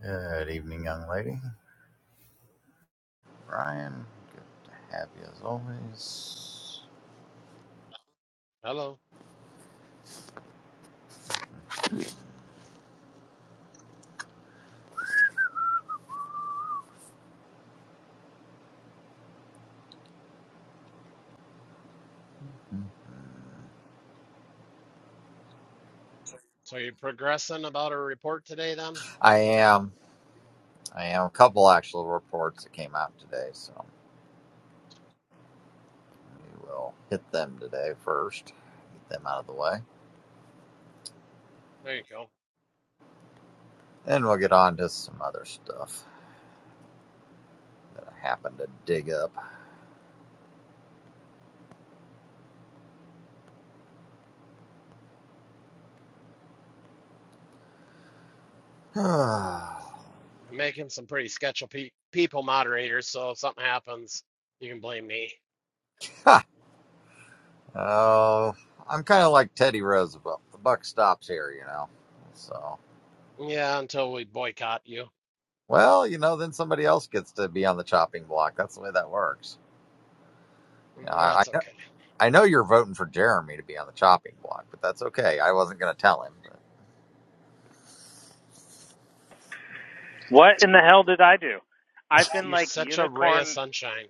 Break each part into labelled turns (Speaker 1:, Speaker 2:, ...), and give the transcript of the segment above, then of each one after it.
Speaker 1: Good evening, young lady. Ryan, good to have you as always.
Speaker 2: Hello. So you're progressing about a report today then?
Speaker 1: I am. I am. A couple actual reports that came out today, so we will hit them today first, get them out of the way.
Speaker 2: There you go.
Speaker 1: Then we'll get on to some other stuff that I happened to dig up.
Speaker 2: I'm making some pretty sketchy pe people moderators, so if something happens, you can blame me.
Speaker 1: Ha! oh, I'm kind of like Teddy Roosevelt. The buck stops here, you know. So,
Speaker 2: Yeah, until we boycott you.
Speaker 1: well, you know, then somebody else gets to be on the chopping block. That's the way that works. You know,
Speaker 2: Mm,
Speaker 1: I.
Speaker 2: That's
Speaker 1: I
Speaker 2: okay.
Speaker 1: I know you're voting for Jeremy to be on the chopping block, but that's okay. I wasn't going to tell him.
Speaker 3: What in the hell did I do? I've been
Speaker 2: You're
Speaker 3: like
Speaker 2: such a ray of
Speaker 3: unicorn.
Speaker 2: sunshine.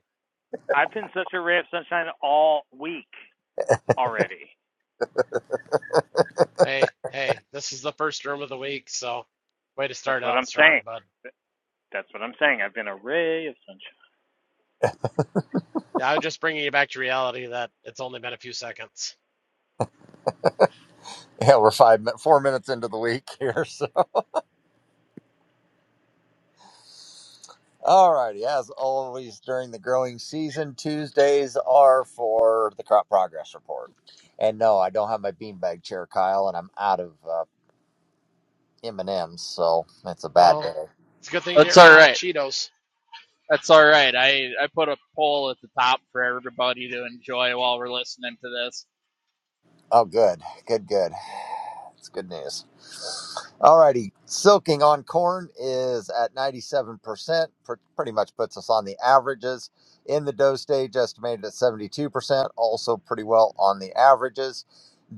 Speaker 3: I've been such a ray of sunshine all week already.
Speaker 2: Hey, hey, this is the first room of the week, so way to
Speaker 3: That's
Speaker 2: start
Speaker 3: what
Speaker 2: out
Speaker 3: I'm
Speaker 2: strong,
Speaker 3: saying.
Speaker 2: bud.
Speaker 3: That's what I'm saying. I've been a ray of sunshine.
Speaker 2: Yeah, I was just bringing you back to reality that it's only been a few seconds.
Speaker 1: But. Yeah, we're five, four minutes into the week here. So, all righty. As always, during the growing season, Tuesdays are for the crop progress report. And no, I don't have my beanbag chair, Kyle, and I'm out of uh, M and M's, so it's a bad
Speaker 2: Oh,
Speaker 1: day.
Speaker 2: it's a good thing you
Speaker 4: That's
Speaker 2: didn't run
Speaker 4: all
Speaker 2: out of
Speaker 4: right.
Speaker 2: Cheetos.
Speaker 4: That's all right. I, I put a poll at the top for everybody to enjoy while we're listening to this.
Speaker 1: Oh, good, good, good. It's good news. Alrighty, silking on corn is at 97%, pretty much puts us on the averages. In the dough stage, estimated at 72%, also pretty well on the averages.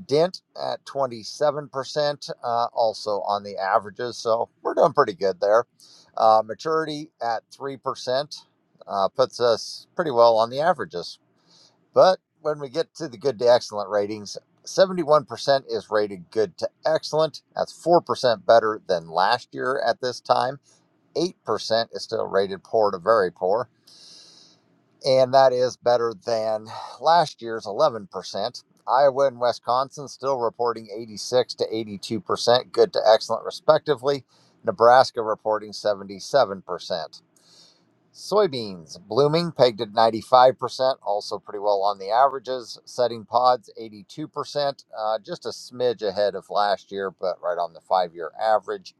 Speaker 1: Dent at 27%, uh, also on the averages. So we're doing pretty good there. Uh, maturity at 3%, uh, puts us pretty well on the averages. But when we get to the good to excellent ratings, 71% is rated good to excellent. That's 4% better than last year at this time. 8% is still rated poor to very poor. And that is better than last year's 11%. Iowa and Wisconsin still reporting 86 to 82% good to excellent, respectively. Nebraska reporting 77%. Soybeans blooming pegged at 95%, also pretty well on the averages. Setting pods 82%, uh, just a smidge ahead of last year, but right on the five year average.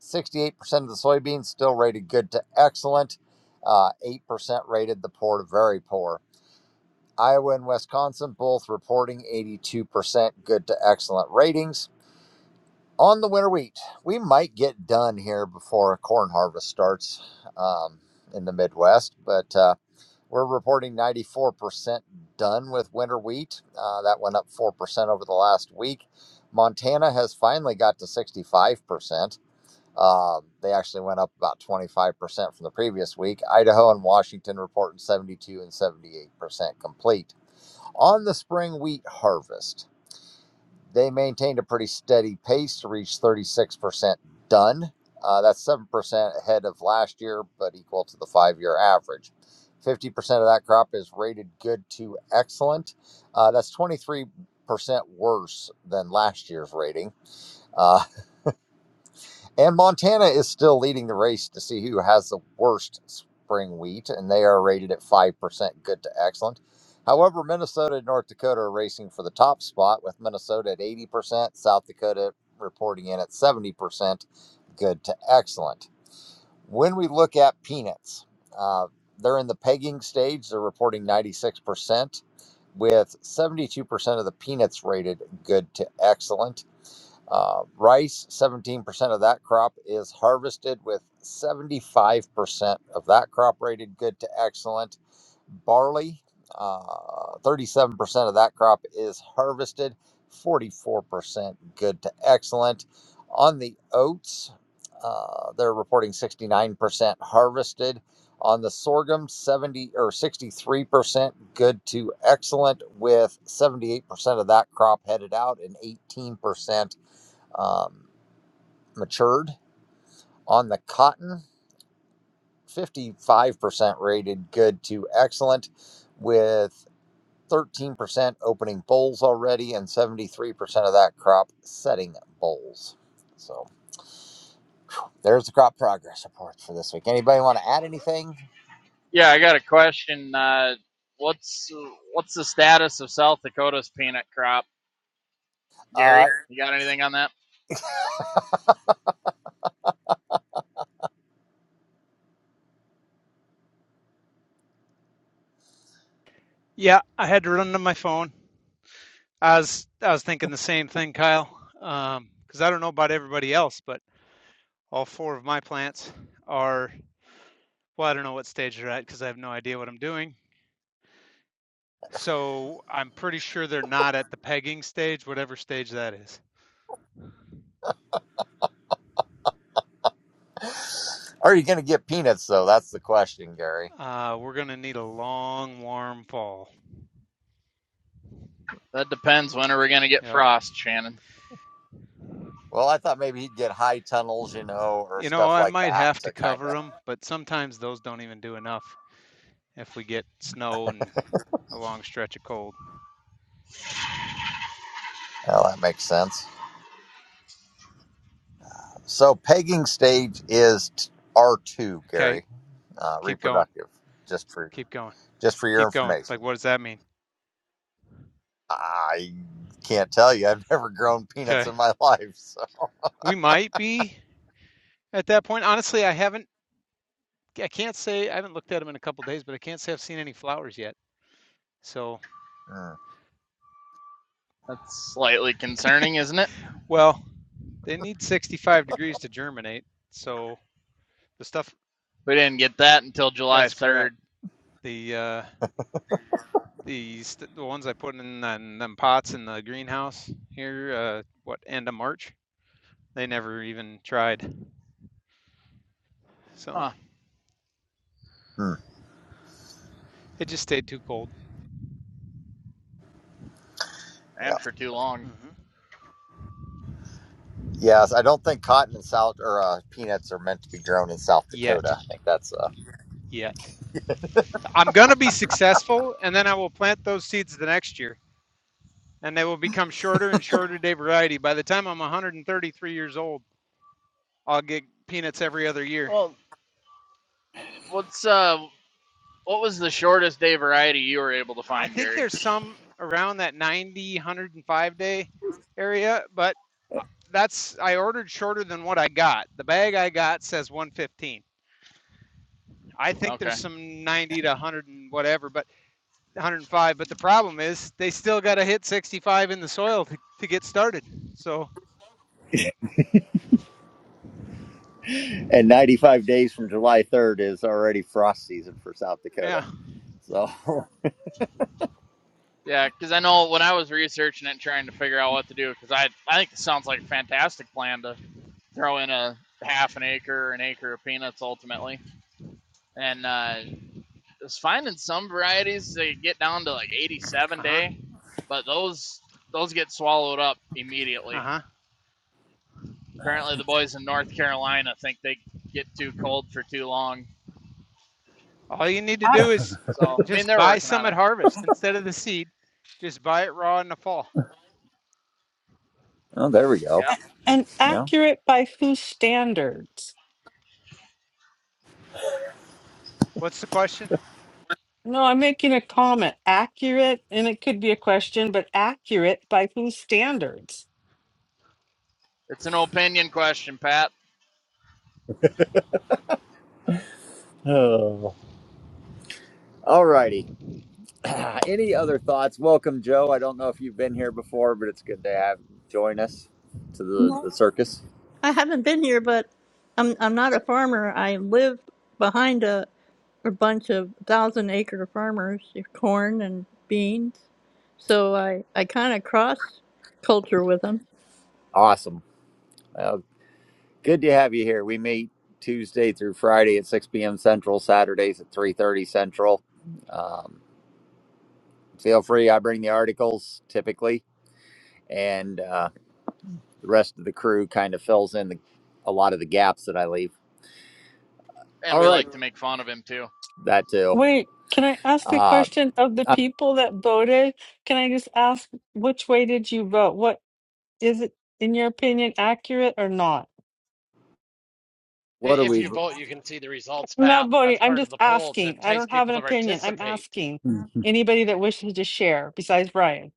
Speaker 1: 68% of the soybeans still rated good to excellent. Uh, 8% rated the poor to very poor. Iowa and Wisconsin both reporting 82% good to excellent ratings. On the winter wheat, we might get done here before corn harvest starts um, in the Midwest, but. Uh, we're reporting 94% done with winter wheat. Uh, that went up 4% over the last week. Montana has finally got to 65%. Uh, they actually went up about 25% from the previous week. Idaho and Washington reporting 72 and 78% complete. On the spring wheat harvest, they maintained a pretty steady pace to reach 36% done. Uh, that's 7% ahead of last year, but equal to the five year average. 50% of that crop is rated good to excellent. Uh, that's 23% worse than last year's rating. Uh, and Montana is still leading the race to see who has the worst spring wheat, and they are rated at 5% good to excellent. However, Minnesota and North Dakota are racing for the top spot, with Minnesota at 80%, South Dakota reporting in at 70% good to excellent. When we look at peanuts, uh, they're in the pegging stage. They're reporting 96%, with 72% of the peanuts rated good to excellent. Uh, rice, 17% of that crop is harvested, with 75% of that crop rated good to excellent. Barley, uh, 37% of that crop is harvested, 44% good to excellent. On the oats, uh, they're reporting 69% harvested. On the sorghum, 70 or 63% good to excellent, with 78% of that crop headed out and 18% um, matured. On the cotton, 55% rated good to excellent, with 13% opening bowls already and 73% of that crop setting bowls. So there's the crop progress report for this week. Anybody want to add anything?
Speaker 4: Yeah, I got a question. Uh, what's what's the status of South Dakota's peanut crop,
Speaker 1: Uh,
Speaker 4: Gary? You got anything on that?
Speaker 5: Yeah, I had to run to my phone. I was I was thinking the same thing, Kyle. Um, 'cause because I don't know about everybody else, but all four of my plants are well, I don't know what stage they're at because I have no idea what I'm doing. So I'm pretty sure they're not at the pegging stage, whatever stage that is.
Speaker 1: are you going to get peanuts, though? That's the question, Gary.
Speaker 5: Uh, we're gonna need a long, warm fall.
Speaker 4: That depends. When are we gonna get
Speaker 5: Yep.
Speaker 4: frost, Shannon?
Speaker 1: Well, I thought maybe he'd get high tunnels, you know, or
Speaker 5: You know,
Speaker 1: stuff
Speaker 5: I
Speaker 1: like
Speaker 5: might
Speaker 1: that
Speaker 5: have to
Speaker 1: to kind
Speaker 5: cover
Speaker 1: of.
Speaker 5: them, but sometimes those don't even do enough if we get snow and a long stretch of cold.
Speaker 1: Well, that makes sense. So pegging stage is t- R2,
Speaker 5: Okay,
Speaker 1: Gary, uh,
Speaker 5: keep going,
Speaker 1: reproductive, just for
Speaker 5: keep going.
Speaker 1: just for your
Speaker 5: keep going.
Speaker 1: information.
Speaker 5: Like, what does that mean?
Speaker 1: I can't tell you. I've never grown peanuts
Speaker 5: Okay,
Speaker 1: in my life. So.
Speaker 5: we might be at that point. Honestly, I haven't. I can't say I haven't looked at them in a couple of days, but I can't say I've seen any flowers yet. So,
Speaker 1: Mm,
Speaker 4: That's slightly concerning, isn't it?
Speaker 5: well, they need 65 degrees to germinate. So the stuff
Speaker 4: We didn't get that until July
Speaker 5: that's correct.
Speaker 4: third.
Speaker 5: The uh, the the ones I put in them, them pots in the greenhouse here, uh, what end of March, they never even tried. So
Speaker 4: Huh?
Speaker 1: mm,
Speaker 5: it just stayed too cold.
Speaker 1: yeah.
Speaker 4: And for too long.
Speaker 5: Mm-hmm.
Speaker 1: Yes, I don't think cotton in South or uh, peanuts are meant to be grown in South
Speaker 5: Yet,
Speaker 1: Dakota. I think that's uh,
Speaker 5: yet. I'm going to be successful, and then I will plant those seeds the next year, and they will become shorter and shorter day variety. By the time I'm 133 years old, I'll get peanuts every other year.
Speaker 4: Well, what's uh what was the shortest day variety you were able to
Speaker 5: I
Speaker 4: find,
Speaker 5: think
Speaker 4: Gary?
Speaker 5: there's some around that 90, 105 day area, but uh, that's I ordered shorter than what I got. The bag I got says 115. I think there's
Speaker 4: Okay.
Speaker 5: some 90 to 100 and whatever, but 105. But the problem is they still got to hit 65 in the soil to, to get started. So
Speaker 1: and 95 days from July 3rd is already frost season for South Dakota.
Speaker 5: yeah,
Speaker 1: So,
Speaker 4: Yeah, because I know when I was researching it, trying to figure out what to do, because I I think this sounds like a fantastic plan to throw in a half an acre, an acre of peanuts ultimately, and uh, was finding some varieties they get down to like 87
Speaker 5: uh huh.
Speaker 4: day, but those those get swallowed up
Speaker 5: Uh
Speaker 4: immediately.
Speaker 5: huh.
Speaker 4: Apparently, the boys in North Carolina think they get too cold for too long,
Speaker 5: All you need to do is
Speaker 6: Ac-
Speaker 4: so I mean
Speaker 5: just
Speaker 4: they're
Speaker 5: buy
Speaker 4: working
Speaker 5: some
Speaker 4: on
Speaker 5: at
Speaker 4: it.
Speaker 5: harvest instead of the seed. Just buy it raw in the fall.
Speaker 1: oh, there we go.
Speaker 4: Yep,
Speaker 6: And
Speaker 1: Yeah.
Speaker 6: accurate by whose standards?
Speaker 5: What's the question?
Speaker 6: No, I'm making a comment. Accurate, and it could be a question, but accurate by whose standards?
Speaker 4: it's an opinion question, Pat,
Speaker 1: Oh. All Any other thoughts? Welcome, Joe. I don't know if you've been here before, but it's good to have you join us to the,
Speaker 7: No,
Speaker 1: the circus.
Speaker 7: I haven't been here, but I'm I'm not a farmer. I live behind a a bunch of thousand acre farmers, your corn and beans. So I I kind of cross culture with them.
Speaker 1: Awesome. Well, good to have you here. We meet Tuesday through Friday at 6 p.m. Central, Saturdays at 3.30 Central. Um, feel free. I bring the articles typically, and uh, the rest of the crew kind of fills in the, a lot of the gaps that I leave.
Speaker 4: and
Speaker 1: All
Speaker 4: we
Speaker 1: right.
Speaker 4: like to make fun of him too.
Speaker 1: That too.
Speaker 6: Wait, can I ask a
Speaker 1: Uh,
Speaker 6: question of the
Speaker 1: uh,
Speaker 6: people that voted? Can I just ask which way did you vote? What is it, in your opinion, accurate or not?
Speaker 1: what are
Speaker 2: If you
Speaker 1: we?
Speaker 2: vote, you can see the results,
Speaker 6: I'm not
Speaker 2: Pat.
Speaker 6: voting.
Speaker 2: That's
Speaker 6: I'm
Speaker 2: part of
Speaker 6: just
Speaker 2: the poll to
Speaker 6: asking. I
Speaker 2: entice
Speaker 6: don't have
Speaker 2: people
Speaker 6: an
Speaker 2: to
Speaker 6: opinion. I'm
Speaker 2: participate.
Speaker 6: asking anybody that wishes to share besides Brian.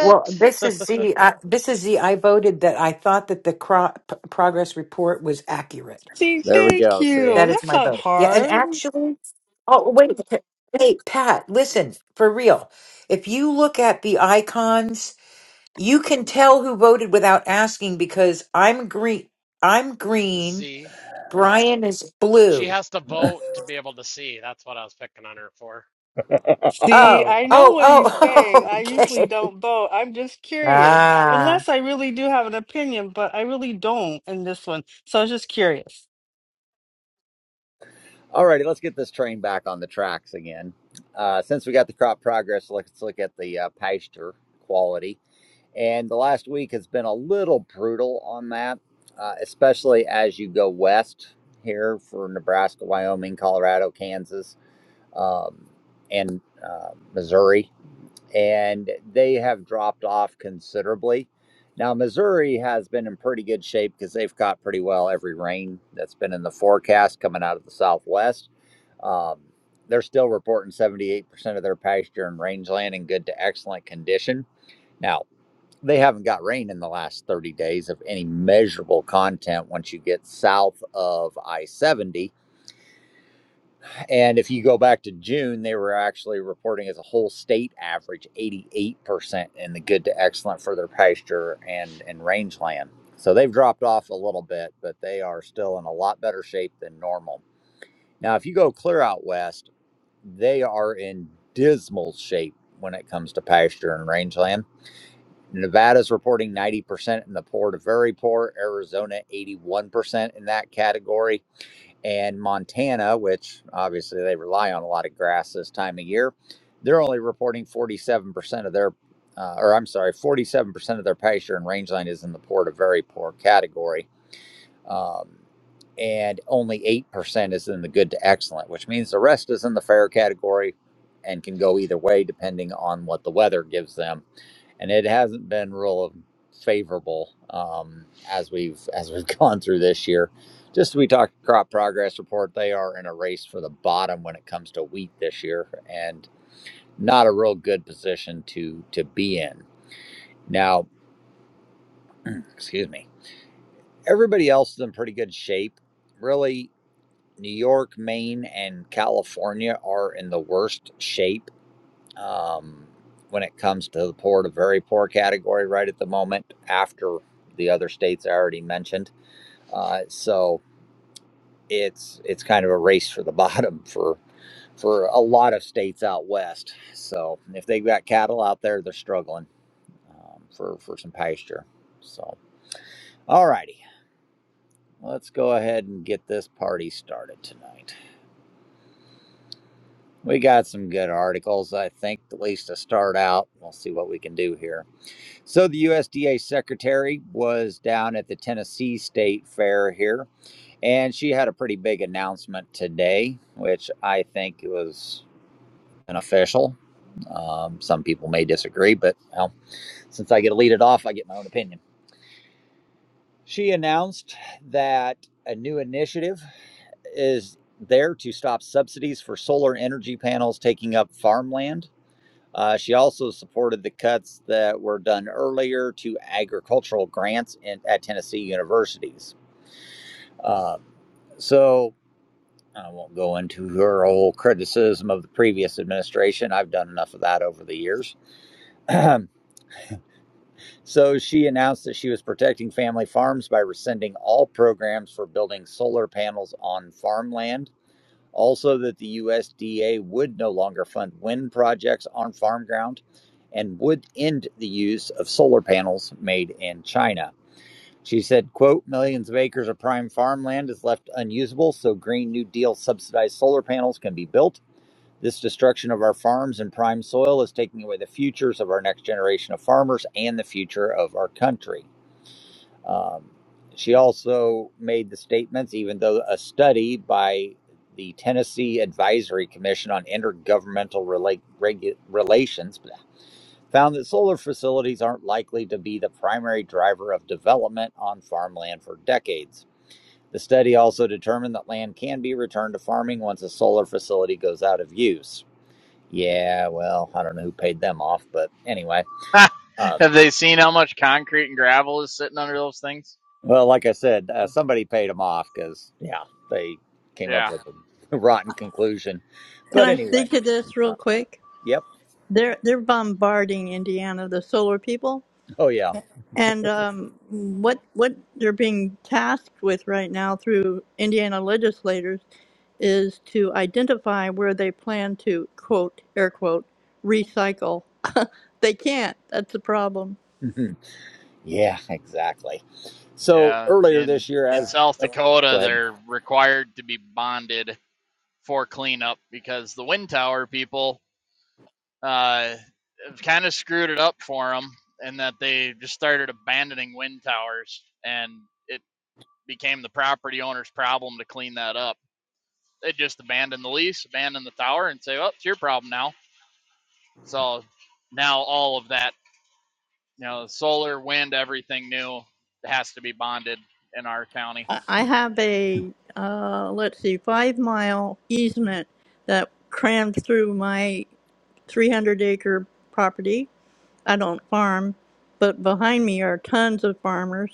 Speaker 8: Well, this is Z. I, this is Z. I voted that I thought that the cro- p- progress report was accurate.
Speaker 6: See,
Speaker 1: There we
Speaker 6: thank
Speaker 1: go. See?
Speaker 6: you.
Speaker 8: That is
Speaker 6: That's
Speaker 8: my
Speaker 6: not
Speaker 8: vote. Yeah, and
Speaker 6: hard.
Speaker 8: actually, oh wait, Pa- hey Pat, listen for real. If you look at the icons, you can tell who voted without asking because I'm green. I'm green.
Speaker 2: Z.
Speaker 8: Brian is
Speaker 2: She
Speaker 8: blue.
Speaker 2: has to vote to be able to see. That's what I was picking on her for.
Speaker 6: See,
Speaker 8: Oh,
Speaker 6: I know
Speaker 8: oh,
Speaker 6: what he's saying.
Speaker 8: oh.
Speaker 6: I usually
Speaker 8: Okay.
Speaker 6: don't vote. I'm just curious,
Speaker 8: Ah.
Speaker 6: unless I really do have an opinion, but I really don't in this one. So I was just curious.
Speaker 1: Alrighty, let's get this train back on the tracks again. Uh, since we got the crop progress, let's look at the uh, pasture quality. And the last week has been a little brutal on that, uh, especially as you go west here for Nebraska, Wyoming, Colorado, Kansas, um, and uh, Missouri and they have dropped off considerably. Now, Missouri has been in pretty good shape because they've caught pretty well every rain that's been in the forecast coming out of the southwest. Um, they're still reporting 78% of their pasture and rangeland in good to excellent condition. Now, they haven't got rain in the last 30 days of any measurable content once you get south of I 70 and if you go back to June, they were actually reporting as a whole state average 88% in the good to excellent for their pasture and, and rangeland. So they've dropped off a little bit, but they are still in a lot better shape than normal. Now, if you go clear out west, they are in dismal shape when it comes to pasture and rangeland. Nevada's reporting 90% in the poor to very poor, Arizona 81% in that category and Montana, which obviously they rely on a lot of grass this time of year, they're only reporting 47% of their, uh, or I'm sorry, 47% of their pasture and rangeland is in the poor to very poor category. Um, and only 8% is in the good to excellent, which means the rest is in the fair category and can go either way depending on what the weather gives them and it hasn't been real favorable um, as we've as we've gone through this year. Just as we talked crop progress report, they are in a race for the bottom when it comes to wheat this year, and not a real good position to to be in. Now, excuse me. Everybody else is in pretty good shape. Really, New York, Maine, and California are in the worst shape um, when it comes to the poor to very poor category right at the moment after the other states I already mentioned. Uh, so it's it's kind of a race for the bottom for for a lot of states out west. So if they've got cattle out there, they're struggling um, for for some pasture. So all righty, let's go ahead and get this party started tonight. We got some good articles, I think, at least to start out. We'll see what we can do here. So the USDA secretary was down at the Tennessee State Fair here, and she had a pretty big announcement today, which I think was an official. Um, some people may disagree, but well, since I get to lead it off, I get my own opinion. She announced that a new initiative is there to stop subsidies for solar energy panels taking up farmland Uh, she also supported the cuts that were done earlier to agricultural grants in, at Tennessee universities. Um, so I won't go into her whole criticism of the previous administration. I've done enough of that over the years. so she announced that she was protecting family farms by rescinding all programs for building solar panels on farmland Also, that the USDA would no longer fund wind projects on farm ground and would end the use of solar panels made in China. She said, quote, millions of acres of prime farmland is left unusable, so Green New Deal subsidized solar panels can be built. This destruction of our farms and prime soil is taking away the futures of our next generation of farmers and the future of our country. Um, she also made the statements, even though a study by the Tennessee Advisory Commission on Intergovernmental Rela- Regu- Relations found that solar facilities aren't likely to be the primary driver of development on farmland for decades. The study also determined that land can be returned to farming once a solar facility goes out of use. Yeah, well, I don't know who paid them off, but anyway. Um,
Speaker 4: Have they seen how much concrete and gravel is sitting under those things?
Speaker 1: Well, like I said, uh, somebody paid them off because, yeah, they came up
Speaker 4: Yeah,
Speaker 1: with a rotten conclusion.
Speaker 7: Can
Speaker 1: But
Speaker 7: I
Speaker 1: anyway,
Speaker 7: speak to this
Speaker 1: uh,
Speaker 7: real quick?
Speaker 1: yep.
Speaker 7: They're they're bombarding Indiana, the solar people.
Speaker 1: Oh, yeah.
Speaker 7: And um, what what they're being tasked with right now through Indiana legislators is to identify where they plan to quote air quote recycle. they can't. That's the problem.
Speaker 1: Mhm. yeah, exactly. So
Speaker 4: yeah.
Speaker 1: earlier
Speaker 4: In
Speaker 1: this year,
Speaker 4: in
Speaker 1: as
Speaker 4: South
Speaker 1: oh, go
Speaker 4: Dakota,
Speaker 1: ahead.
Speaker 4: they're required to be bonded for cleanup because the wind tower people uh, have kind of screwed it up for them, and that they just started abandoning wind towers, and it became the property owner's problem to clean that up. They just abandoned the lease, abandoned the tower, and say, "Oh, it's your problem now." So now all of that You know, solar, wind, everything new has to be bonded in our county
Speaker 7: I I have a uh, let's see five mile easement that crammed through my 300 acre property. I don't farm, but behind me are tons of farmers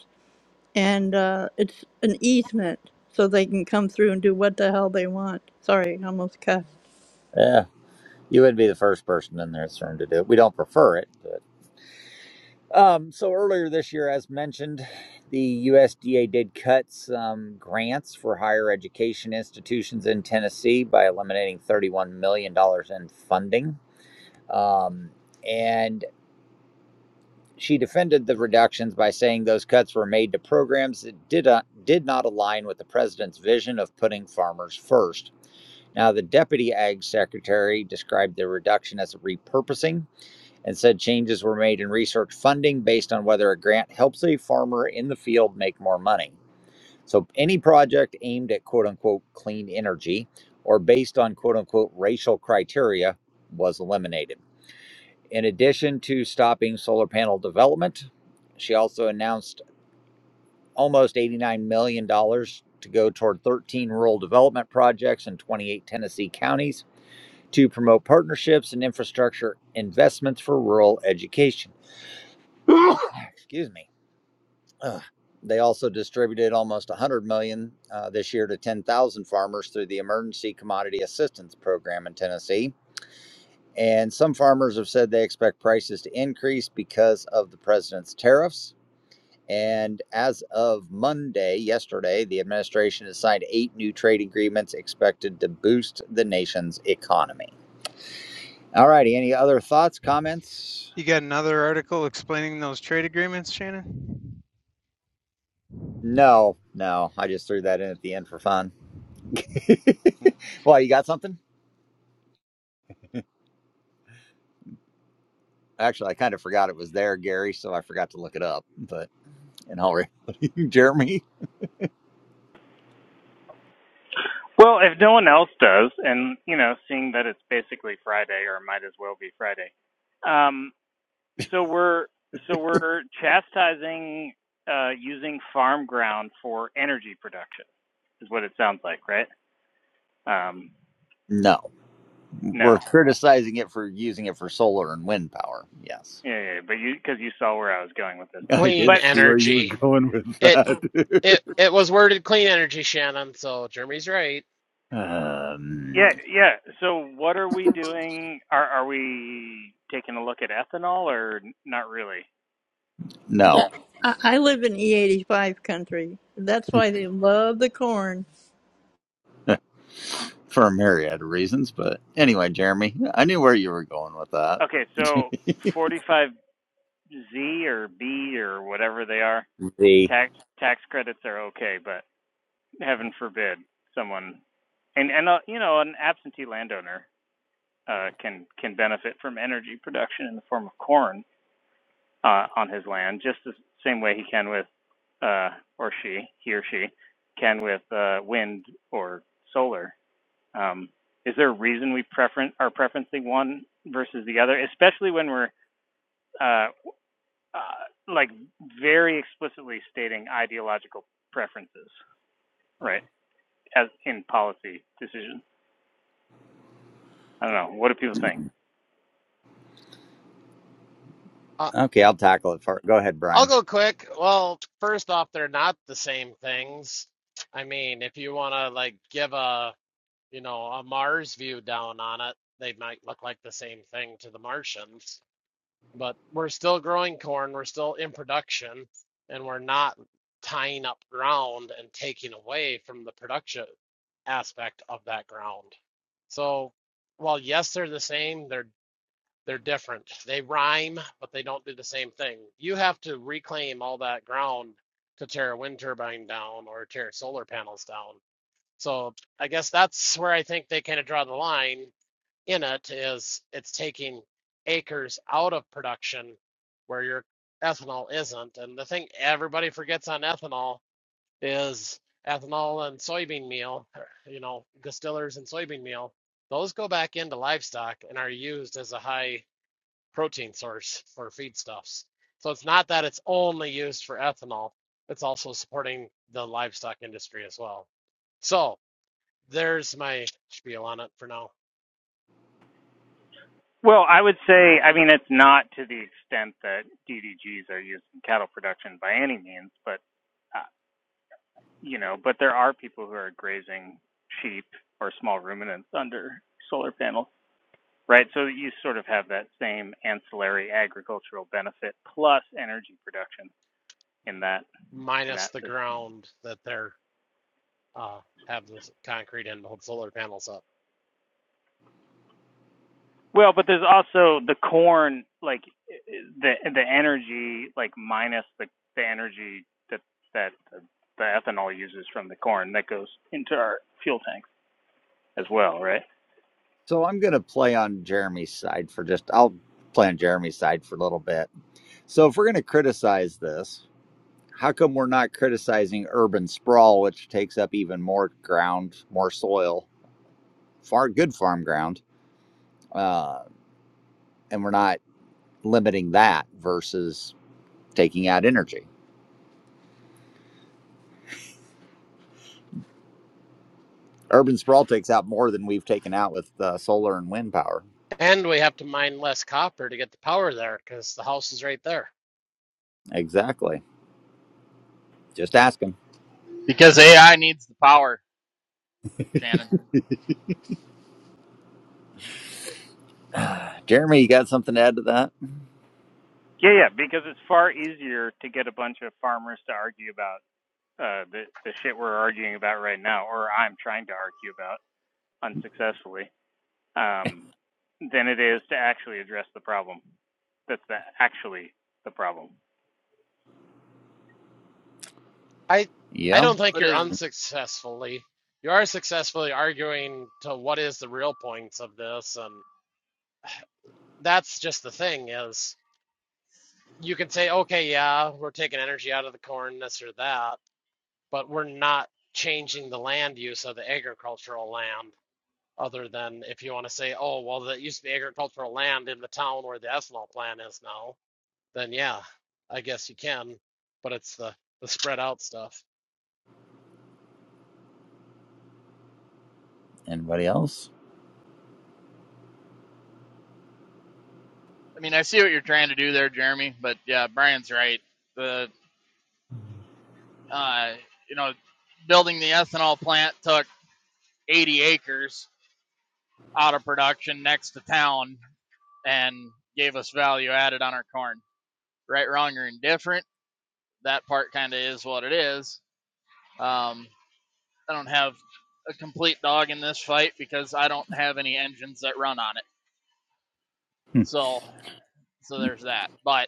Speaker 7: and uh, it's an easement so they can come through and do what the hell they want. Sorry, I almost cussed.
Speaker 1: Yeah, you wouldn't be the first person in their concerned to do it. We don't prefer it, but um, so earlier this year, as mentioned, the USDA did cut some grants for higher education institutions in Tennessee by eliminating thirty-one million dollars in funding. Um, and she defended the reductions by saying those cuts were made to programs that did not, did not align with the president's vision of putting farmers first. Now, the deputy ag secretary described the reduction as a repurposing and said changes were made in research funding based on whether a grant helps a farmer in the field make more money. So, any project aimed at quote unquote clean energy or based on quote unquote racial criteria was eliminated. In addition to stopping solar panel development, she also announced almost $89 million dollars to go toward 13 rural development projects in 28 Tennessee counties to promote partnerships and infrastructure investments for rural education. Excuse me. Ugh. They also distributed almost 100 million dollars uh, this year to 10,000 farmers through the Emergency Commodity Assistance Program in Tennessee. And some farmers have said they expect prices to increase because of the president's tariffs And as of Monday, yesterday, the administration has signed eight new trade agreements expected to boost the nation's economy. All righty. Any other thoughts, comments?
Speaker 5: You got another article explaining those trade agreements, Shannon?
Speaker 1: No, no. I just threw that in at the end for fun. Well, you got something? Actually, I kind of forgot it was there, Gary, so I forgot to look it up. But in all, Jeremy,
Speaker 3: Well, if no one else does, and you know, seeing that it's basically Friday, or might as well be Friday. Um, so we're so we're chastising uh, using farm ground for energy production, is what it sounds like, right? Um,
Speaker 1: no, we're
Speaker 3: no.
Speaker 1: criticizing it for using it for solar and wind power. Yes,
Speaker 3: Yeah, yeah, yeah, but you because you saw where I was going with this.
Speaker 1: I
Speaker 2: Clean
Speaker 1: did
Speaker 3: But
Speaker 1: see where you were
Speaker 2: energy.
Speaker 1: going with
Speaker 2: It
Speaker 1: that.
Speaker 2: it it was worded clean energy, Shannon, so Jeremy's right.
Speaker 1: um,
Speaker 3: yeah, yeah. So what are we doing? Are are we taking a look at ethanol or n- not really?
Speaker 1: No,
Speaker 7: I, I live in E85 country. That's why they love the corn
Speaker 1: for a myriad of reasons. But anyway, Jeremy, I knew where you were going with that.
Speaker 3: Okay, so 45Z or B or whatever they are,
Speaker 1: the
Speaker 3: tax tax credits are okay, but heaven forbid someone and and uh, you know an absentee landowner uh, can can benefit from energy production in the form of corn uh, on his land, just the same way he can with, uh, or she, he or she, can with uh, wind or solar. Um, is there a reason we prefer are preferencing one versus the other, especially when we're uh, uh, like very explicitly stating ideological preferences, right? As in policy decisions. I don't know. What do people think?
Speaker 2: Uh,
Speaker 1: okay, I'll tackle it. For, go ahead,
Speaker 2: I'll
Speaker 1: Brian.
Speaker 2: go quick. Well, first off, they're not the same things. I mean, if you want to like give a, you know, a Mars view down on it, they might look like the same thing to the Martians but we're still growing corn, we're still in production, and we're not tying up ground and taking away from the production aspect of that ground. So, while yes, they're the same, they're they're different. They rhyme, but they don't do the same thing. You have to reclaim all that ground to tear a wind turbine down or tear solar panels down. So, I guess that's where I think they kind of draw the line in it is it's taking acres out of production where your ethanol isn't. And the thing everybody forgets on ethanol is ethanol and soybean meal, you know, distillers and soybean meal, those go back into livestock and are used as a high protein source for feedstuffs. So it's not that it's only used for ethanol, it's also supporting the livestock industry as well. So there's my spiel on it for now.
Speaker 3: Well, I would say, I mean, it's not to the extent that DDGs are used in cattle production by any means, but uh, you know, but there are people who are grazing sheep or small ruminants under solar panels, right? So you sort of have that same ancillary agricultural benefit plus energy production in that in
Speaker 2: minus
Speaker 3: that
Speaker 2: the
Speaker 3: system.
Speaker 2: ground that they're uh, have this concrete and hold solar panels up.
Speaker 3: Well, but there's also the corn, like the the energy, like minus the the energy that that the ethanol uses from the corn that goes into our fuel tanks as well, right?
Speaker 1: So I'm going to play on Jeremy's side for just. I'll play on Jeremy's side for a little bit. So if we're going to criticize this, how come we're not criticizing urban sprawl, which takes up even more ground, more soil, far good farm ground, uh, and we're not limiting that versus taking out energy? Urban sprawl takes out more than we've taken out with uh, solar and wind power.
Speaker 2: And we have to mine less copper to get the power there because the house is right there.
Speaker 1: Exactly. Just asking.
Speaker 4: because AI needs the power, Shannon.
Speaker 1: Jeremy, you got something to add to that?
Speaker 3: Yeah, yeah, because it's far easier to get a bunch of farmers to argue about uh, the the shit we're arguing about right now, or I'm trying to argue about unsuccessfully, um, than it is to actually address the problem. That's the, actually the problem.
Speaker 2: I I
Speaker 1: Yeah.
Speaker 2: don't think
Speaker 4: But
Speaker 2: you're
Speaker 4: is
Speaker 2: unsuccessfully. You are successfully arguing to what is the real points of this, and that's just the thing is you can say, okay, yeah, we're taking energy out of the corn, this or that, but we're not changing the land use of the agricultural land other than if you want to say, oh, well, that used to be agricultural land in the town where the ethanol plant is now, then yeah, I guess you can, but it's the the spread out stuff.
Speaker 1: Anybody else?
Speaker 4: I mean, I see what you're trying to do there, Jeremy. But yeah, Brian's right. The uh, you know, building the ethanol plant took 80 acres out of production next to town and gave us value added on our corn. Right, wrong, or indifferent, that part kind of is what it is. Um, I don't have a complete dog in this fight because I don't have any engines that run on it.
Speaker 1: Hmm.
Speaker 4: So so there's that. But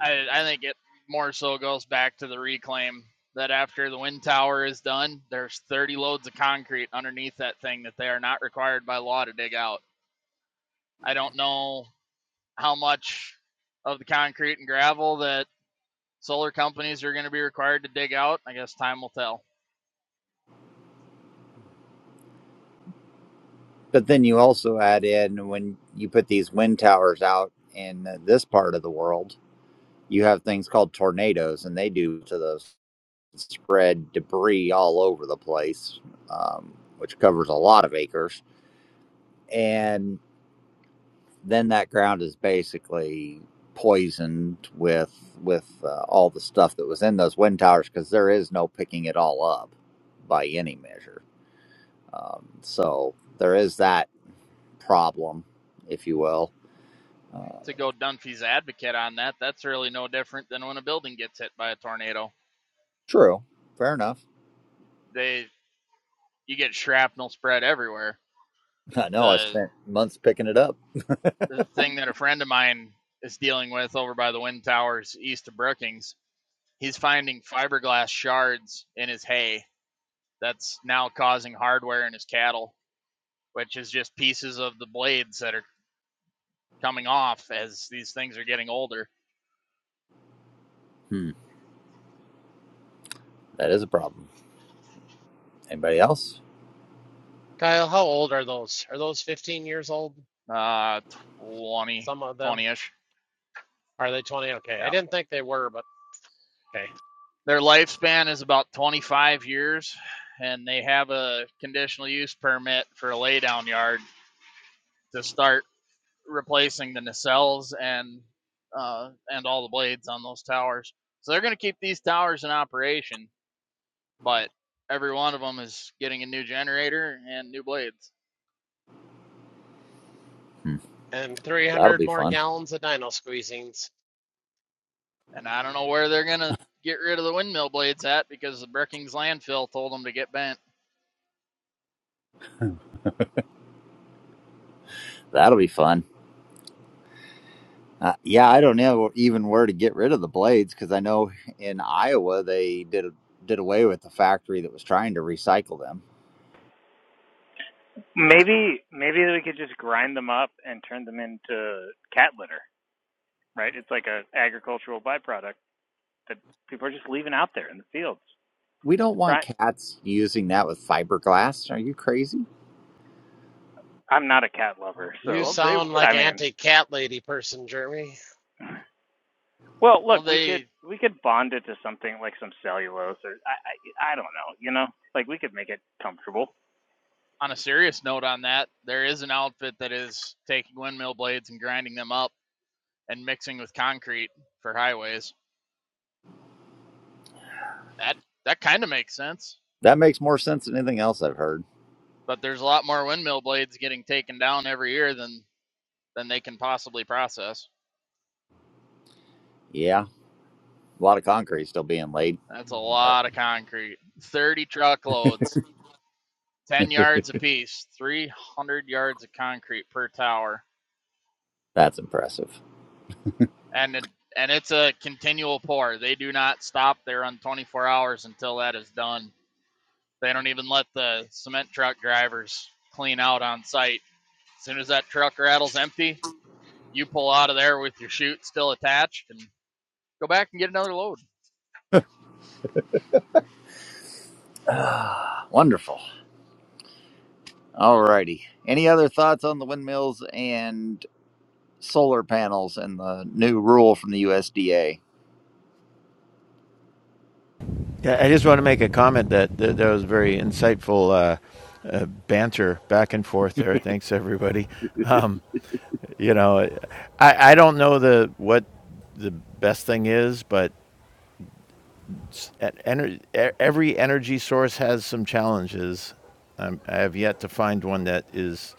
Speaker 4: I I think it more so goes back to the reclaim that after the wind tower is done, there's 30 loads of concrete underneath that thing that they are not required by law to dig out. I don't know how much of the concrete and gravel that solar companies are going to be required to dig out. I guess time will tell.
Speaker 1: But then you also add in when you put these wind towers out in uh, this part of the world, you have things called tornadoes, and they do to those spread debris all over the place, um, which covers a lot of acres. and. then that ground is basically poisoned with with uh, all the stuff that was in those wind towers because there is no picking it all up by any measure. Um, so there is that problem, if you will. Uh,
Speaker 4: To go Dunphy's advocate on that, that's really no different than when a building gets hit by a tornado.
Speaker 1: true, fair enough.
Speaker 4: they you get shrapnel spread everywhere.
Speaker 1: I know I
Speaker 4: The,
Speaker 1: spent months picking it up.
Speaker 4: the thing that a friend of mine is dealing with over by the wind towers east of Brookings, he's finding fiberglass shards in his hay that's now causing hardware in his cattle, which is just pieces of the blades that are coming off as these things are getting older.
Speaker 1: Hmm, that is a problem. Anybody else?
Speaker 2: Kyle, how old are those? Are those 15 years old?
Speaker 4: Uh, 20
Speaker 2: Some of them.
Speaker 4: ish.
Speaker 2: Are they 20? Okay, I
Speaker 4: Yeah.
Speaker 2: didn't think they were, but okay.
Speaker 4: Their lifespan is about 25 years, and they have a conditional use permit for a laydown yard to start replacing the nacelles and uh, and all the blades on those towers. So they're going to keep these towers in operation, but every one of them is getting a new generator and new blades.
Speaker 1: Hmm,
Speaker 2: And
Speaker 1: that'll
Speaker 2: 300
Speaker 1: be
Speaker 2: more
Speaker 1: fun.
Speaker 2: gallons of dino squeezings.
Speaker 4: And I don't know where they're going to get rid of the windmill blades at because the Brookings landfill told them to get bent.
Speaker 1: That'll be fun. Uh, yeah, I don't know even where to get rid of the blades because I know in Iowa they did did away with the factory that was trying to recycle them.
Speaker 3: Maybe maybe we could just grind them up and turn them into cat litter, right? It's like a agricultural byproduct that people are just leaving out there in the fields.
Speaker 1: We don't want
Speaker 3: Right?
Speaker 1: cats using that with fiberglass. Are you crazy?
Speaker 3: I'm not a cat lover,
Speaker 4: Well,
Speaker 2: You
Speaker 4: Well,
Speaker 3: so
Speaker 4: they
Speaker 2: sound like
Speaker 3: I mean,
Speaker 2: anti-cat lady person, Jeremy.
Speaker 3: Well,
Speaker 4: well
Speaker 3: look, we could
Speaker 4: they
Speaker 3: we could bond it to something like some cellulose or I I, I don't know, you know, like we could make it comfortable.
Speaker 4: on a serious note on that, there is an outfit that is taking windmill blades and grinding them up and mixing with concrete for highways. That that kind of makes sense.
Speaker 1: That makes more sense than anything else I've heard.
Speaker 4: but there's a lot more windmill blades getting taken down every year than than they can possibly process.
Speaker 1: Yeah, a lot of concrete still being laid,
Speaker 4: That's a
Speaker 1: but
Speaker 4: lot of concrete. 30 truckloads, 10 yards apiece, 300 yards of concrete per tower.
Speaker 1: that's impressive.
Speaker 4: And it, and it's a continual pour. They do not stop They run 24 hours until that is done. They don't even let the cement truck drivers clean out on site. As soon as that truck rattles empty, you pull out of there with your chute still attached and go back and get another load.
Speaker 1: Ah, wonderful. Alrighty. Any other thoughts on the windmills and solar panels and the new rule from the USDA?
Speaker 9: Yeah, I just want to make a comment that that, that was very insightful uh, uh, banter back and forth there. Thanks everybody. Um, you know, I, I don't know the what the best thing is, but at ener- e- every energy source has some challenges. I'm, I have yet to find one that is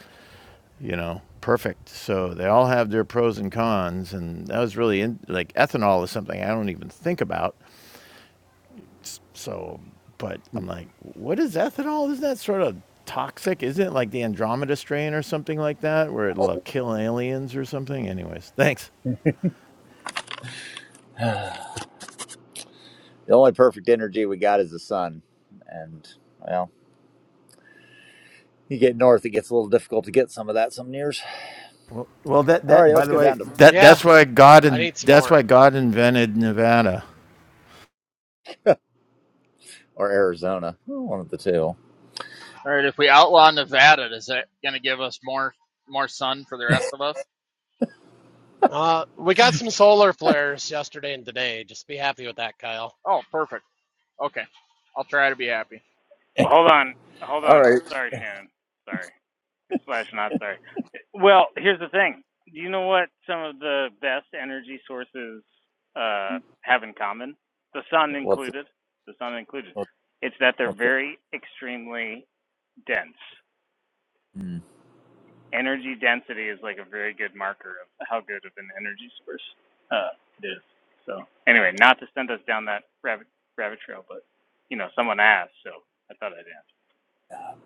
Speaker 9: you know perfect. So they all have their pros and cons, and that was really in, like ethanol is something I don't even think about. So, but I'm like, what is ethanol? Isn't that sort of toxic? Isn't it like the Andromeda strain or something like that, where it'll uh, kill aliens or something? Anyways, thanks.
Speaker 1: The only perfect energy we got is the sun. And, well, you get north, it gets a little difficult to get some of that some years.
Speaker 9: Well, well, that
Speaker 1: All
Speaker 9: that
Speaker 1: right,
Speaker 9: by
Speaker 1: let's
Speaker 9: the
Speaker 1: go
Speaker 9: way,
Speaker 1: down to
Speaker 9: that
Speaker 2: Yeah,
Speaker 9: that's why God
Speaker 2: I
Speaker 9: and
Speaker 2: need some
Speaker 9: that's
Speaker 2: more.
Speaker 9: why God invented Nevada.
Speaker 1: or Arizona. Well, One of the two.
Speaker 4: All right, if we outlaw Nevada, is that going to give us more more sun for the rest of us?
Speaker 2: Uh, we got some solar flares yesterday and today. Just be happy with that, Kyle.
Speaker 4: Oh, perfect. Okay, I'll try to be happy.
Speaker 3: Well, Hold on, hold
Speaker 1: All
Speaker 3: on.
Speaker 1: right.
Speaker 3: Sorry, Shannon. Sorry, slash not sorry. Well, here's the thing. Do you know what some of the best energy sources uh, have in common? The sun
Speaker 1: What's it?
Speaker 3: included. The sun included.
Speaker 1: What's,
Speaker 3: It's that they're
Speaker 1: what's it?
Speaker 3: very extremely dense.
Speaker 1: Hmm.
Speaker 3: energy density is like a very good marker of how good of an energy source uh, it is. So anyway, not to send us down that rabbit rabbit trail, but you know someone asked, so I thought I'd answer.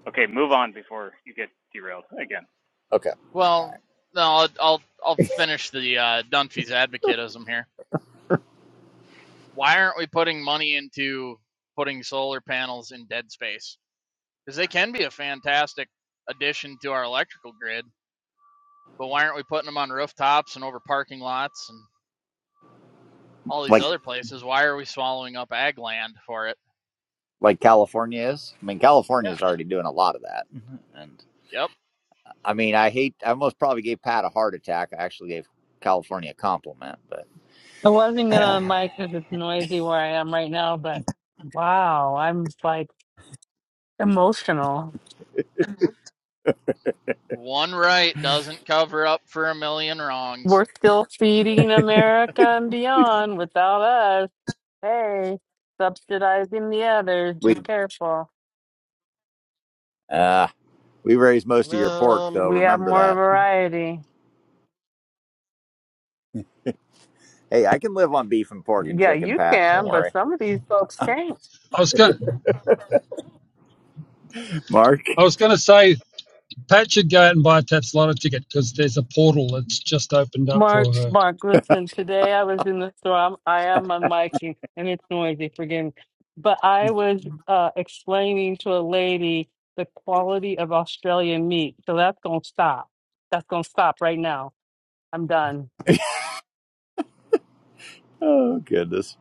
Speaker 3: Okay, move on before you get derailed again.
Speaker 1: Okay.
Speaker 4: Well, no, I'll I'll, I'll finish the uh, Dunphy's advocatism here. Why aren't we putting money into putting solar panels in dead space? Because they can be a fantastic addition to our electrical grid. But why aren't we putting them on rooftops and over parking lots and all these
Speaker 1: Like
Speaker 4: other places? Why are we swallowing up ag land for it?
Speaker 1: like California is. I mean, California
Speaker 4: Yeah.
Speaker 1: is already doing a lot of that. Mhm. And
Speaker 4: Yep.
Speaker 1: I mean, I hate. I almost probably gave Pat a heart attack. I actually gave California a compliment,
Speaker 6: I wasn't
Speaker 1: but
Speaker 6: gonna mic because it's noisy where I am right now, but wow, I'm like emotional.
Speaker 4: One right doesn't cover up for a million wrongs.
Speaker 6: We're still feeding America and beyond without us. Hey, subsidizing the others.
Speaker 1: we
Speaker 6: Be careful.
Speaker 1: uh, we raise most of your pork, though.
Speaker 2: Um,
Speaker 6: We have
Speaker 1: Remember
Speaker 6: more
Speaker 1: that.
Speaker 6: variety.
Speaker 1: Hey, I can live on beef and pork and
Speaker 6: Yeah,
Speaker 1: chicken,
Speaker 6: you
Speaker 1: Pat. Don't
Speaker 6: can, but
Speaker 1: worry.
Speaker 6: some of these folks can't.
Speaker 10: I was going.
Speaker 1: Mark.
Speaker 10: I was going to say Pat should go out and buy a Tapslotto ticket because there's a portal that's just opened up for
Speaker 6: Mark,
Speaker 10: her.
Speaker 6: Mark, listen, today I was in the store. I'm, I am unmiking and it's noisy, forgive me. But I was uh, explaining to a lady the quality of Australian meat. So that's going to stop. That's going to stop right now. I'm done.
Speaker 1: Oh goodness.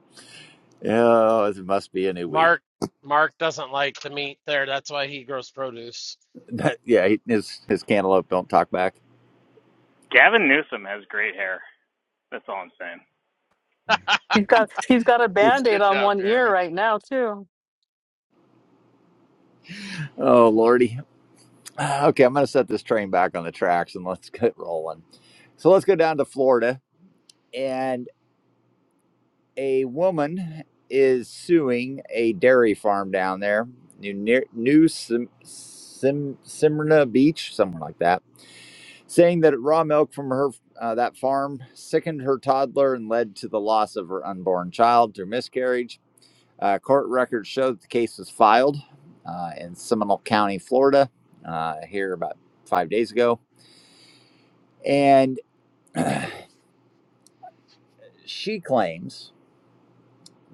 Speaker 1: Oh, it must be a new week.
Speaker 2: Mark, Mark doesn't like the meat there. That's why he grows produce.
Speaker 1: yeah, he- his his cantaloupe don't talk back.
Speaker 3: Gavin Newsom has great hair. That's all I'm saying.
Speaker 6: He's got, he's got a band-aid
Speaker 4: Good
Speaker 6: on
Speaker 4: job,
Speaker 6: one ear
Speaker 4: Jeremy.
Speaker 6: right now, too.
Speaker 1: Oh lordy. Okay, I'm gonna set this train back on the tracks and let's get rolling. So let's go down to Florida, and a woman is suing a dairy farm down there, New near, New Sim, Sim, Smyrna Beach, somewhere like that. saying that raw milk from her uh, that farm sickened her toddler and led to the loss of her unborn child through miscarriage. Uh, court records show that the case was filed uh, in Seminole County, Florida, uh, here about five days ago, and she claims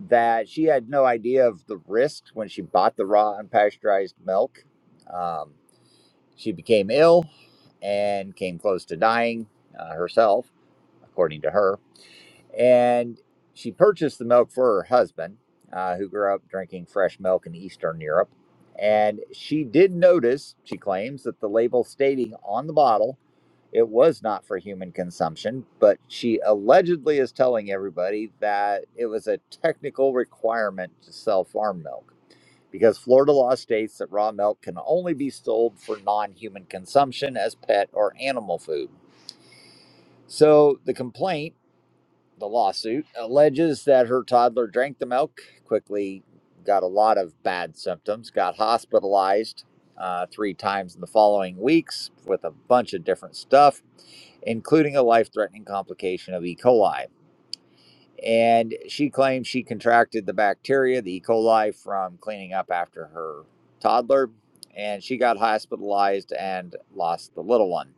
Speaker 1: that she had no idea of the risks when she bought the raw unpasteurized milk. Um, she became ill and came close to dying uh, herself, according to her. And she purchased the milk for her husband, uh, who grew up drinking fresh milk in Eastern Europe. And she did notice, she claims, that the label stating on the bottle it was not for human consumption, but she allegedly is telling everybody that it was a technical requirement to sell farm milk because Florida law states that raw milk can only be sold for non human consumption as pet or animal food. So the complaint the lawsuit alleges that her toddler drank the milk, quickly got a lot of bad symptoms, got hospitalized uh, three times in the following weeks with a bunch of different stuff, including a life threatening complication of E. coli. And she claims she contracted the bacteria, the E. coli, from cleaning up after her toddler. And she got hospitalized and lost the little one.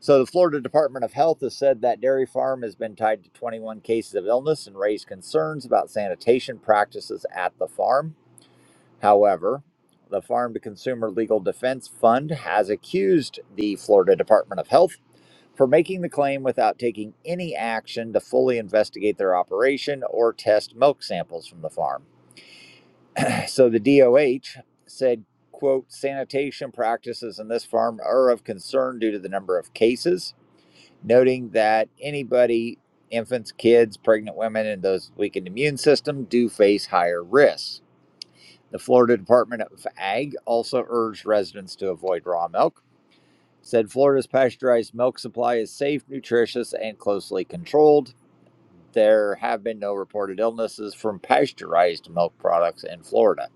Speaker 1: So the Florida Department of Health has said that dairy farm has been tied to 21 cases of illness and raised concerns about sanitation practices at the farm. However, the Farm to Consumer Legal Defense Fund has accused the Florida Department of Health for making the claim without taking any action to fully investigate their operation or test milk samples from the farm. So the DOH said, quote, sanitation practices in this farm are of concern due to the number of cases noting that anybody, infants, kids, pregnant women, and those with weakened immune system do face higher risks. The Florida Department of Ag also urged residents to avoid raw milk. Said Florida's pasteurized milk supply is safe, nutritious, and closely controlled. There have been no reported illnesses from pasteurized milk products in Florida.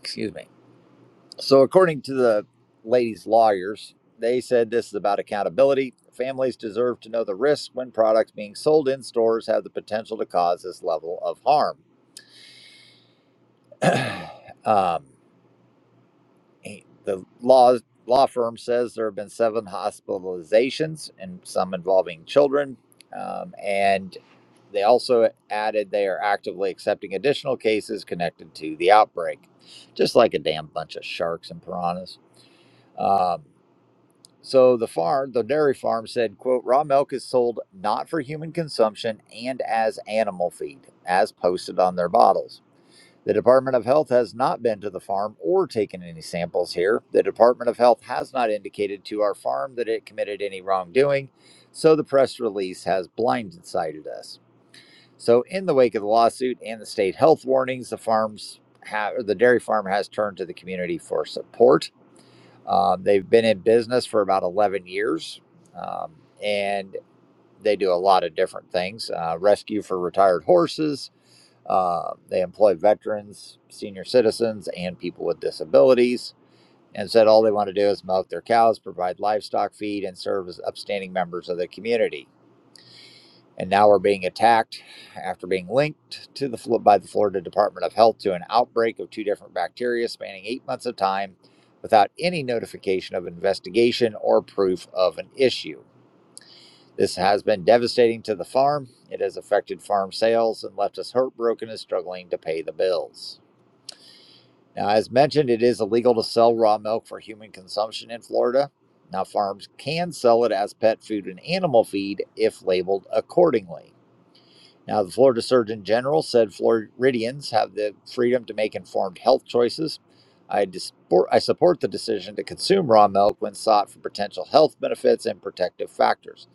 Speaker 1: Excuse me. So, according to the lady's lawyers, they said this is about accountability. Families deserve to know the risks when products being sold in stores have the potential to cause this level of harm. um, the law law firm says there have been seven hospitalizations and some involving children, um, and they also added they are actively accepting additional cases connected to the outbreak, just like a damn bunch of sharks and piranhas. Um, So the farm, the dairy farm said, quote, raw milk is sold not for human consumption and as animal feed, as posted on their bottles. The Department of Health has not been to the farm or taken any samples here. The Department of Health has not indicated to our farm that it committed any wrongdoing, so the press release has blindsided us. So in the wake of the lawsuit and the state health warnings, the farms have, or the dairy farm has turned to the community for support. Um, they've been in business for about 11 years um, and they do a lot of different things uh, rescue for retired horses. Uh, they employ veterans, senior citizens, and people with disabilities. And said all they want to do is milk their cows, provide livestock feed, and serve as upstanding members of the community and now are being attacked after being linked to the by the Florida Department of Health to an outbreak of two different bacteria spanning eight months of time without any notification of investigation or proof of an issue. This has been devastating to the farm. It has affected farm sales and left us heartbroken and struggling to pay the bills. Now, as mentioned, it is illegal to sell raw milk for human consumption in Florida. Now, farms can sell it as pet food and animal feed if labeled accordingly. Now, the Florida Surgeon General said Floridians have the freedom to make informed health choices. I, dispor- I support the decision to consume raw milk when sought for potential health benefits and protective factors,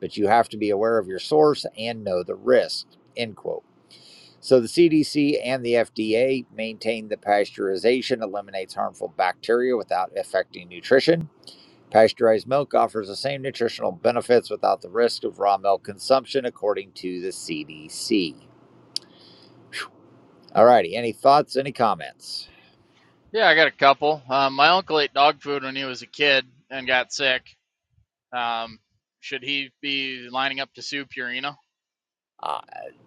Speaker 1: but you have to be aware of your source and know the risk. End quote. So the CDC and the FDA maintain that pasteurization eliminates harmful bacteria without affecting nutrition. Pasteurized milk offers the same nutritional benefits without the risk of raw milk consumption, according to the CDC. All righty. Any thoughts? Any comments?
Speaker 4: Yeah, I got a couple. Um, my uncle ate dog food when he was a kid and got sick. Um, should he be lining up to sue Purina?
Speaker 1: Uh,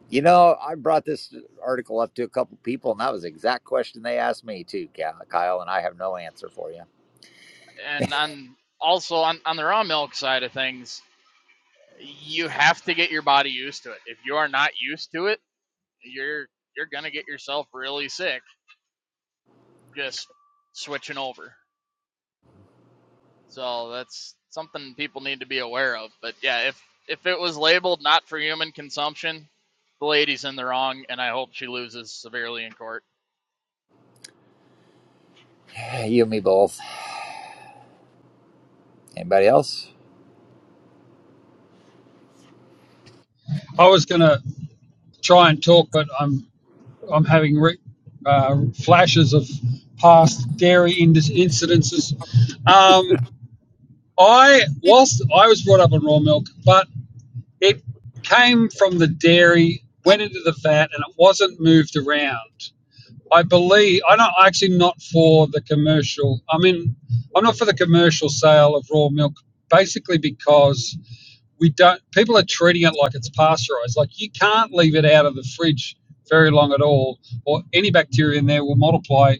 Speaker 1: you know, I brought this article up to a couple people, and that was the exact question they asked me too, Ka- Kyle. And I have no answer for you.
Speaker 4: And on also on, on the raw milk side of things, you have to get your body used to it. If you are not used to it, you're you're gonna get yourself really sick just switching over. So that's something people need to be aware of. But yeah, if if it was labeled not for human consumption, the lady's in the wrong, and I hope she loses severely in court.
Speaker 1: You and me both. Anybody else?
Speaker 10: I was going to try and talk, but I'm I'm having re- uh, flashes of past dairy in- incidences. Um, I whilst I was brought up on raw milk, but it came from the dairy, went into the vat, and it wasn't moved around. I believe I'm not actually not for the commercial. I mean, I'm not for the commercial sale of raw milk, basically because we don't. People are treating it like it's pasteurized. Like you can't leave it out of the fridge very long at all, or any bacteria in there will multiply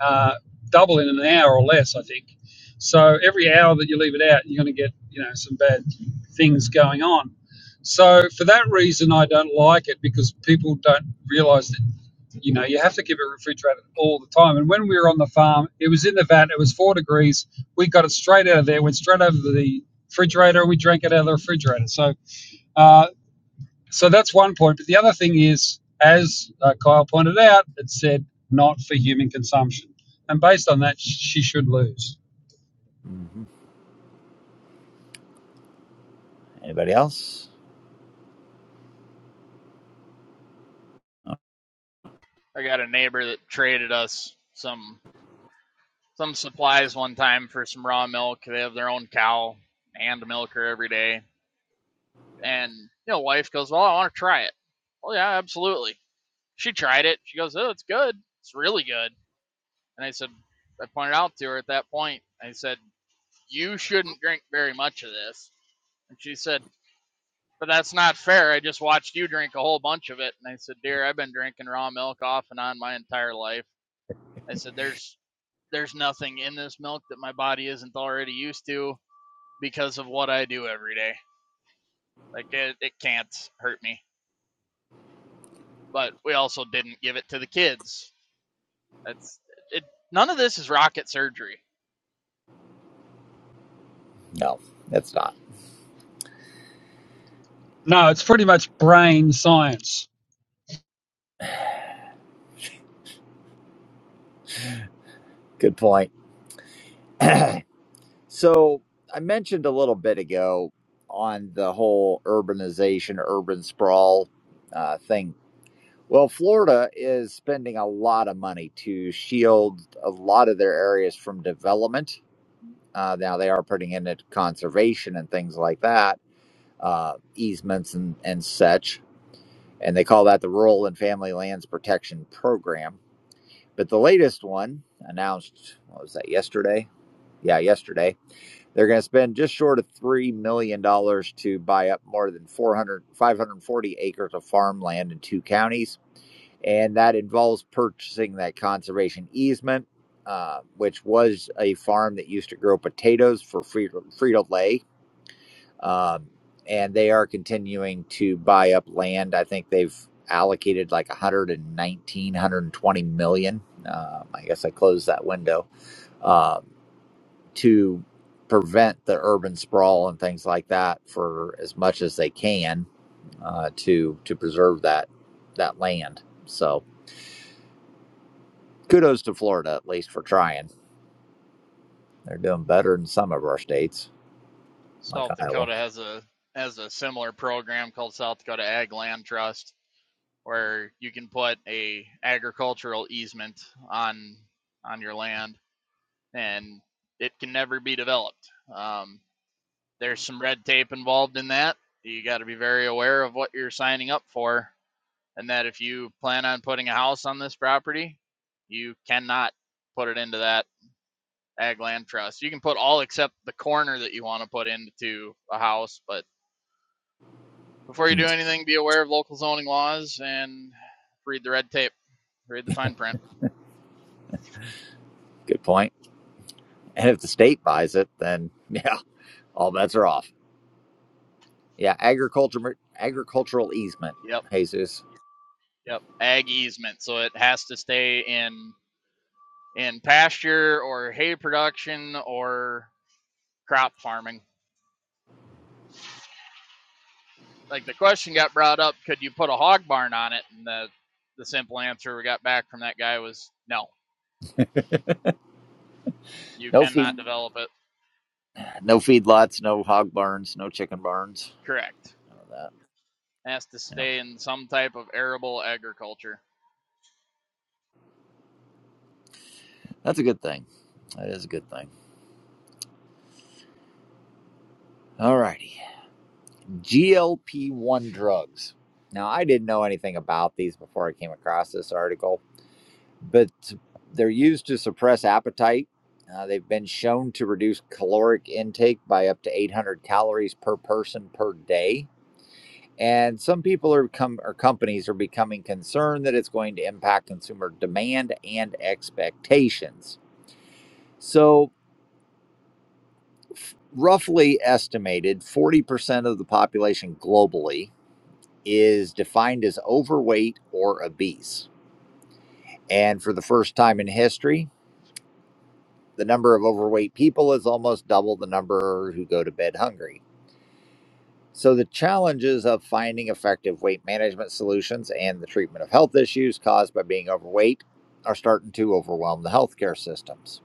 Speaker 10: uh, double in an hour or less. I think. So every hour that you leave it out, you're going to get you know some bad things going on. So for that reason, I don't like it because people don't realize that you know, you have to keep it refrigerated all the time. And when we were on the farm, it was in the vat, it was four degrees. We got it straight out of there, went straight over to the refrigerator, and we drank it out of the refrigerator. So, uh, so that's one point. But the other thing is, as uh, Kyle pointed out, it said not for human consumption. And based on that, she should lose.
Speaker 1: hmm Anybody else? Oh,
Speaker 4: I got a neighbor that traded us some some supplies one time for some raw milk. They have their own cow, hand milker every day, and you know, wife goes, "Well, I want to try it." Well, yeah, absolutely. She tried it. She goes, "Oh, it's good. It's really good." And I said, I pointed out to her at that point. I said, "You shouldn't drink very much of this." And she said, But that's not fair. I just watched you drink a whole bunch of it. And I said, Dear, I've been drinking raw milk off and on my entire life. I said, There's there's nothing in this milk that my body isn't already used to because of what I do every day. Like it, it can't hurt me. But we also didn't give it to the kids. That's it none of this is rocket surgery.
Speaker 1: No, that's not.
Speaker 10: No, it's pretty much brain science.
Speaker 1: Good point. so I mentioned a little bit ago on the whole urbanization, urban sprawl uh, thing Well, Florida is spending a lot of money to shield a lot of their areas from development. Uh, now they are putting in it conservation and things like that, uh, easements and, and such. And they call that the Rural and Family Lands Protection Program. But the latest one announced, what was that, yesterday? Yeah, yesterday. They're going to spend just short of $3 million dollars to buy up more than 400, 540 acres of farmland in two counties and that involves purchasing that conservation easement, uh, which was a farm that used to grow potatoes for Frito Lay, um, and they are continuing to buy up land. I think they've allocated like 119, 120 million. Uh, I guess I closed that window um, to prevent the urban sprawl and things like that for as much as they can uh, to to preserve that that land. So kudos to Florida at least for trying. They're doing better than some of our states, like
Speaker 4: South
Speaker 1: Iowa.
Speaker 4: Dakota has a has a similar program called South Dakota Ag Land Trust where you can put a agricultural easement on on your land and it can never be developed. Um, there's some red tape involved in that. You got to be very aware of what you're signing up for, and that if you plan on putting a house on this property, you cannot put it into that ag land trust. You can put all except the corner that you want to put into a house, but before you
Speaker 1: Hmm.
Speaker 4: do anything, be aware of local zoning laws and read the red tape, read the fine print.
Speaker 1: Good point. And if the state buys it, then yeah, all bets are off. Yeah, agriculture agricultural easement.
Speaker 4: Yep.
Speaker 1: Jesus,
Speaker 4: Yep, ag easement, so it has to stay in in pasture or hay production or crop farming. Like the question got brought up, could you put a hog barn on it? And the the simple answer we got back from that guy was no, you
Speaker 1: no feed,
Speaker 4: cannot develop it.
Speaker 1: no feed lots, no hog barns, no chicken barns.
Speaker 4: Correct.
Speaker 1: None of that.
Speaker 4: It has to stay
Speaker 1: Yeah,
Speaker 4: in some type of arable agriculture.
Speaker 1: that's a good thing. That is a good thing. All righty, GLP one drugs. Now I didn't know anything about these before I came across this article but they're used to suppress appetite. Uh, they've been shown to reduce caloric intake by up to 800 calories per person per day. And some people are com- or companies are becoming concerned that it's going to impact consumer demand and expectations. So, f- roughly estimated, 40% of the population globally is defined as overweight or obese. And for the first time in history, The number of overweight people is almost double the number who go to bed hungry. So, the challenges of finding effective weight management solutions and the treatment of health issues caused by being overweight are starting to overwhelm the healthcare systems.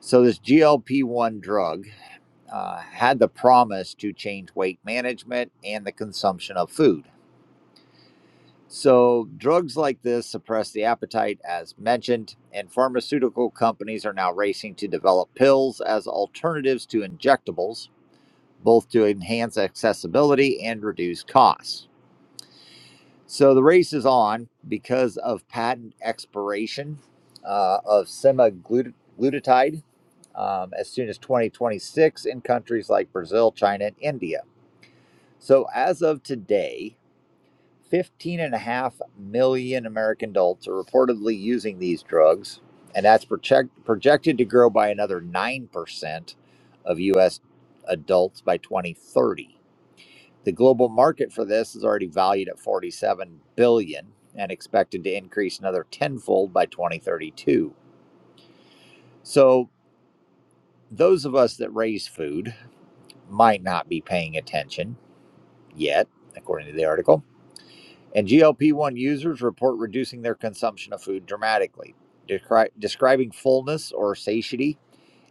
Speaker 1: So, this GLP 1 drug uh, had the promise to change weight management and the consumption of food. So, drugs like this suppress the appetite, as mentioned, and pharmaceutical companies are now racing to develop pills as alternatives to injectables, both to enhance accessibility and reduce costs. So, the race is on because of patent expiration uh, of semaglutide um, as soon as 2026 in countries like Brazil, China, and India. So, as of today, 15 and a half million American adults are reportedly using these drugs, and that's project, projected to grow by another 9% of U.S. adults by 2030. The global market for this is already valued at 47 billion dollars and expected to increase another tenfold by 2032. So, those of us that raise food might not be paying attention yet, according to the article. And GLP 1 users report reducing their consumption of food dramatically, descri- describing fullness or satiety,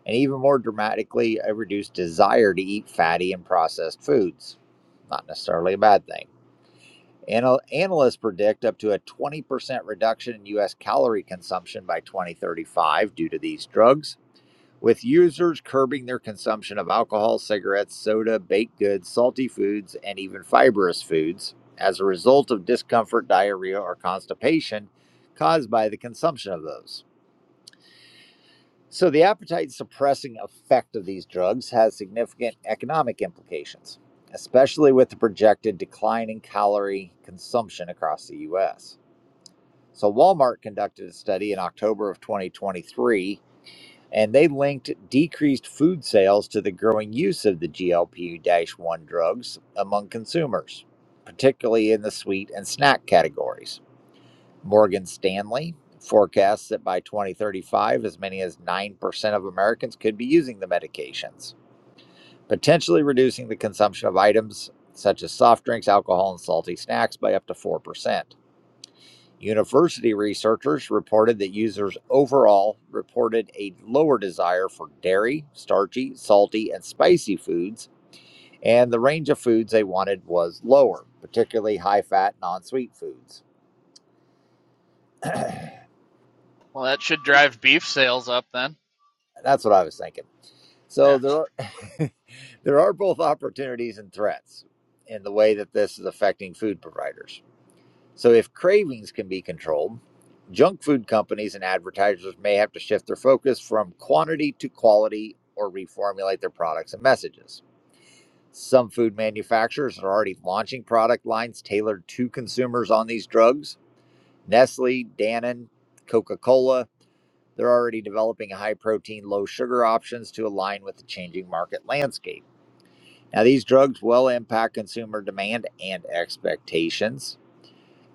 Speaker 1: and even more dramatically, a reduced desire to eat fatty and processed foods. Not necessarily a bad thing. Anal- analysts predict up to a 20% reduction in U.S. calorie consumption by 2035 due to these drugs with users curbing their consumption of alcohol, cigarettes, soda, baked goods, salty foods, and even fibrous foods as a result of discomfort, diarrhea, or constipation caused by the consumption of those. So, the appetite suppressing effect of these drugs has significant economic implications, especially with the projected decline in calorie consumption across the US. So, Walmart conducted a study in October of 2023 and they linked decreased food sales to the growing use of the GLP 1 drugs among consumers, particularly in the sweet and snack categories. Morgan Stanley forecasts that by 2035, as many as 9% of Americans could be using the medications, potentially reducing the consumption of items such as soft drinks, alcohol, and salty snacks by up to 4%. University researchers reported that users overall reported a lower desire for dairy, starchy, salty, and spicy foods, and the range of foods they wanted was lower, particularly high fat, non sweet foods. That's
Speaker 4: Well, that should drive beef sales up then.
Speaker 1: what I was thinking. So
Speaker 4: Yeah,
Speaker 1: there are, there are both opportunities and threats in the way that this is affecting food providers. So, if cravings can be controlled, junk food companies and advertisers may have to shift their focus from quantity to quality or reformulate their products and messages. Some food manufacturers are already launching product lines tailored to consumers on these drugs. Nestle, Danone, Coca Cola, they're already developing high protein, low sugar options to align with the changing market landscape. Now, these drugs will impact consumer demand and expectations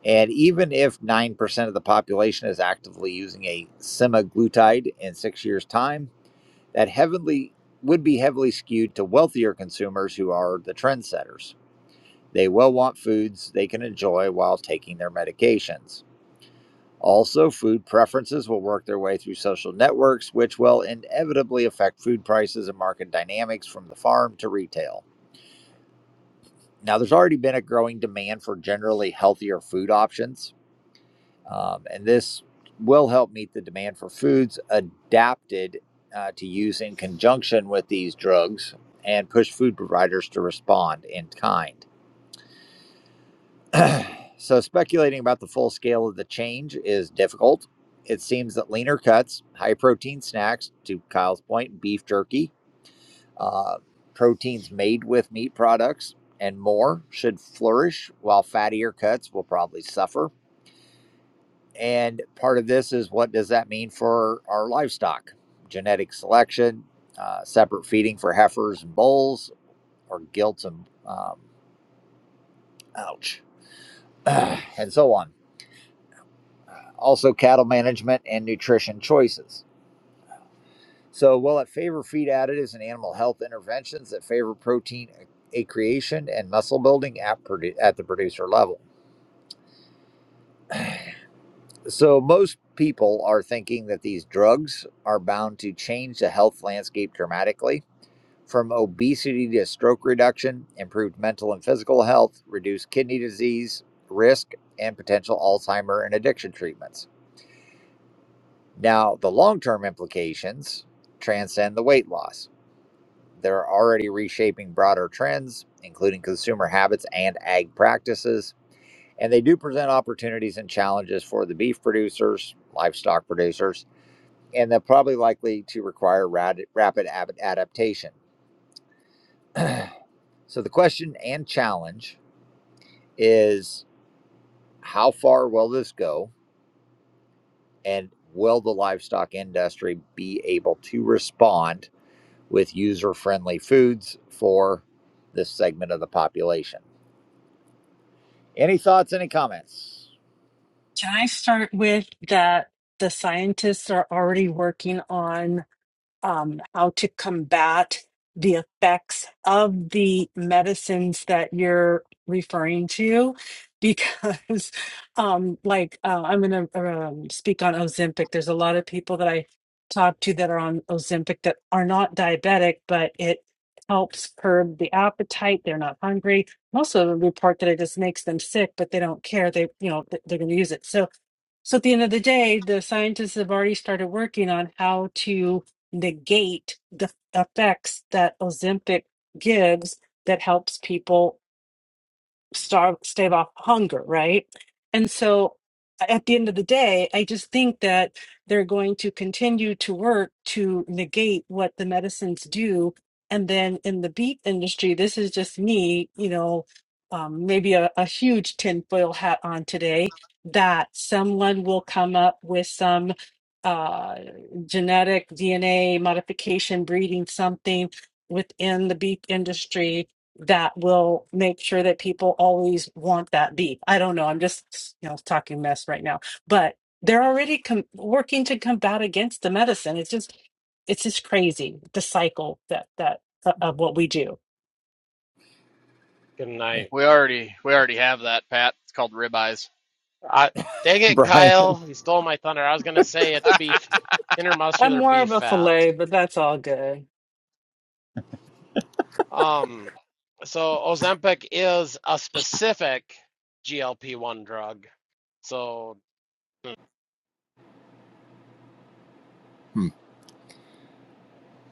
Speaker 1: and even if 9% of the population is actively using a semaglutide in six years' time, that heavily would be heavily skewed to wealthier consumers who are the trendsetters. They will want foods they can enjoy while taking their medications. Also, food preferences will work their way through social networks, which will inevitably affect food prices and market dynamics from the farm to retail. Now, there's already been a growing demand for generally healthier food options Um, and this will help meet the demand for foods adapted uh, to use in conjunction with these drugs and push food providers to respond in kind. so, speculating about the full scale of the change is difficult. It seems that leaner cuts, high protein snacks, to Kyle's point, beef jerky, uh, proteins made with meat products, and more should flourish, while fattier cuts will probably suffer. And part of this is what does that mean for our livestock? Genetic selection, uh, separate feeding for heifers and bulls, or gilts and um, ouch, and so on. Also, cattle management and nutrition choices. So, will it favor feed additives and animal health interventions that favor protein uh, a- creation and muscle building at, produ- at the producer level? So, most people are thinking that these drugs are bound to change the health landscape dramatically from obesity to stroke reduction, improved mental and physical health, reduced kidney disease risk, and potential Alzheimer and addiction treatments. Now, the long term implications transcend the weight loss. They're already reshaping broader trends, including consumer habits and ag practices. And they do present opportunities and challenges for the beef producers, livestock producers, and they're probably likely to require rad- rapid ab- adaptation. so, the question and challenge is how far will this go and will the livestock industry be able to respond with user friendly foods for this segment of the population any thoughts any comments
Speaker 6: Can I start with that the scientists are already working on? um, how to combat the effects of the medicines that you're referring to because um, like uh, i'm going to um, speak on ozempic there's a lot of people that i talk to that are on ozempic that are not diabetic but it helps curb the appetite they're not hungry also the report that it just makes them sick but they don't care they you know th- they're going to use it so so at the end of the day the scientists have already started working on how to negate the effects that Ozempic gives that helps people starve stave off hunger right and so at the end of the day i just think that they're going to continue to work to negate what the medicines do and then in the beef industry this is just me you know um, maybe a, a huge tinfoil hat on today that someone will come up with some uh, genetic dna modification breeding something within the beef industry that will make sure that people always want that beef. I don't know. I'm just, you know, talking mess right now, but they're already com- working to combat against the medicine. It's just, it's just crazy the cycle that that uh, of what we do.
Speaker 2: Good night.
Speaker 4: we already we already have that, Pat. It's called ribeyes.
Speaker 2: I, dang it,
Speaker 1: brian
Speaker 2: Kyle. You stole my thunder. I was gonna say it's
Speaker 4: I
Speaker 2: beef,
Speaker 6: I'm
Speaker 2: intermuscular
Speaker 6: more
Speaker 2: beef
Speaker 6: of a
Speaker 2: fat.
Speaker 6: filet, but that's all good.
Speaker 2: Um, so Ozempic is a specific GLP-1 drug. So,
Speaker 1: hmm,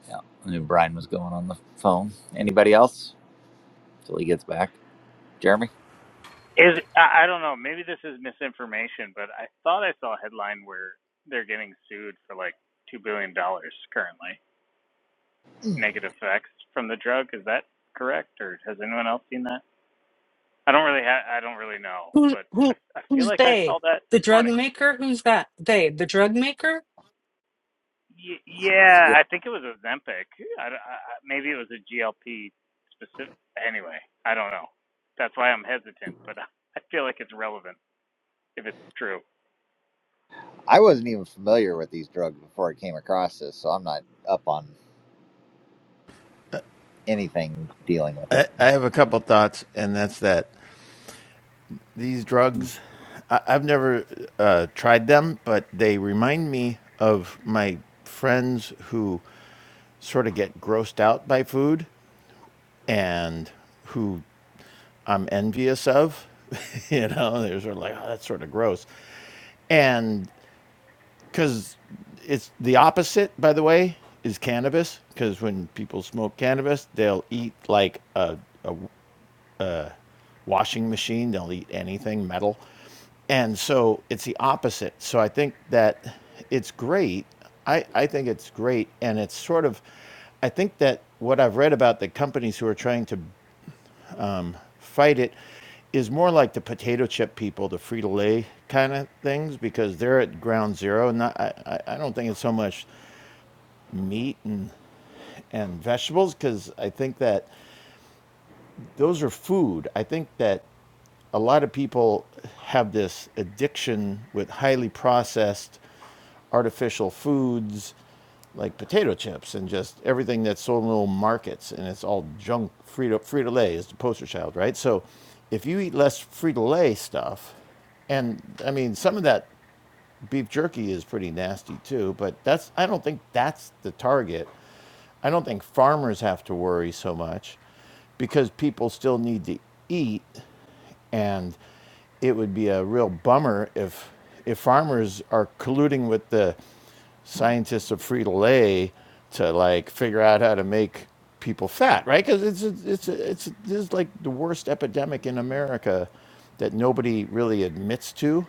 Speaker 1: yeah, i knew brian was going on the phone anybody else till he gets back jeremy
Speaker 3: Is I I don't know. Maybe this is misinformation, but I thought I saw a headline where they're getting sued for like two billion dollars currently,
Speaker 1: Yeah.
Speaker 3: negative effects from the drug. Is that correct, or has anyone else seen that? I don't really ha- I don't really know,
Speaker 6: Who
Speaker 3: but I,
Speaker 6: who
Speaker 3: I feel
Speaker 6: who's
Speaker 3: like I
Speaker 6: they?
Speaker 3: saw that
Speaker 6: The
Speaker 3: this
Speaker 6: drug
Speaker 3: morning.
Speaker 6: maker? Who's that? They? The drug maker?
Speaker 3: Y- yeah, I think it was Ozempic. I I, maybe it was a GLP specific. Anyway, I don't know. That's why I'm hesitant, but I feel like it's relevant if it's true.
Speaker 1: i wasn't even familiar with these drugs before i came across this so i'm not up on anything dealing with it
Speaker 9: I, I have a couple thoughts, and that's that these drugs. I, I've never uh, tried them, but they remind me of my friends who sort of get grossed out by food and who I'm envious of. you know, they're sort of like, oh, that's sort of gross. And because it's the opposite, by the way, is cannabis. Because when people smoke cannabis, they'll eat like a washing machine, they'll eat anything metal. And so it's the opposite. So I think that it's great. I, I think it's great. And it's sort of, I think that what I've read about the companies who are trying to fight it is more like the potato chip people, the Frito Lay kind of things, because they're at ground zero. Not, I, I don't think it's so much meat and and vegetables, because I think that those are food. I think that a lot of people have this addiction with highly processed artificial foods like potato chips and just everything that's sold in little markets and it's all junk. Frito, Frito-Lay is the poster child, right? So if you eat less Frito-Lay stuff, and I mean, some of that beef jerky is pretty nasty too, but that's, I don't think that's the target. I don't think farmers have to worry so much because people still need to eat and it would be a real bummer if if farmers are colluding with the scientists of Free Lay to like figure out how to make people fat, right? Because it's it's it's this is like the worst epidemic in America that nobody really admits to,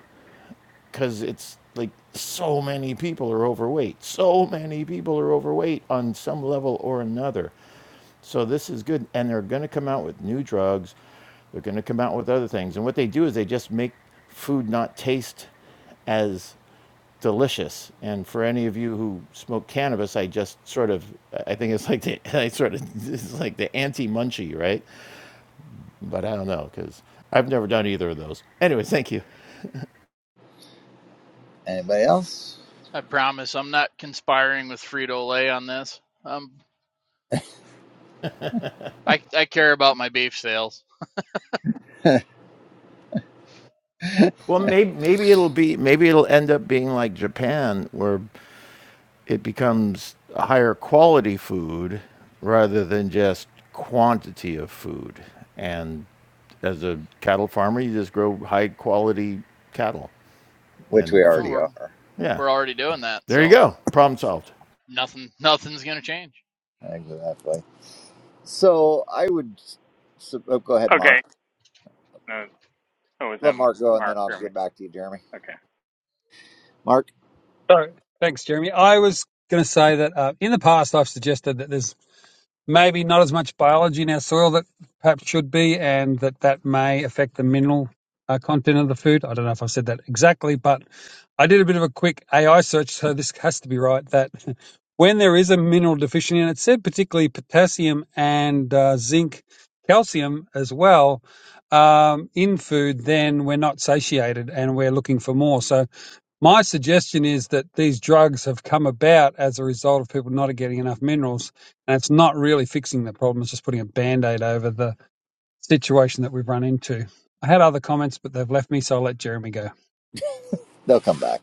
Speaker 9: because it's like so many people are overweight. So many people are overweight on some level or another. So this is good, and they're going to come out with new drugs. They're going to come out with other things, and what they do is they just make food not taste as delicious. And for any of you who smoke cannabis, I just sort of, I think it's like the, I sort of, it's like the anti-munchie, right? But I don't know because I've never done either of those. Anyway, thank you.
Speaker 1: anybody else
Speaker 4: promise I'm not conspiring with Frito Lay on this. I'm I I care about my beef sales.
Speaker 9: Well, maybe maybe it'll be maybe it'll end up being like Japan, where it becomes a higher quality food rather than just quantity of food. And as a cattle farmer, you just grow high quality cattle
Speaker 1: which we
Speaker 9: and
Speaker 4: Well,
Speaker 1: already
Speaker 9: food.
Speaker 4: we're
Speaker 1: are
Speaker 9: Yeah.
Speaker 4: we're already doing that,
Speaker 9: There you
Speaker 4: so
Speaker 9: go. Problem solved.
Speaker 4: nothing nothing's gonna change.
Speaker 1: Exactly. So I would so, oh, go ahead, Mark.
Speaker 3: Okay. No, oh, was
Speaker 1: Let
Speaker 3: that
Speaker 1: Mark go, and then
Speaker 3: Mark
Speaker 1: I'll
Speaker 3: or me?
Speaker 1: get back to you, Jeremy.
Speaker 3: Okay.
Speaker 1: Mark,
Speaker 10: Sorry. Thanks, Jeremy. I was going to say that uh, in the past, I've suggested that there's maybe not as much biology in our soil that perhaps should be, and that that may affect the mineral uh, content of the food. I don't know if I said that exactly, but I did a bit of a quick AI search, so this has to be right. That when there is a mineral deficiency, and it said particularly potassium and uh, zinc, calcium as well um, in food, then we're not satiated and we're looking for more. So my suggestion is that these drugs have come about as a result of people not getting enough minerals, and it's not really fixing the problem, it's just putting a band aid over the situation that we've run into. I had other comments, but they've left me, so I'll let Jeremy go.
Speaker 1: they'll come back.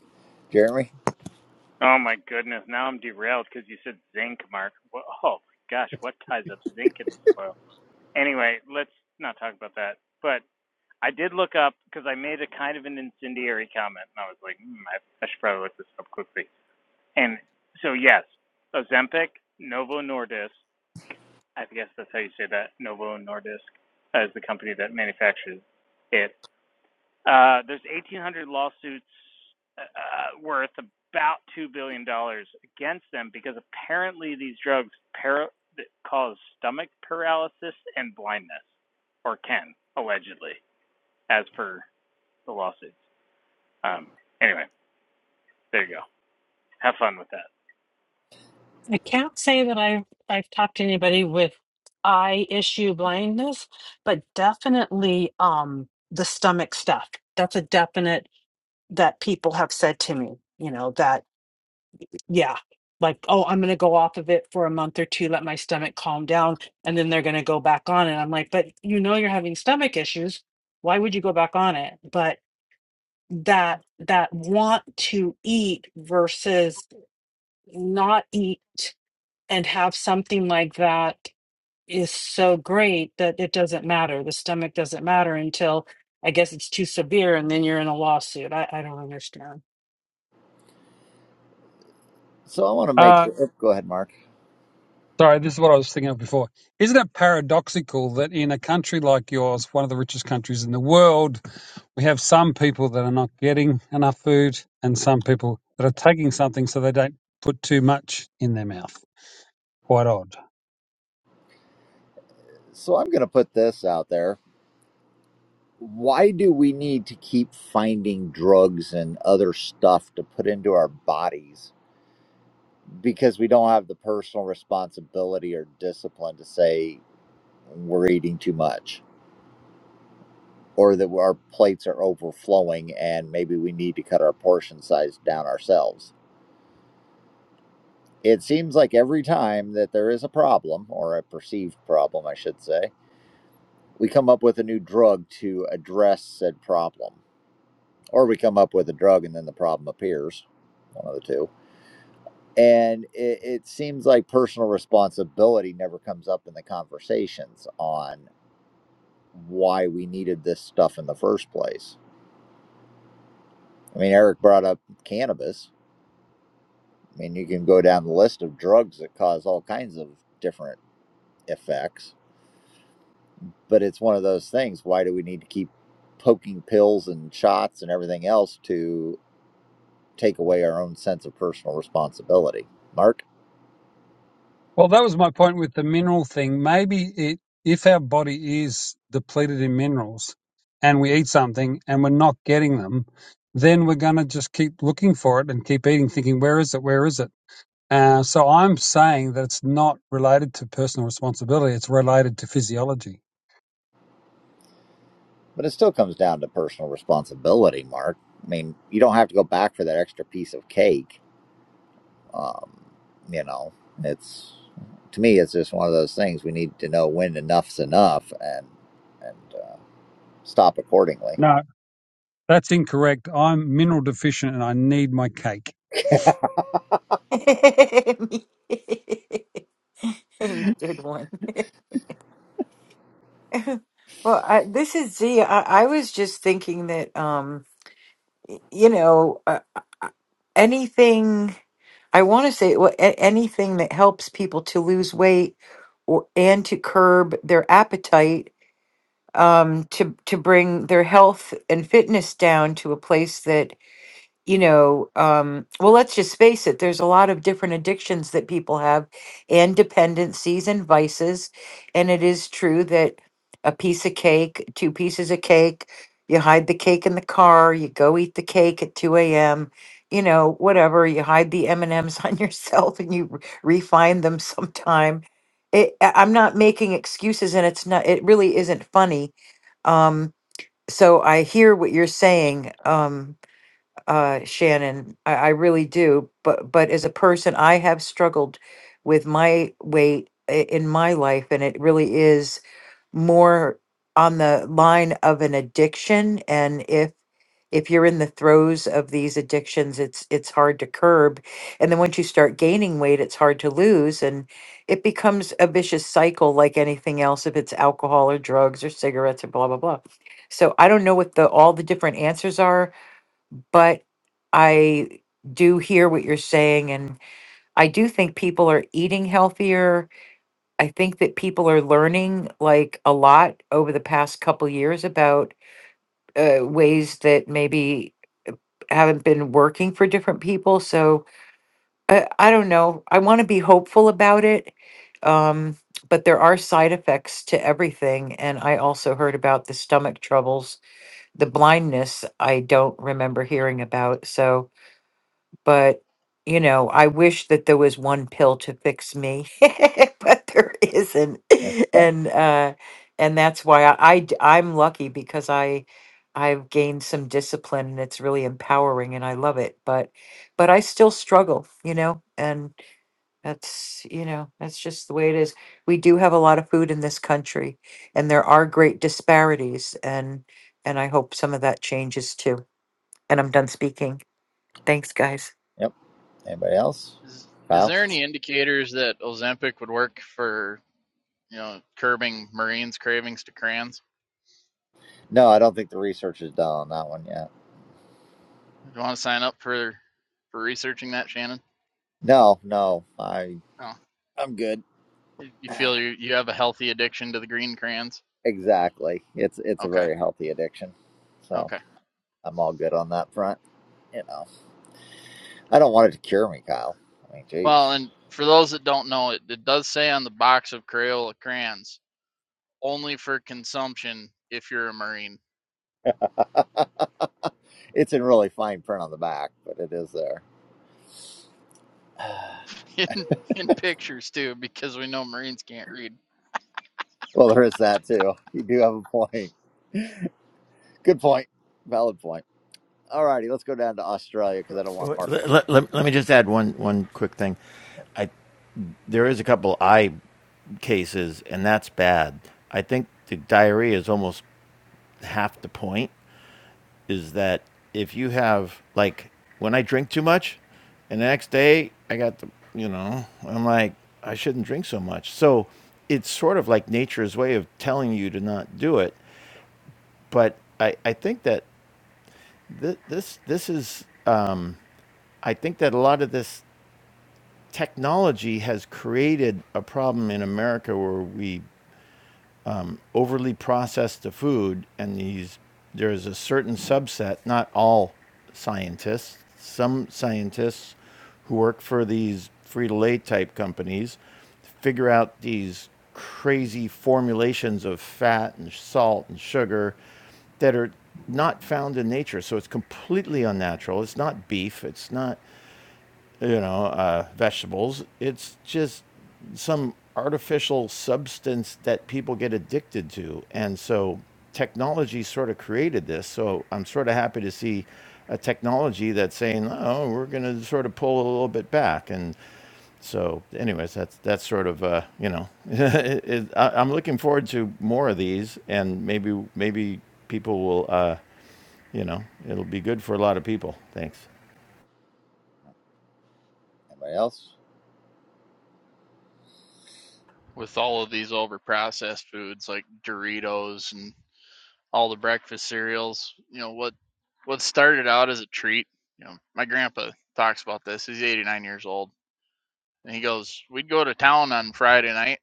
Speaker 1: Jeremy.
Speaker 3: Oh my goodness! Now I'm derailed because you said zinc, Mark. Wha- Oh my gosh, what ties up zinc in the soil? Anyway, let's not talk about that. But I did look up because I made a kind of an incendiary comment, and I was like, hmm, I, I should probably look this up quickly. And so, yes, Ozempic, Novo Nordisk. I guess that's how you say that. Novo Nordisk uh, is the company that manufactures it. Uh, there's 1,800 lawsuits uh, uh, worth about two billion dollars against them because apparently these drugs para- cause stomach paralysis and blindness, or can allegedly, as per the lawsuits. Um, anyway, there you go. Have fun with that.
Speaker 6: I can't say that I've I've talked to anybody with eye issue blindness, but definitely um the stomach stuff. That's a definite that people have said to me, you know, that yeah, like oh, I'm going to go off of it for a month or two, let my stomach calm down, and then they're going to go back on it. I'm like, but you know you're having stomach issues. Why would you go back on it? But that that want to eat versus not eat and have something like that is so great that it doesn't matter. The stomach doesn't matter until I guess it's too severe and then you're in a lawsuit. I, I don't understand.
Speaker 1: So I want to make.
Speaker 10: Uh,
Speaker 1: sure, oh, Go ahead, Mark.
Speaker 10: sorry, this is what I was thinking of before. Isn't it paradoxical that in a country like yours, one of the richest countries in the world, we have some people that are not getting enough food and some people that are taking something so they don't put too much in their mouth? Quite odd.
Speaker 1: So I'm going to put this out there. Why do we need to keep finding drugs and other stuff to put into our bodies? Because we don't have the personal responsibility or discipline to say we're eating too much or that our plates are overflowing and maybe we need to cut our portion size down ourselves It seems like every time that there is a problem, or a perceived problem, I should say, we come up with a new drug to address said problem. Or we come up with a drug and then the problem appears, one of the two. And it, it seems like personal responsibility never comes up in the conversations on why we needed this stuff in the first place. I mean, Eric brought up cannabis. I mean, you can go down the list of drugs that cause all kinds of different effects but it's one of those things why do we need to keep poking pills and shots and everything else to take away our own sense of personal responsibility mark
Speaker 10: Well, that was my point with the mineral thing. Maybe it, if our body is depleted in minerals and we eat something and we're not getting them, then we're going to just keep looking for it and keep eating, thinking, where is it? Where is it? Uh, so I'm saying that it's not related to personal responsibility. It's related to physiology.
Speaker 1: but it still comes down to personal responsibility mark i mean you don't have to go back for that extra piece of cake um, you know it's to me it's just one of those things we need to know when enough's enough and and uh, stop accordingly
Speaker 10: No, that's incorrect. I'm mineral deficient and I need my cake.
Speaker 8: Good one. Well, I, this is Z. I, I was just thinking that, um, you know, uh, anything I want to say, well, a- anything that helps people to lose weight or and to curb their appetite, um, to to bring their health and fitness down to a place that you know, um, well, let's just face it, there's a lot of different addictions that people have and dependencies and vices. And it is true that a piece of cake, two pieces of cake, you hide the cake in the car, you go eat the cake at 2 a.m., you know, whatever, you hide the M&Ms on yourself and you re- refine them sometime. It, I- I'm not making excuses and it's not, it really isn't funny. Um, so I hear what you're saying. Um, uh, Shannon. I, I really do. But but as a person, I have struggled with my weight i- in my life, and it really is more on the line of an addiction. And if if you're in the throes of these addictions, it's it's hard to curb. And then once you start gaining weight, it's hard to lose, and it becomes a vicious cycle, like anything else. If it's alcohol or drugs or cigarettes or blah blah blah. So I don't know what the all the different answers are but I do hear what you're saying. And I do think people are eating healthier. I think that people are learning like a lot over the past couple years about uh, ways that maybe haven't been working for different people. So I, I don't know. I want to be hopeful about it. Um, but there are side effects to everything. And I also heard about the stomach troubles, the blindness, I don't remember hearing about. So, but you know i wish that there was one pill to fix me but there isn't
Speaker 1: Eh,
Speaker 8: and uh and that's why I, I am lucky because i i've gained some discipline and it's really empowering and i love it but but i still struggle you know and that's you know that's just the way it is we do have a lot of food in this country and there are great disparities and and i hope some of that changes too and i'm done speaking thanks guys
Speaker 1: yep anybody else
Speaker 4: Is is
Speaker 1: kyle
Speaker 4: there any indicators that Ozempic would work for you know curbing Marines' cravings to crayons?
Speaker 1: no i don't think the research is done on that one yet
Speaker 4: Do you want to sign up for for researching that, Shannon?
Speaker 1: No, no, I
Speaker 4: Oh,
Speaker 1: I'm good.
Speaker 4: you feel you you have a healthy addiction to the green crayons?
Speaker 1: Exactly. It's it's a
Speaker 4: Okay,
Speaker 1: very healthy addiction. So
Speaker 4: okay.
Speaker 1: I'm all good on that front. You know, I don't want it to cure me, Kyle. I mean, jeez,
Speaker 4: Well, and for those that don't know, it, it does say on the box of Crayola crayons only for consumption if you're a Marine.
Speaker 1: it's in really fine print on the back, but it is there.
Speaker 4: in in pictures too because we know marines can't read
Speaker 1: Well, there is that too. You do have a point. Good point. Valid point. All righty, let's go down to Australia because I don't want
Speaker 9: Let,
Speaker 1: Mark.
Speaker 9: let, let, let me just add one, one quick thing. I, there is a couple eye cases, and that's bad. I think the diarrhea is almost half the point is that if you have like when I drink too much, and the next day I got the you know I'm like I shouldn't drink so much. So it's sort of like nature's way of telling you to not do it. But I I think that th- this this is uh, I think that a lot of this technology has created a problem in America where we overly process the food, and these there is a certain subset, not all scientists, some scientists who work for these free to lay type companies figure out these crazy formulations of fat and salt and sugar that are not found in nature. So it's completely unnatural. It's not beef. It's not you know, uh, vegetables. It's just some artificial substance that people get addicted to. And so technology sort of created this. So I'm sort of happy to see a technology that's saying, oh, we're going to sort of pull a little bit back. And so, anyways, that's that's sort of uh, you know, it, it, I, I'm looking forward to more of these, and maybe maybe people will, uh, you know, it'll be good for a lot of people. Thanks.
Speaker 1: Anybody else?
Speaker 4: with all of these overprocessed foods like doritos and all the breakfast cereals you know what what started out as a treat you know my grandpa talks about this he's 89 years old and he goes we'd go to town on friday night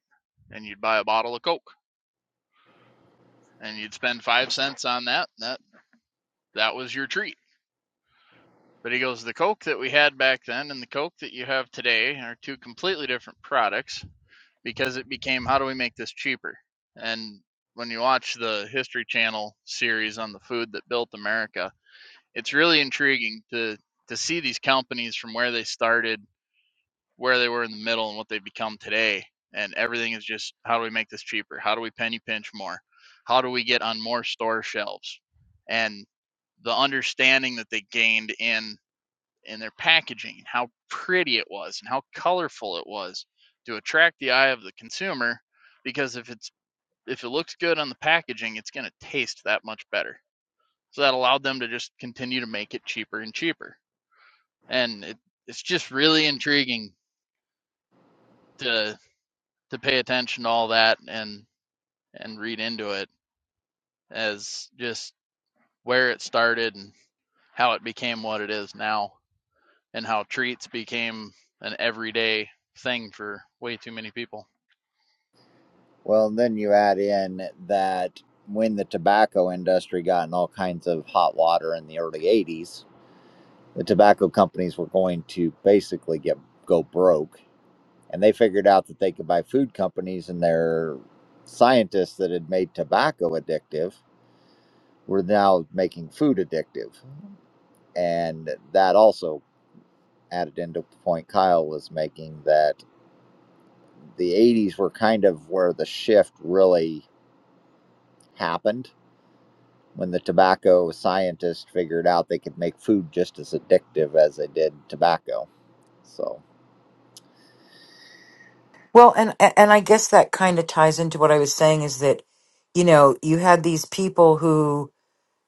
Speaker 4: and you'd buy a bottle of coke and you'd spend five cents on that that that was your treat but he goes the coke that we had back then and the coke that you have today are two completely different products because it became how do we make this cheaper? And when you watch the History Channel series on the food that built America, it's really intriguing to to see these companies from where they started, where they were in the middle, and what they've become today. And everything is just how do we make this cheaper? How do we penny pinch more? How do we get on more store shelves? And the understanding that they gained in and their packaging and how pretty it was and how colorful it was to attract the eye of the consumer because if it's if it looks good on the packaging it's going to taste that much better so that allowed them to just continue to make it cheaper and cheaper and it, it's just really intriguing to to pay attention to all that and and read into it as just where it started and how it became what it is now and how treats became an everyday thing for way too many people
Speaker 1: Well, and then you add in that when the tobacco industry got in all kinds of hot water in the early 80s, the tobacco companies were going to basically get go broke and they figured out that they could buy food companies and their scientists that had made tobacco addictive were now making food addictive and that also added into the point kyle was making that the 80s were kind of where the shift really happened when the tobacco scientists figured out they could make food just as addictive as they did tobacco so
Speaker 8: Well, and and I guess that kind of ties into what I was saying is that, you know, you had these people who,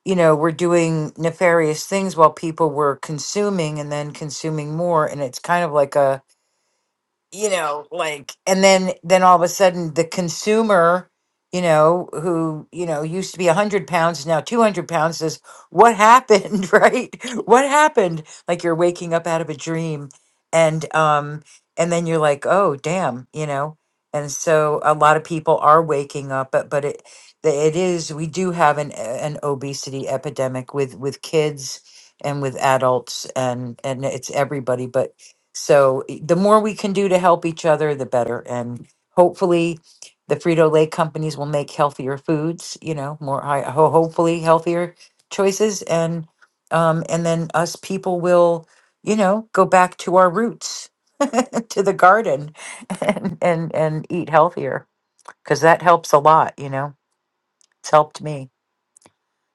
Speaker 8: you know, were doing nefarious things while people were consuming and then consuming more, and it's kind of like a you know like and then then all of a sudden the consumer you know who you know used to be 100 pounds is now 200 pounds says what happened right what happened like you're waking up out of a dream and um and then you're like oh damn you know and so a lot of people are waking up but but it the- it is we do have an an obesity epidemic with with kids and with adults and and it's everybody but so i- the more we can do to help each other, the better. And hopefully, the Frito Lay companies will make healthier foods. You know, more high, ho- hopefully healthier choices, and um, and then us people will, you know, go back to our roots, to the garden, and and and eat healthier because that helps a lot. You know, it's helped me.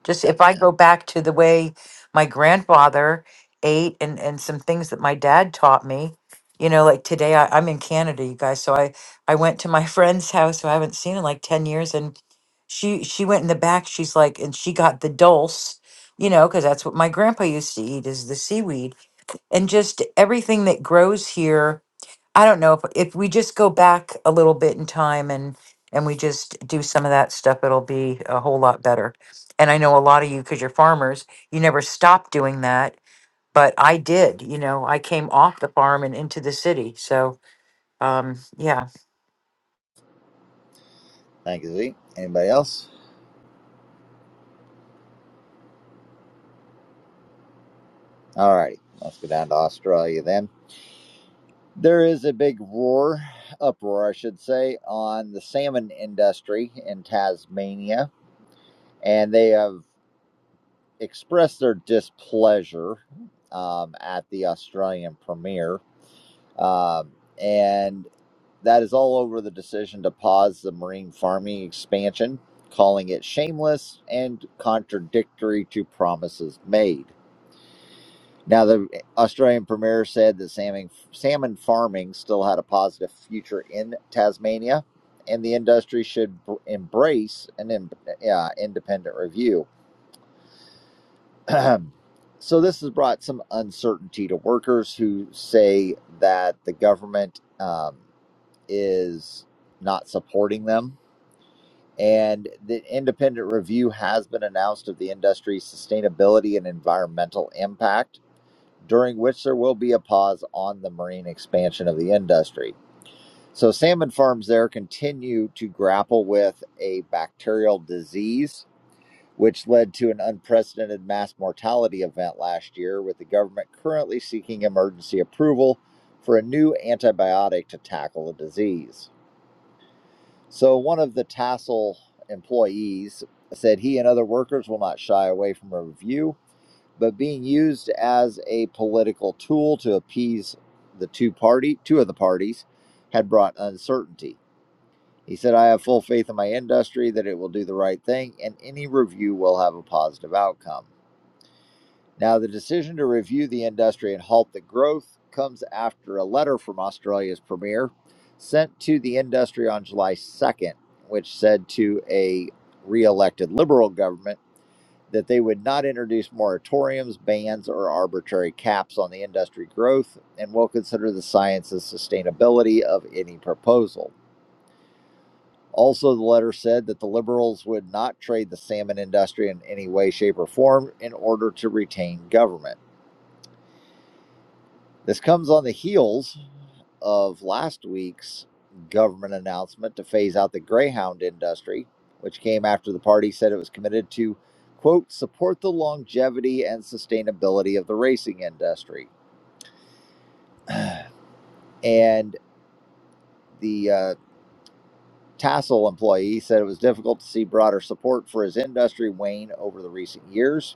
Speaker 8: Just
Speaker 1: yeah,
Speaker 8: if I go back to the way my grandfather ate and, and some things that my dad taught me, you know, like today I, I'm in Canada, you guys. So I, I went to my friend's house who I haven't seen in like 10 years and she, she went in the back. She's like, and she got the dulse, you know, cause that's what my grandpa used to eat is the seaweed and just everything that grows here I don't know if if we just go back a little bit in time and and we just do some of that stuff, it'll be a whole lot better. And I know a lot of you, because you're farmers, you never stopped doing that, but I did. You know, I came off the farm and into the city, so um, yeah.
Speaker 1: thank you Z. anybody else All let's go down to Australia then. There is a big roar, uproar, I should say, on the salmon industry in Tasmania, and they have expressed their displeasure um, at the Australian Premier. Um, and that is all over the decision to pause the marine farming expansion, calling it shameless and contradictory to promises made. Now, the Australian Premier said that salmon, salmon farming still had a positive future in Tasmania, and the industry should embrace an in, uh, independent review. so, this has brought some uncertainty to workers who say that the government um, is not supporting them. And the independent review has been announced of the industry's sustainability and environmental impact during which there will be a pause on the marine expansion of the industry. So, salmon farms there continue to grapple with a bacterial disease, which led to an unprecedented mass mortality event last year, with the government currently seeking emergency approval for a new antibiotic to tackle the disease. So, one of the tassel employees said he and other workers will not shy away from a review but being used as a political tool to appease the two party two of the parties had brought uncertainty. He said, I have full faith in my industry that it will do the right thing and any review will have a positive outcome. Now, the decision to review the industry and halt the growth comes after a letter from Australia's premier sent to the industry on July 2nd, which said to a re elected Liberal government that they would not introduce moratoriums, bans, or arbitrary caps on the industry growth, and will consider the science and sustainability of any proposal. Also, the letter said that the liberals would not trade the salmon industry in any way, shape, or form in order to retain government. This comes on the heels of last week's government announcement to phase out the Greyhound industry, which came after the party said it was committed to, quote, support the longevity and sustainability of the racing industry. And the uh, Tassel employee said it was difficult to see broader support for his industry wane over the recent years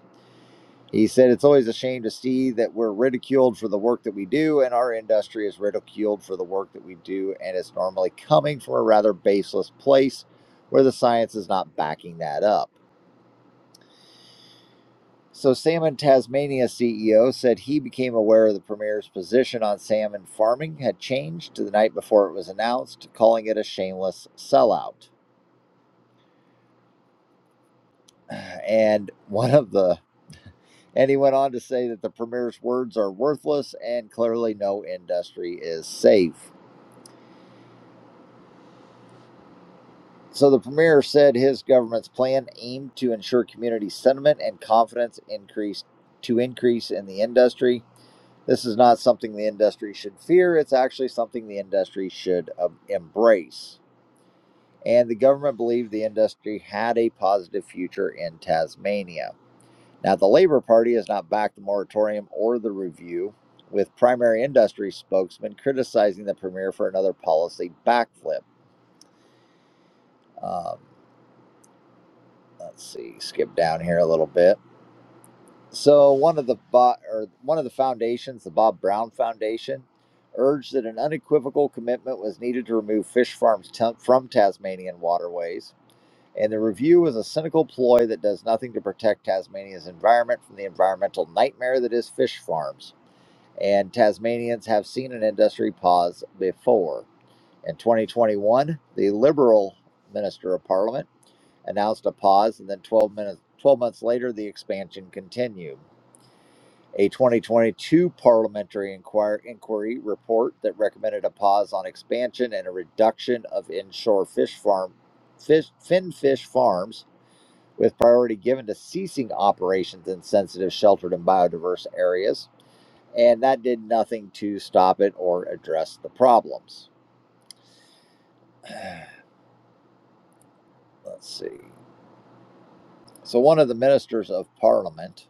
Speaker 1: He said, It's always a shame to see that we're ridiculed for the work that we do, and our industry is ridiculed for the work that we do, and it's normally coming from a rather baseless place where the science is not backing that up. So, Salmon Tasmania CEO said he became aware of the Premier's position on salmon farming had changed to the night before it was announced, calling it a shameless sellout. And one of the and he went on to say that the Premier's words are worthless and clearly no industry is safe. So the premier said his government's plan aimed to ensure community sentiment and confidence increased to increase in the industry. This is not something the industry should fear. It's actually something the industry should um, embrace. And the government believed the industry had a positive future in Tasmania. Now, the Labor Party has not backed the moratorium or the review, with primary industry spokesman criticizing the premier for another policy backflip. Um, let's see, skip down here a little bit. So one of the bo- or one of the foundations, the Bob Brown Foundation, urged that an unequivocal commitment was needed to remove fish farms t- from Tasmanian waterways, and the review was a cynical ploy that does nothing to protect Tasmania's environment from the environmental nightmare that is fish farms. And Tasmanians have seen an industry pause before. In 2021, the Liberal Minister of Parliament announced a pause, and then 12 minutes 12 months later, the expansion continued a 2022 parliamentary inquir- inquiry report that recommended a pause on expansion and a reduction of inshore fish farm fish fin fish farms with priority given to ceasing operations in sensitive sheltered and biodiverse areas and that did nothing to stop it or address the problems let's see so one of the ministers of parliament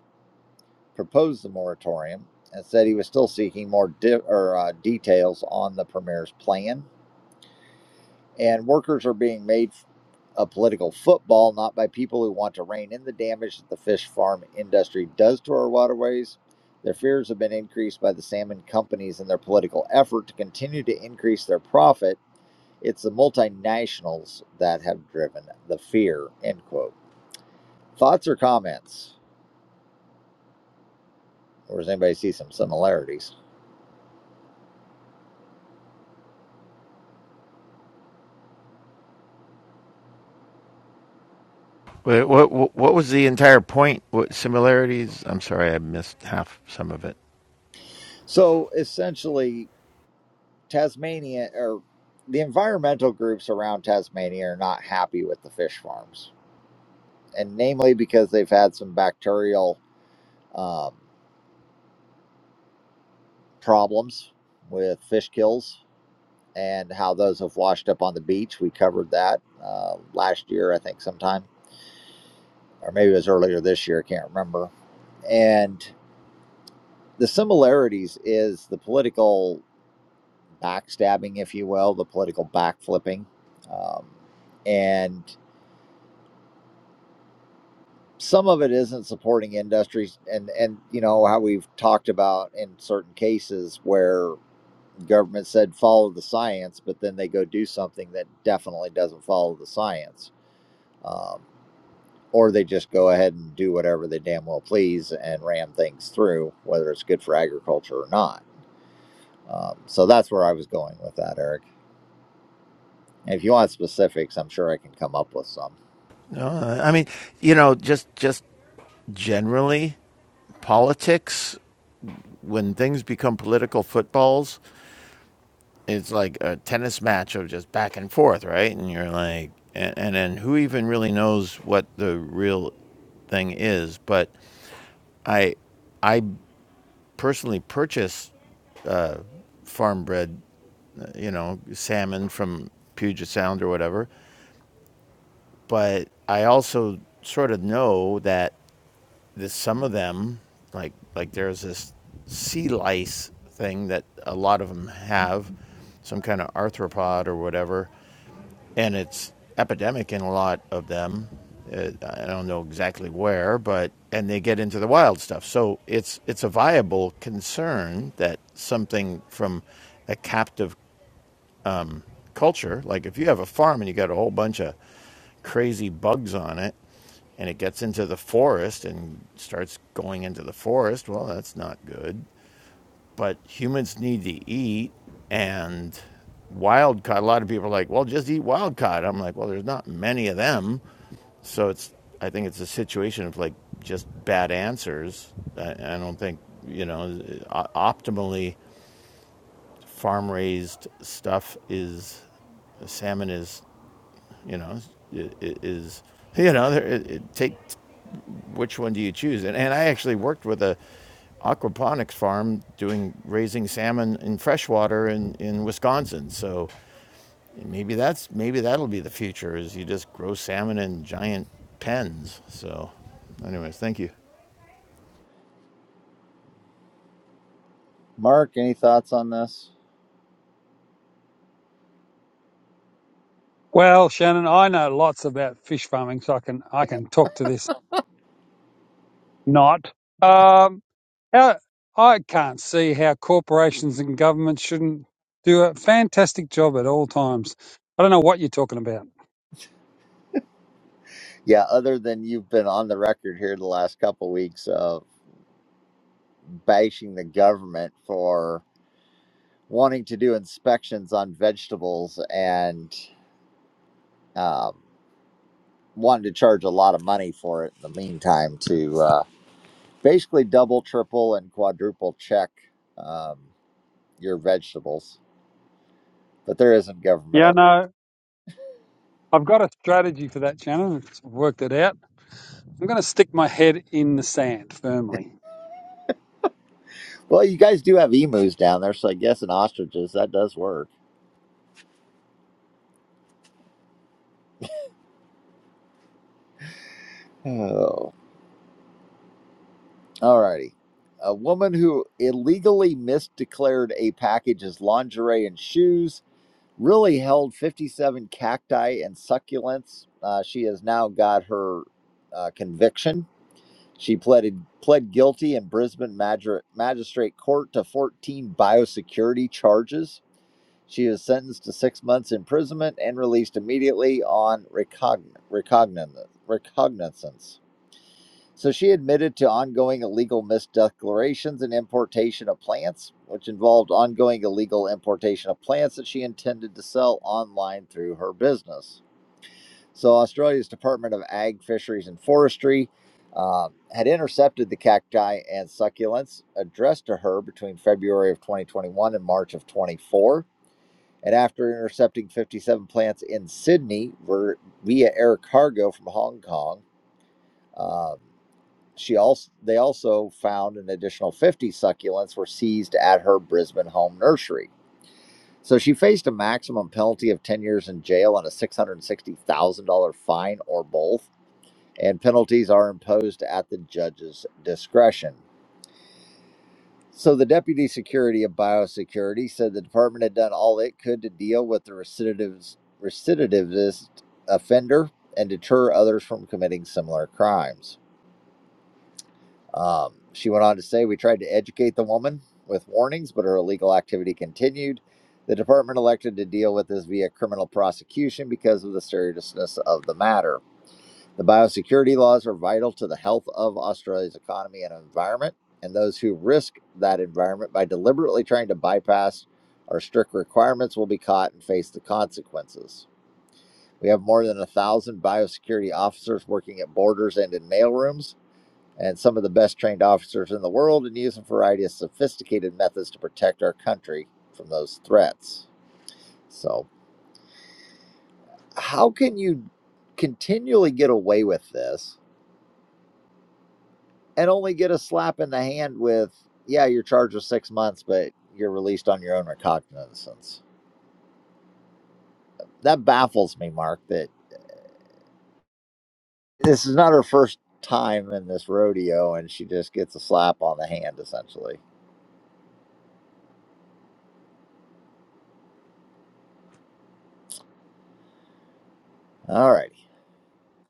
Speaker 1: proposed the moratorium and said he was still seeking more di- or, uh, details on the premier's plan and workers are being made a political football, not by people who want to rein in the damage that the fish farm industry does to our waterways. Their fears have been increased by the salmon companies in their political effort to continue to increase their profit. It's the multinationals that have driven the fear. End quote. Thoughts or comments? Or does anybody see some similarities?
Speaker 9: what, what what was the entire point? What similarities? I'm sorry, I missed half some of it.
Speaker 1: So essentially, Tasmania or the environmental groups around Tasmania are not happy with the fish farms and namely because they've had some bacterial um, problems with fish kills and how those have washed up on the beach. We covered that uh, last year, I think, sometime, or maybe it was earlier this year. I can't remember. And the similarities is the political backstabbing, if you will, the political backflipping, um, and some of it isn't supporting industries and and you know how we've talked about in certain cases where government said follow the science, but then they go do something that definitely doesn't follow the science. Um, or they just go ahead and do whatever they damn well please and ram things through, whether it's good for agriculture or not. Um, so that's where I was going with that, Eric. And if you want specifics, I'm sure I can come up with some.
Speaker 9: No, I mean, you know, just just generally politics. When things become political footballs, it's like a tennis match of just back and forth, right? And you're like, and, and then who even really knows what the real thing is? But I I personally purchase farm bred, uh, you know, salmon from Puget Sound or whatever, but I also sort of know that this, some of them, like like there's this sea lice thing that a lot of them have, some kind of arthropod or whatever, and it's epidemic in a lot of them. Uh, I don't know exactly where, but and they get into the wild stuff. So it's it's a viable concern that something from a captive culture. Like if you have a farm and you got a whole bunch of crazy bugs on it and it gets into the forest and starts going into the forest, well, that's not good. But humans need to eat and wild caught. A lot of people are like, well, just eat wild caught. I'm like, well, there's not many of them. So it's, I think it's a situation of like just bad answers. I, I don't think, you know, o- optimally farm raised stuff is salmon is. You know, it, it is you know it, it take which one do you choose? And and I actually worked with a aquaponics farm doing raising salmon in freshwater in in Wisconsin. So maybe that's maybe that'll be the future is you just grow salmon in giant pens. So, anyways, thank you.
Speaker 1: Mark, any thoughts on this?
Speaker 10: Well, Shannon, I know lots about fish farming, so I can I can talk to this. Not. Um, How, I can't see how corporations and governments shouldn't do a fantastic job at all times. I don't know what you're talking about.
Speaker 1: Yeah, other than you've been on the record here the last couple weeks of bashing the government for wanting to do inspections on vegetables and um, wanting to charge a lot of money for it in the meantime to uh, basically double, triple, and quadruple check um, your vegetables. But there isn't government
Speaker 10: Yeah,
Speaker 1: over.
Speaker 10: no, I've got a strategy for that, Shannon. I've worked it out. I'm going to stick my head in the sand firmly.
Speaker 1: Well, you guys do have emus down there, so I guess in ostriches that does work. Oh. All righty. A woman who illegally misdeclared a package as lingerie and shoes really held 57 cacti and succulents. Uh, she has now got her uh, conviction. She pleaded pled guilty in Brisbane Magir- magistrate court to 14 biosecurity charges. She was sentenced to six months imprisonment and released immediately on recogn- recogn- recognizance. So she admitted to ongoing illegal misdeclarations and importation of plants, which involved ongoing illegal importation of plants that she intended to sell online through her business. So Australia's Department of Ag, Fisheries and Forestry uh, had intercepted the cacti and succulents addressed to her between February of 2021 and March of 24. And after intercepting 57 plants in Sydney via air cargo from Hong Kong, um, she also they also found an additional 50 succulents were seized at her Brisbane home nursery. So she faced a maximum penalty of 10 years in jail and a $660,000 fine or both, and penalties are imposed at the judge's discretion. So the deputy Secretary of biosecurity said the department had done all it could to deal with the recidivis- recidivist offender and deter others from committing similar crimes. Um, she went on to say, We tried to educate the woman with warnings, but her illegal activity continued. The department elected to deal with this via criminal prosecution because of the seriousness of the matter. The biosecurity laws are vital to the health of Australia's economy and environment, and those who risk that environment by deliberately trying to bypass our strict requirements will be caught and face the consequences. We have more than a thousand biosecurity officers working at borders and in mailrooms and some of the best trained officers in the world and use a variety of sophisticated methods to protect our country from those threats. So, how can you continually get away with this and only get a slap in the hand with, yeah, you're charged with six months, but you're released on your own recognizance? That baffles me, Mark, that this is not her first time in this rodeo and she just gets a slap on the hand essentially. All righty.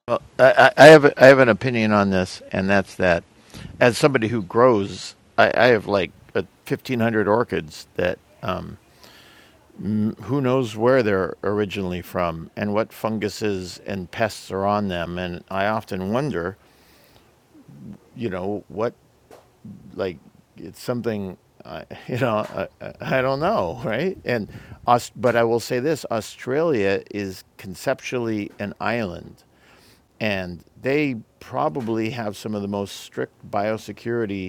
Speaker 9: Well, I, I have I have an opinion on this, and that's that. As somebody who grows, I, I have like a fifteen hundred orchids that um, who knows where they're originally from and what funguses and pests are on them. And I often wonder, you know, what, like, it's something, uh, you know, I, I I don't know, right? And us, but I will say this Australia is conceptually an island, and they probably have some of the most strict biosecurity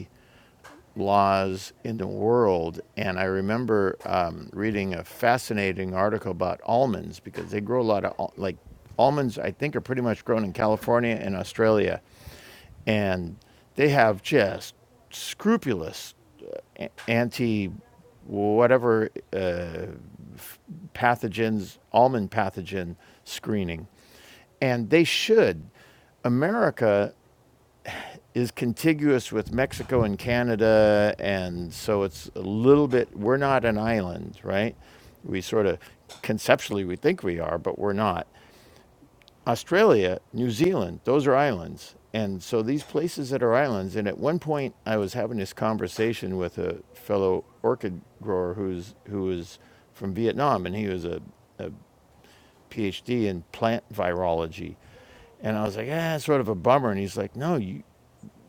Speaker 9: laws in the world. And I remember um, reading a fascinating article about almonds because they grow a lot of like almonds. I think are pretty much grown in California and Australia, and they have just scrupulous uh, anti whatever uh, pathogens almond pathogen screening, and they should. America is contiguous with Mexico and Canada, and so it's a little bit. We're not an island, right? We sort of conceptually we think we are, but we're not. Australia, New Zealand, those are islands. And so these places that are islands, and at one point I was having this conversation with a fellow orchid grower who's who was from Vietnam and he was a PhD in plant virology. And I was like, yeah, it's sort of a bummer. And he's like, no, you,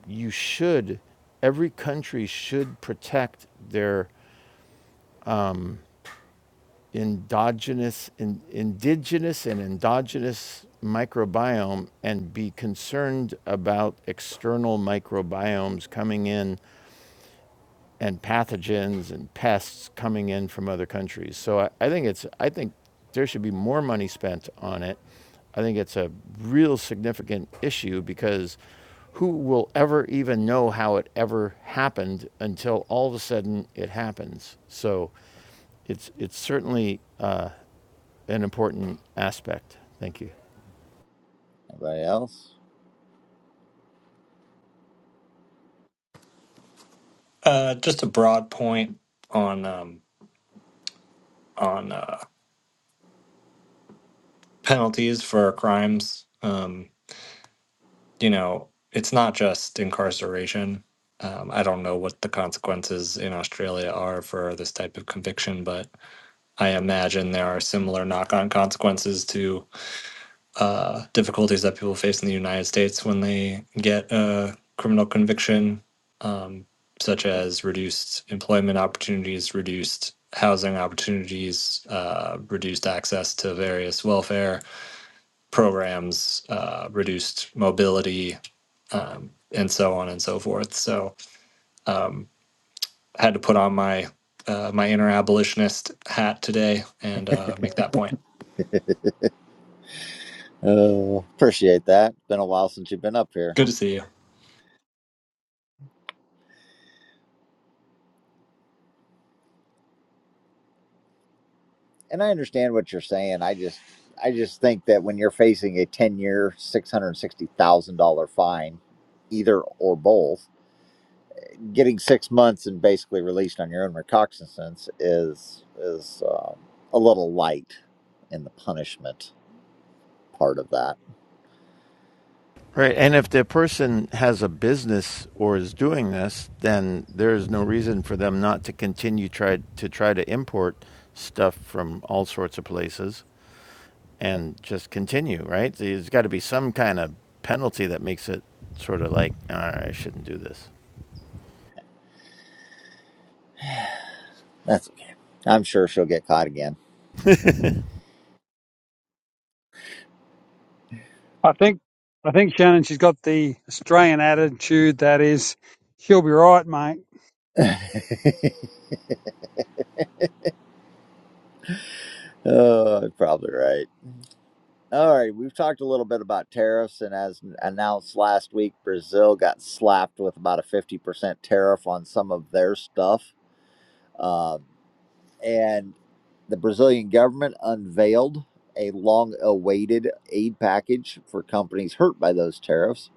Speaker 9: you should, every country should protect their endogenous, in, indigenous and endogenous microbiome and be concerned about external microbiomes coming in and pathogens and pests coming in from other countries. So I, I think it's I think there should be more money spent on it. I think it's a real significant issue because who will ever even know how it ever happened until all of a sudden it happens. So it's it's certainly uh, an important aspect. Thank you.
Speaker 1: Anybody else?
Speaker 11: Uh, just a broad point on um, on uh, penalties for crimes. Um, you know, it's not just incarceration. Um, I don't know what the consequences in Australia are for this type of conviction, but I imagine there are similar knock-on consequences to uh, difficulties that people face in the United States when they get a criminal conviction, um, such as reduced employment opportunities, reduced housing opportunities, uh, reduced access to various welfare programs, uh, reduced mobility, um, and so on and so forth. So um, I had to put on my uh, my inner abolitionist hat today and uh, make that point.
Speaker 1: Oh, appreciate that. Been a while since you've been up here.
Speaker 11: Good to see you.
Speaker 1: And I understand what you're saying. I just I just think that when you're facing a 10-year, $660,000 fine, either or both, getting 6 months and basically released on your own recognizance is is um, a little light in the punishment part of that.
Speaker 9: Right. And if the person has a business or is doing this, then there is no reason for them not to continue try to try to import stuff from all sorts of places
Speaker 1: Yep.
Speaker 9: and just continue, right? So There's got to be some kind of penalty that makes it sort of like, all right, I shouldn't do this.
Speaker 1: That's okay. I'm sure she'll get caught again.
Speaker 10: I think, I think Shannon, she's got the Australian attitude that is, she'll be right, mate.
Speaker 1: oh, probably right. All right, we've talked a little bit about tariffs, and as announced last week, Brazil got slapped with about a 50% tariff on some of their stuff. Um, and the Brazilian government unveiled a long awaited aid package for companies hurt by those tariffs.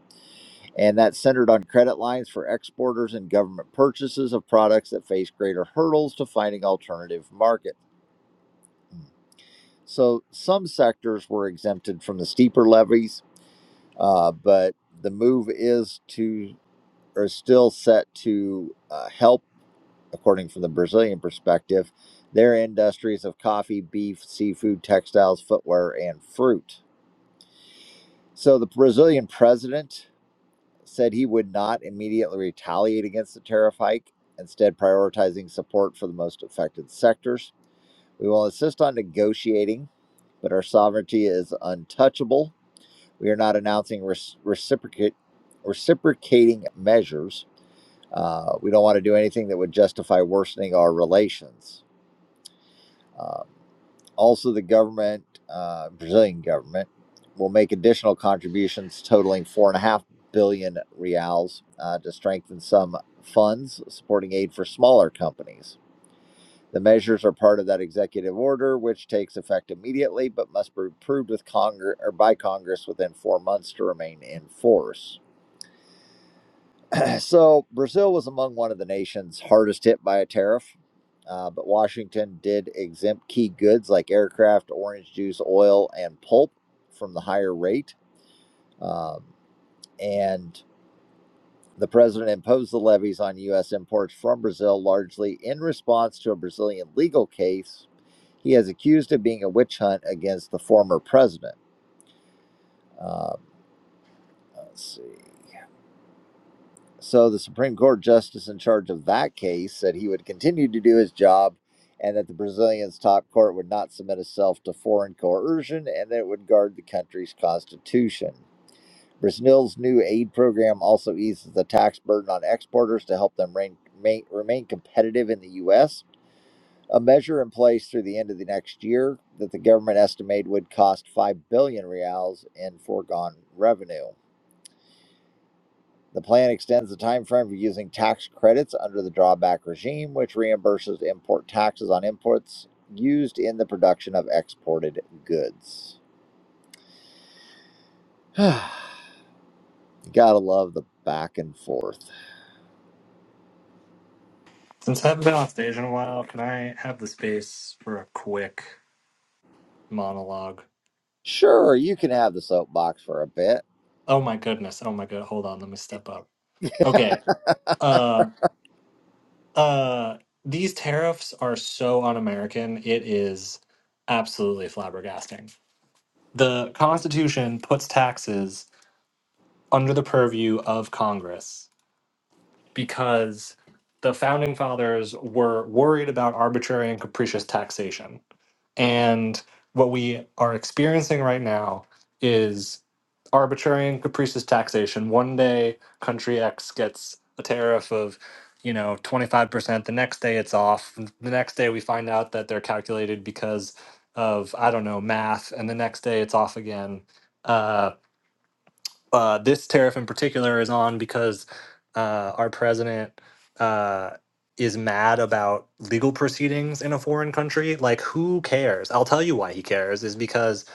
Speaker 1: And that's centered on credit lines for exporters and government purchases of products that face greater hurdles to finding alternative markets. So some sectors were exempted from the steeper levies, uh, but the move is to or still set to uh, help, according from the Brazilian perspective, their industries of coffee, beef, seafood, textiles, footwear, and fruit. So the Brazilian president said he would not immediately retaliate against the tariff hike, instead prioritizing support for the most affected sectors. We will insist on negotiating, but our sovereignty is untouchable We are not announcing res- reciprocate reciprocating measures. Uh, we don't want to do anything that would justify worsening our relations. Um, also, the government, uh, Brazilian government, will make additional contributions totaling four and a half billion reals uh, to strengthen some funds supporting aid for smaller companies. The measures are part of that executive order, which takes effect immediately, but must be approved with Congress or by Congress within four months to remain in force. So Brazil was among one of the nations hardest hit by a tariff, uh, but Washington did exempt key goods like aircraft, orange juice, oil, and pulp from the higher rate. Um, and the president imposed the levies on U.S. imports from Brazil largely in response to a Brazilian legal case he has accused of being a witch hunt against the former president. Um, let's see. So the Supreme Court justice in charge of that case said he would continue to do his job and that the Brazilian's top court would not submit itself to foreign coercion and that it would guard the country's constitution. Brazil's new aid program also eases the tax burden on exporters to help them rein, ma- remain competitive in the U.S., a measure in place through the end of the next year that the government estimated would cost 5 billion reals in foregone revenue. The plan extends the time frame for using tax credits under the drawback regime, which reimburses import taxes on imports used in the production of exported goods. Gotta love the back and forth.
Speaker 11: Since I haven't been on stage in a while, can I have the space for a quick monologue?
Speaker 1: Sure, you can have the soapbox for a bit.
Speaker 11: Oh my goodness. Oh my god. Hold on. Let me step up. Okay. Uh uh these tariffs are so un-American. It is absolutely flabbergasting. The Constitution puts taxes under the purview of Congress because the founding fathers were worried about arbitrary and capricious taxation And what we are experiencing right now is arbitrary and capricious taxation. One day, country X gets a tariff of, you know, 25%. The next day, it's off. The next day, we find out that they're calculated because of, I don't know, math. And the next day, it's off again. Uh, uh, this tariff in particular is on because uh, our president uh, is mad about legal proceedings in a foreign country. Like, who cares? I'll tell you why he cares is because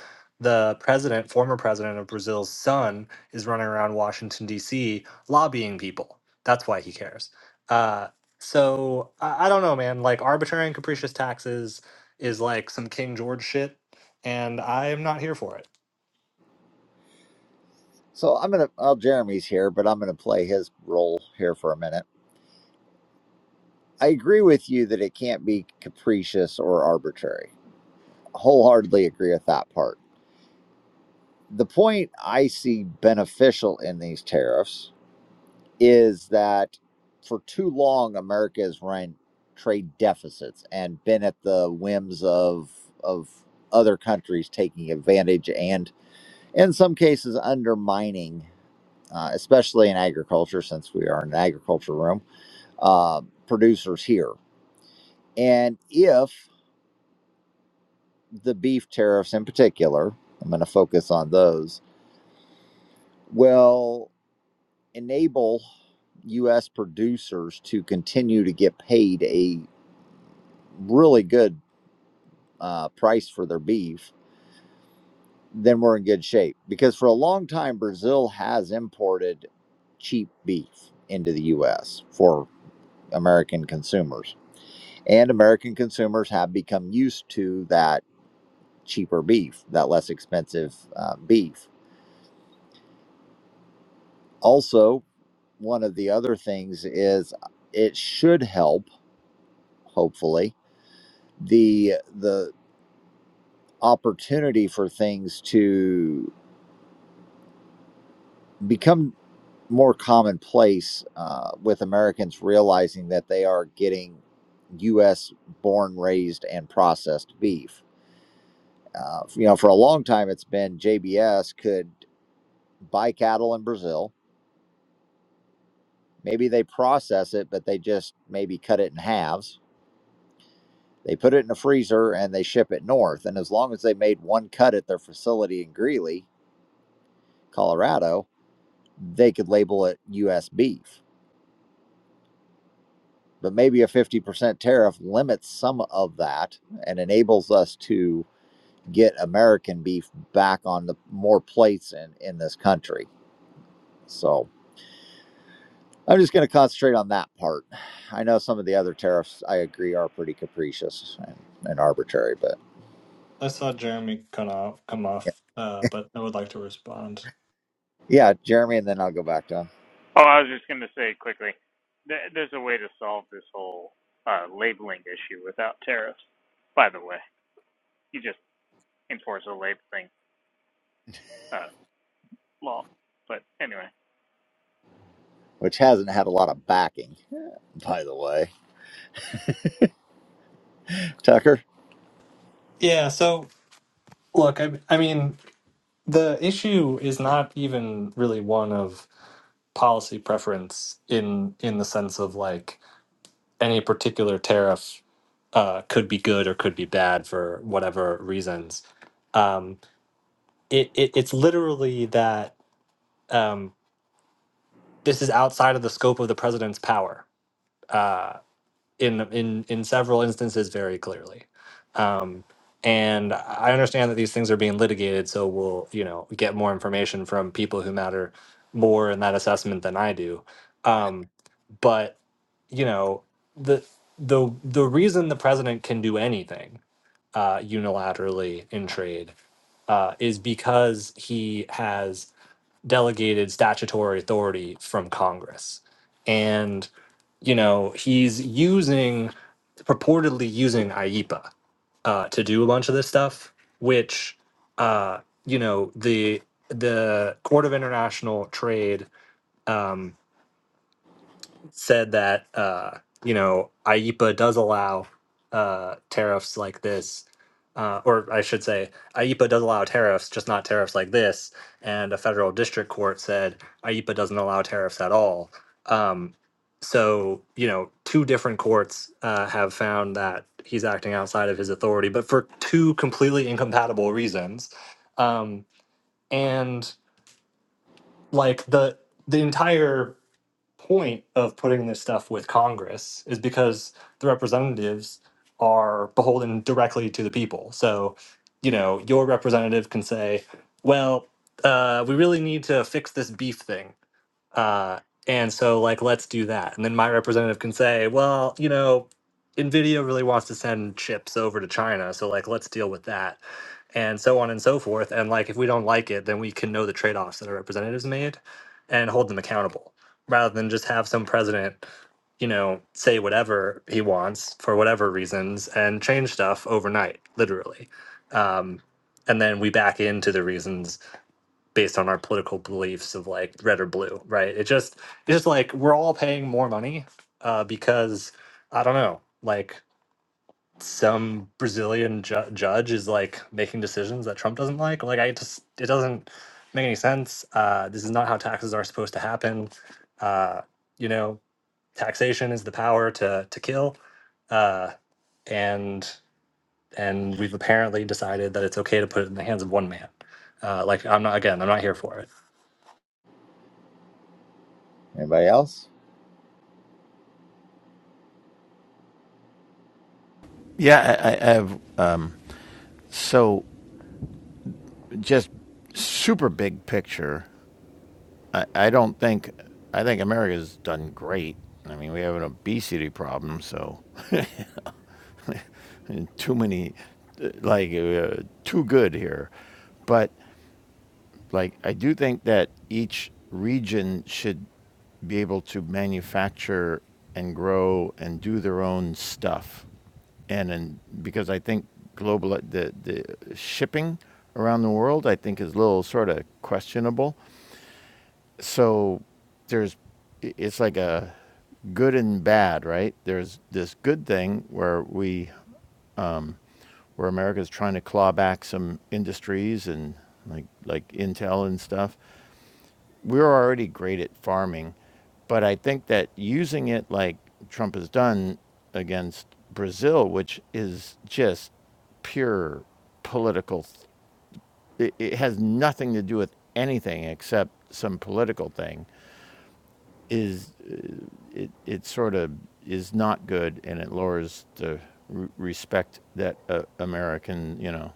Speaker 11: the president, former president of Brazil's son, is running around Washington, D.C., lobbying people. That's why he cares. Uh, so I, I don't know, man. Like, arbitrary and capricious taxes is like some King George shit, and I'm not here for it.
Speaker 1: So I'm gonna, well, Jeremy's here, but I'm gonna play his role here for a minute. I agree with you that it can't be capricious or arbitrary. Wholeheartedly agree with that part. The point I see beneficial in these tariffs is that for too long America has run trade deficits and been at the whims of of other countries taking advantage and in some cases undermining, uh, especially in agriculture, since we are in an agriculture room, uh, producers here. And if the beef tariffs in particular, I'm going to focus on those, will enable U.S. producers to continue to get paid a really good uh, price for their beef, then we're in good shape. Because for a long time, Brazil has imported cheap beef into the U.S. for American consumers, and American consumers have become used to that cheaper beef, that less expensive uh, beef. Also, one of the other things is it should help, hopefully, the the opportunity for things to become more commonplace uh, with Americans realizing that they are getting U.S. born, raised, and processed beef. Uh, you know, for a long time, it's been JBS could buy cattle in Brazil. Maybe they process it, but they just maybe cut it in halves. They put it in a freezer and they ship it north. And as long as they made one cut at their facility in Greeley, Colorado, they could label it U.S. beef but maybe a 50% tariff limits some of that and enables us to get American beef back on the more plates in, in this country. So I'm just going to concentrate on that part. I know some of the other tariffs I agree are pretty capricious and, and arbitrary, but
Speaker 11: I saw Jeremy come off, come
Speaker 1: yeah,
Speaker 11: off, uh, but I would like to respond.
Speaker 1: yeah, Jeremy, and then I'll go back to him,
Speaker 3: Oh, I was just going to say quickly, th- there's a way to solve this whole uh, labeling issue without tariffs. By the way, you just enforce a labeling uh, law. But anyway.
Speaker 1: which hasn't had a lot of backing, by the way. Tucker,
Speaker 11: Yeah, so look, I, I mean, the issue is not even really one of policy preference in in the sense of like any particular tariff uh, could be good or could be bad for whatever reasons. Um, it, it it's literally that um, this is outside of the scope of the president's power. Uh, in in in several instances very clearly. Um, and I understand that these things are being litigated, so we'll you know get more information from people who matter more in that assessment than I do. Um, but you know the the the reason the president can do anything uh, unilaterally in trade uh, is because he has delegated statutory authority from Congress. And, you know, he's using, purportedly using IEPA uh, to do a bunch of this stuff, which, uh, you know, the the Court of International Trade um, said that uh, you know AIPA does allow uh, tariffs like this, uh, or I should say AIPA does allow tariffs, just not tariffs like this. And a federal district court said AIPA doesn't allow tariffs at all. Um, so you know, two different courts uh, have found that he's acting outside of his authority, but for two completely incompatible reasons. Um, and like the the entire point of putting this stuff with Congress is because the representatives are beholden directly to the people. So, you know, your representative can say, well, uh, we really need to fix this beef thing. Uh, and so, like, let's do that. And then my representative can say, well, you know, NVIDIA really wants to send chips over to China. So, like, let's deal with that. And so on and so forth. And, like, if we don't like it, then we can know the trade offs that our representatives made and hold them accountable rather than just have some president, you know, say whatever he wants for whatever reasons and change stuff overnight, literally. Um, and then we back into the reasons based on our political beliefs of like red or blue, right? It just it's just like we're all paying more money uh, because I don't know, like some Brazilian ju- judge is like making decisions that Trump doesn't like. Like I just it doesn't make any sense. Uh, this is not how taxes are supposed to happen. Uh, you know, taxation is the power to to kill, uh, and and we've apparently decided that it's okay to put it in the hands of one man. Uh, like I'm not again, I'm not here for it
Speaker 1: anybody else?
Speaker 9: Yeah, I, I have. Um, so, just super big picture. I, I don't think. I think America's done great. I mean, we have an obesity problem, so too many, like uh, too good here. But like I do think that each region should be able to manufacture and grow and do their own stuff, and and because I think global the the shipping around the world I think is a little sort of questionable. So there's it's like a good and bad, right? There's this good thing where we where America's trying to claw back some industries and like like Intel and stuff. We were already great at farming, but I think that using it like Trump has done against Brazil, which is just pure political, it, it has nothing to do with anything except some political thing. Is uh, it, it sort of is not good, and it lowers the respect that uh, American you know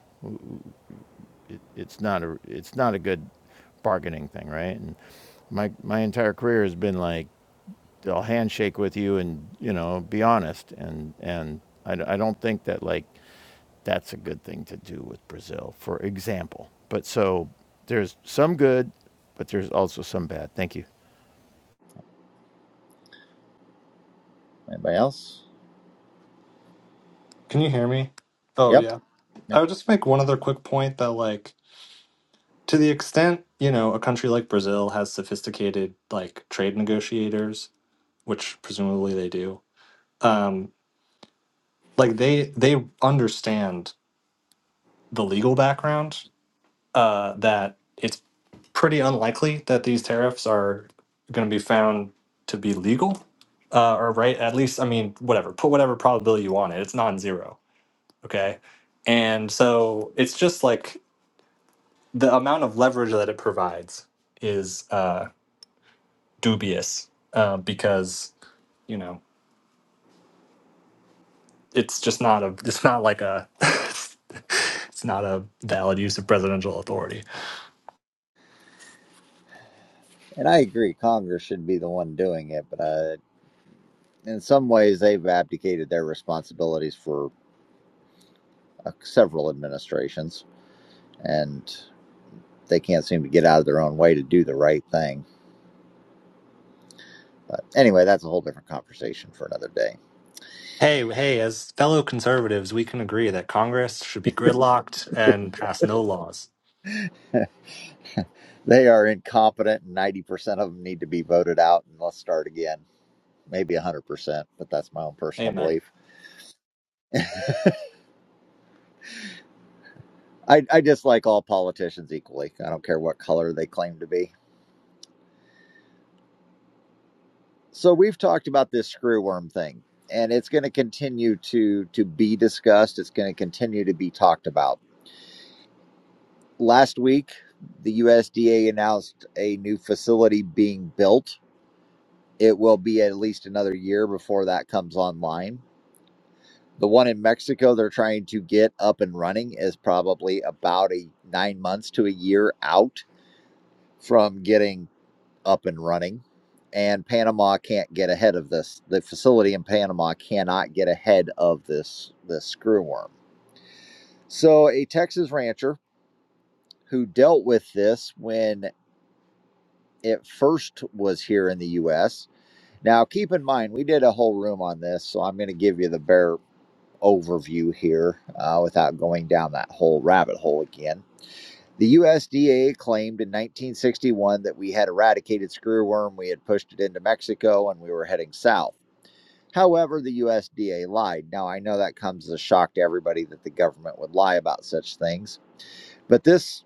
Speaker 9: it, it's not a it's not a good bargaining thing, right? And my my entire career has been like I'll handshake with you and you know be honest, and and I I d- I don't think that like that's a good thing to do with Brazil, for example. But so there's some good, but there's also some bad. Thank you.
Speaker 1: Anybody else?
Speaker 11: Can you hear me? Oh,
Speaker 1: Yep.
Speaker 11: yeah. I
Speaker 1: Yep.
Speaker 11: would just make one other quick point that, like, to the extent, you know, a country like Brazil has sophisticated, like, trade negotiators, which presumably they do, um, like, they, they understand the legal background uh, that it's pretty unlikely that these tariffs are going to be found to be legal uh, or right at least i mean whatever put whatever probability you want it it's non-zero okay and so it's just like the amount of leverage that it provides is uh, dubious uh, because you know it's just not a it's not like a it's not a valid use of presidential authority.
Speaker 1: And I agree, Congress should be the one doing it, but I. in some ways they've abdicated their responsibilities for uh, several administrations and they can't seem to get out of their own way to do the right thing but anyway that's a whole different conversation for another day
Speaker 11: Hey, hey, as fellow conservatives, we can agree that Congress should be gridlocked and pass no laws.
Speaker 1: they are incompetent and 90% of them need to be voted out and let's start again maybe 100% but that's my own personal
Speaker 11: Amen.
Speaker 1: belief i, I dislike all politicians equally i don't care what color they claim to be So we've talked about this screwworm thing, and it's going to continue to to be discussed. It's going to continue to be talked about. Last week, the USDA announced a new facility being built. It will be at least another year before that comes online. The one in Mexico they're trying to get up and running is probably about a 9 months to a year out from getting up and running, and Panama can't get ahead of this. The facility in Panama cannot get ahead of this this screw worm. So a Texas rancher who dealt with this when it first was here in the U.S. Now keep in mind we did a whole room on this, so I'm going to give you the bare overview here uh, without going down that whole rabbit hole again. The USDA claimed in 1961 that we had eradicated screwworm, we had pushed it into Mexico, and we were heading south. However, the USDA lied. Now, I know that comes as a shock to everybody that the government would lie about such things, but this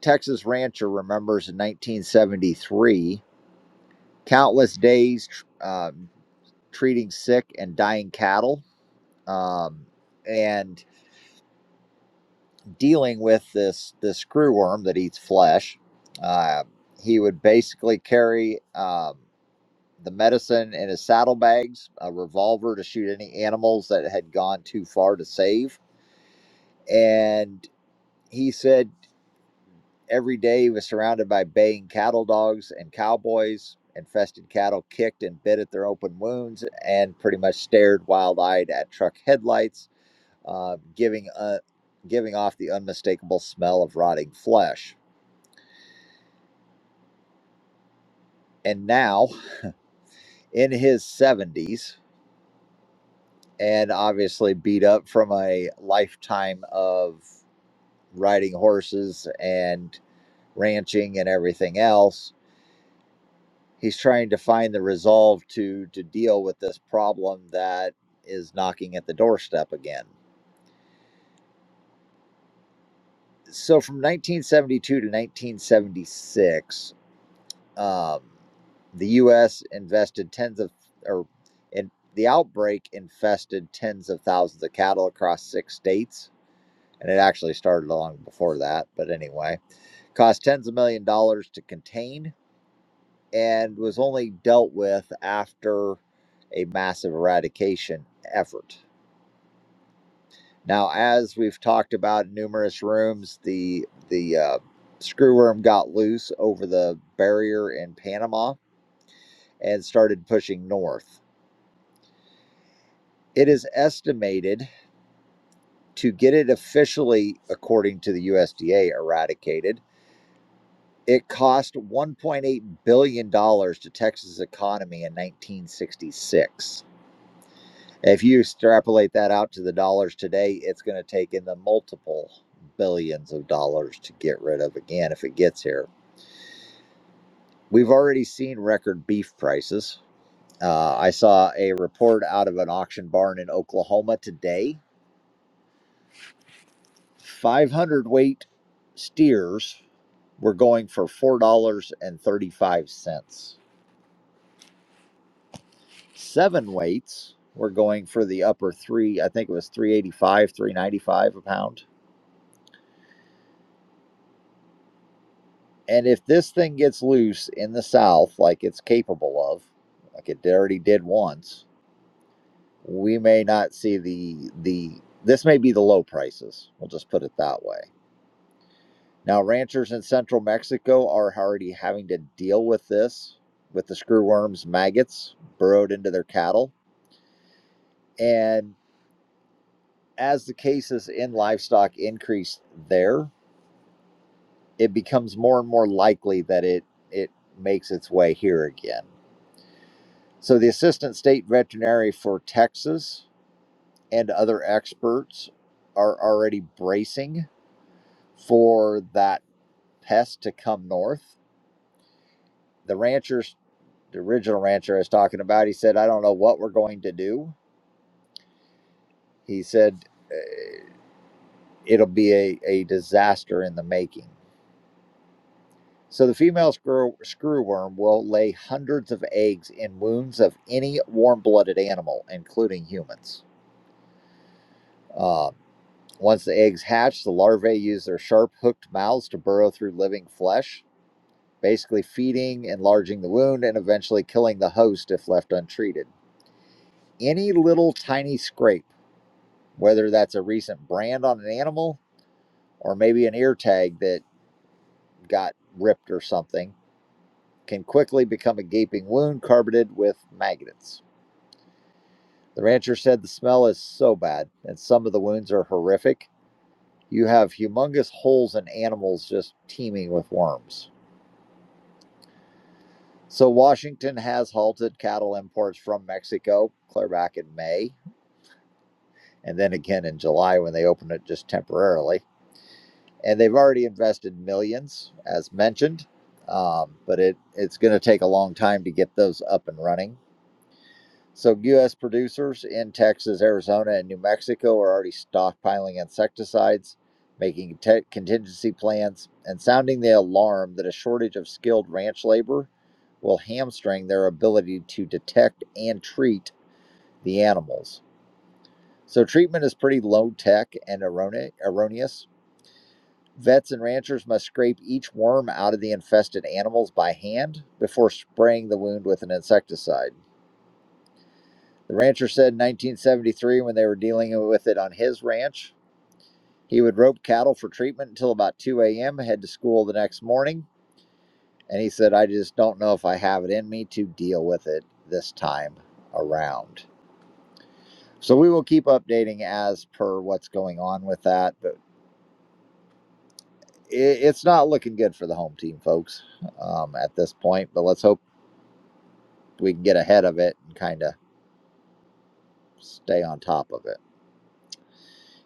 Speaker 1: Texas rancher remembers in 1973 countless days um, treating sick and dying cattle um, and dealing with this, this screwworm that eats flesh. Uh, he would basically carry um, the medicine in his saddlebags, a revolver to shoot any animals that had gone too far to save And he said every day he was surrounded by baying cattle dogs and cowboys. Infested cattle kicked and bit at their open wounds and pretty much stared wild eyed at truck headlights, uh, giving, uh, giving off the unmistakable smell of rotting flesh. And now, in his 70s, and obviously beat up from a lifetime of riding horses and ranching and everything else, he's trying to find the resolve to to deal with this problem that is knocking at the doorstep again. So from 1972 to 1976, um, the U.S. invested tens of or and the outbreak infested tens of thousands of cattle across six states, and it actually started long before that. But anyway, cost tens of million dollars to contain and was only dealt with after a massive eradication effort. Now, as we've talked about in numerous rooms, the the uh, screwworm got loose over the barrier in Panama and started pushing north. It is estimated to get it officially, according to the USDA, eradicated. It cost 1.8 billion dollars to Texas economy in 1966 If you extrapolate that out to the dollars today, it's going to take in the multiple billions of dollars to get rid of again if it gets here. We've already seen record beef prices. Uh, I saw a report out of an auction barn in Oklahoma today. 500 weight steers were going for $4.35. Seven weights were going for the upper three, I think it was 385, 395 a pound And if this thing gets loose in the South, like it's capable of, like it already did once, we may not see the the. This may be the low prices. We'll just put it that way. Now, ranchers in central Mexico are already having to deal with this, with the screwworms, maggots burrowed into their cattle, and as the cases in livestock increase there, it becomes more and more likely that it it makes its way here again So the assistant state veterinary for Texas and other experts are already bracing for that pest to come north. The ranchers, the original rancher I was talking about, he said, I don't know what we're going to do. He said, "Eh, it'll be a, a disaster in the making. So the female screw, screwworm will lay hundreds of eggs in wounds of any warm-blooded animal, including humans. Uh, Once the eggs hatch, the larvae use their sharp hooked mouths to burrow through living flesh, basically feeding, enlarging the wound, and eventually killing the host if left untreated. Any little tiny scrape, whether that's a recent brand on an animal or maybe an ear tag that got ripped or something, can quickly become a gaping wound carpeted with maggots. The rancher said the smell is so bad, and some of the wounds are horrific. You have humongous holes in animals just teeming with worms. So Washington has halted cattle imports from Mexico clear back in May and then again in July when they opened it just temporarily. And they've already invested millions, as mentioned, um, but it, it's going to take a long time to get those up and running. So, U.S. producers in Texas, Arizona, and New Mexico are already stockpiling insecticides, making te- contingency plans, and sounding the alarm that a shortage of skilled ranch labor will hamstring their ability to detect and treat the animals. So, treatment is pretty low tech and errone- erroneous. Vets and ranchers must scrape each worm out of the infested animals by hand before spraying the wound with an insecticide. The rancher said in 1973, when they were dealing with it on his ranch, he would rope cattle for treatment until about 2 a.m., head to school the next morning. And he said, I just don't know if I have it in me to deal with it this time around. So we will keep updating as per what's going on with that. But it's not looking good for the home team, folks, um, at this point. But let's hope we can get ahead of it and kind of stay on top of it.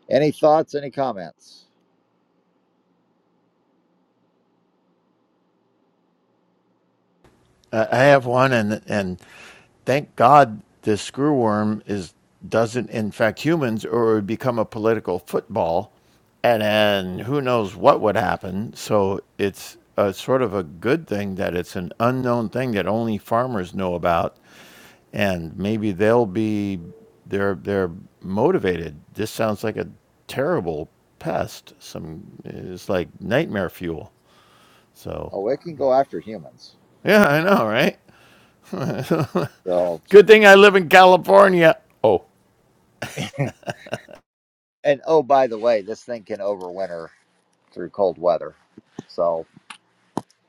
Speaker 1: Any thoughts, any comments?
Speaker 9: Uh, I have one, and and thank God this screwworm is doesn't infect humans, or it would become a political football, and then who knows what would happen. So it's a sort of a good thing that it's an unknown thing that only farmers know about, and maybe they'll be they're they're motivated. This sounds like a terrible pest. Some it's like nightmare fuel. So
Speaker 1: Oh, it can go after humans.
Speaker 9: yeah, I know, right?
Speaker 1: So
Speaker 9: Good thing I live in California. Oh,
Speaker 1: And oh, by the way, this thing can overwinter through cold weather. So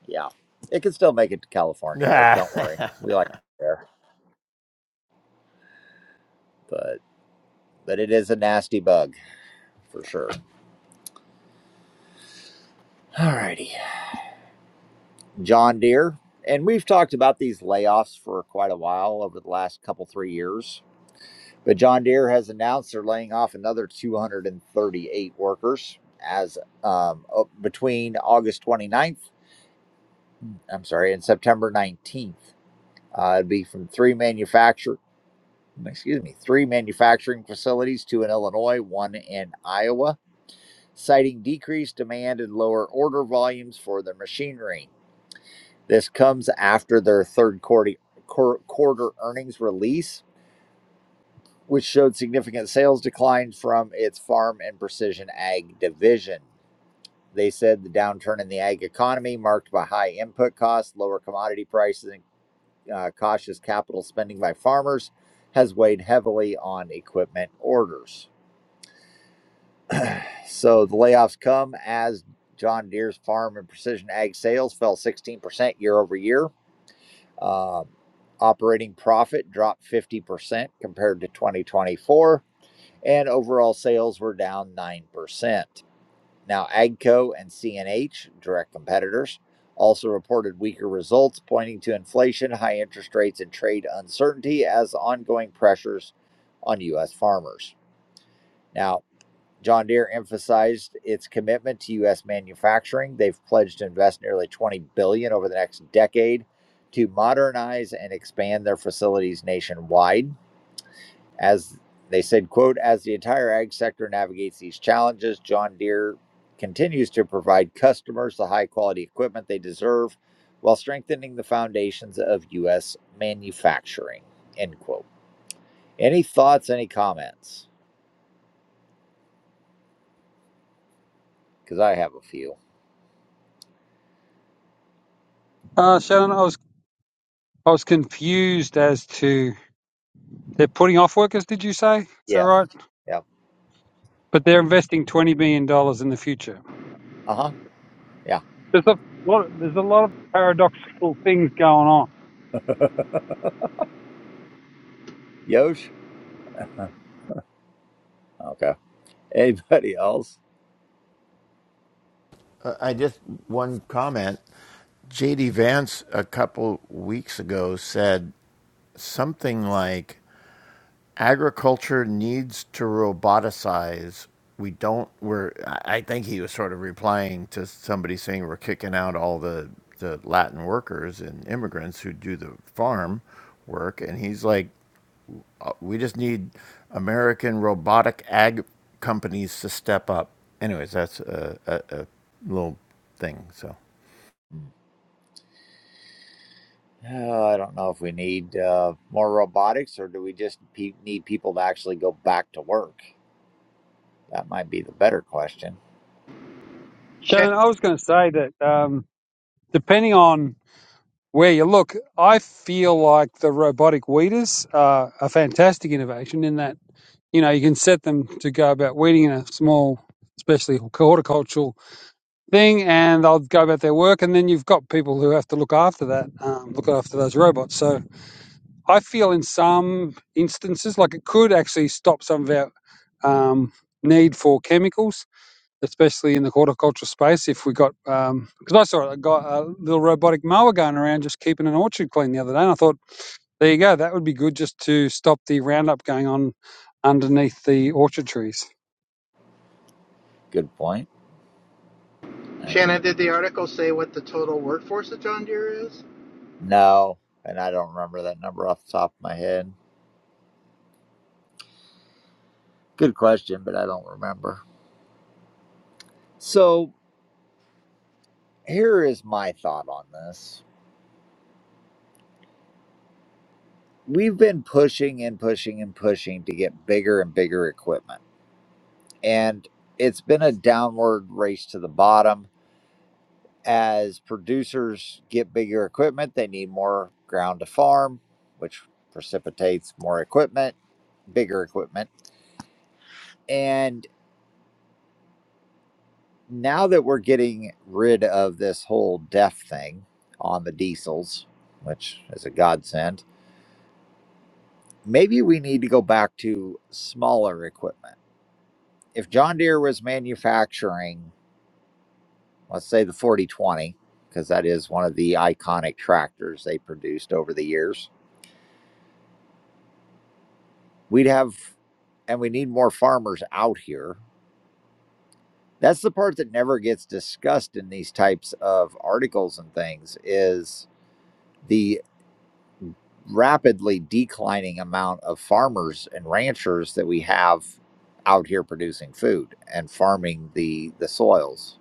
Speaker 1: yeah, it can still make it to California, Eric. Don't worry, we like it there, but but it is a nasty bug for sure. Alrighty, John Deere, and we've talked about these layoffs for quite a while over the last couple three years. But John Deere has announced they're laying off another 238 workers as um, between August 29th, I'm sorry, and September 19th. Uh, it'd be from three manufacturer, excuse me, three manufacturing facilities, two in Illinois, one in Iowa, citing decreased demand and lower order volumes for their machinery. This comes after their third quarter quarter earnings release, which showed significant sales decline from its farm and precision ag division. They said the downturn in the ag economy, marked by high input costs, lower commodity prices, and uh, cautious capital spending by farmers has weighed heavily on equipment orders. So the layoffs come as John Deere's farm and precision ag sales fell 16% year over year. Um, operating profit dropped 50% compared to 2024, and overall sales were down 9%. Now, AGCO and CNH, direct competitors, also reported weaker results, pointing to inflation, high interest rates, and trade uncertainty as ongoing pressures on U.S. farmers. Now, John Deere emphasized its commitment to U.S. manufacturing. They've pledged to invest nearly 20 billion dollars over the next decade to modernize and expand their facilities nationwide. As they said, quote, as the entire ag sector navigates these challenges, John Deere continues to provide customers the high quality equipment they deserve while strengthening the foundations of U.S. manufacturing, end quote. Any thoughts, any comments? Because I have a few.
Speaker 10: Uh, Shannon, I was, I was confused as to they're putting off workers. Did you say? Is that
Speaker 1: Yes.
Speaker 10: right?
Speaker 1: Yep.
Speaker 10: but they're investing twenty million dollars in the future.
Speaker 1: Uh huh.
Speaker 10: There's a lot. There's a lot of paradoxical things going on.
Speaker 1: Yeah. Yosh? Okay. Anybody else?
Speaker 9: Uh, I just one comment. JD Vance a couple weeks ago said something like agriculture needs to roboticize. We don't we're I think he was sort of replying to somebody saying we're kicking out all the the Latin workers and immigrants who do the farm work and he's like Uh, We just need American robotic ag companies to step up. Anyways, that's a, a, a little thing. So
Speaker 1: Oh, I don't know if we need uh, more robotics or do we just pe- need people to actually go back to work? That might be the better question.
Speaker 12: Sh-
Speaker 10: Shannon, I was going to say that um, depending on where you look, I feel like the robotic weeders are a fantastic innovation in that you know you can set them to go about weeding in a small, especially horticultural thing, and they'll go about their work, and then you've got people who have to look after that, um, look after those robots. So I feel in some instances like it could actually stop some of our um, need for chemicals, especially in the horticultural space. If we got, because um, I saw a, guy, a little robotic mower going around just keeping an orchard clean the other day, and I thought, there you go, that would be good just to stop the roundup going on underneath the orchard trees.
Speaker 1: Good point. Uh,
Speaker 12: Shannon, did the article say what the total workforce of John Deere is?
Speaker 1: no, and I don't remember that number off the top of my head. Good question, but I don't remember. So here is my thought on this. We've been pushing and pushing and pushing to get bigger and bigger equipment. And it's been a downward race to the bottom. As producers get bigger equipment, they need more ground to farm, which precipitates more equipment, bigger equipment. And now that we're getting rid of this whole DEF thing on the diesels, which is a godsend, maybe we need to go back to smaller equipment if John Deere was manufacturing, let's say the 4020, because that is one of the iconic tractors they produced over the years, we'd have, and we need more farmers out here. That's the part that never gets discussed in these types of articles and things is the rapidly declining amount of farmers and ranchers that we have out here producing food and farming the the soils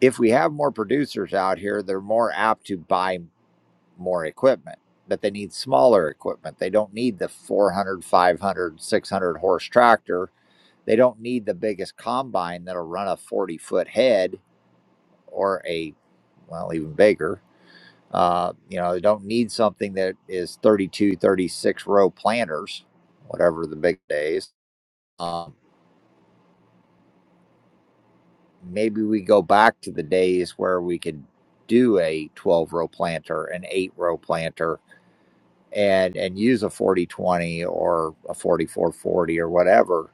Speaker 1: if we have more producers out here, they're more apt to buy more equipment, That they need smaller equipment. They don't need the 400, 500, 600 horse tractor. They don't need the biggest combine that'll run a 40 foot head or a, well, even bigger. Uh, you know, they don't need something that is two, thirty six row planters, whatever the big days. Um, maybe we go back to the days where we could do a 12 row planter, an eight row planter, and and use a 4020 or a 4440 or whatever.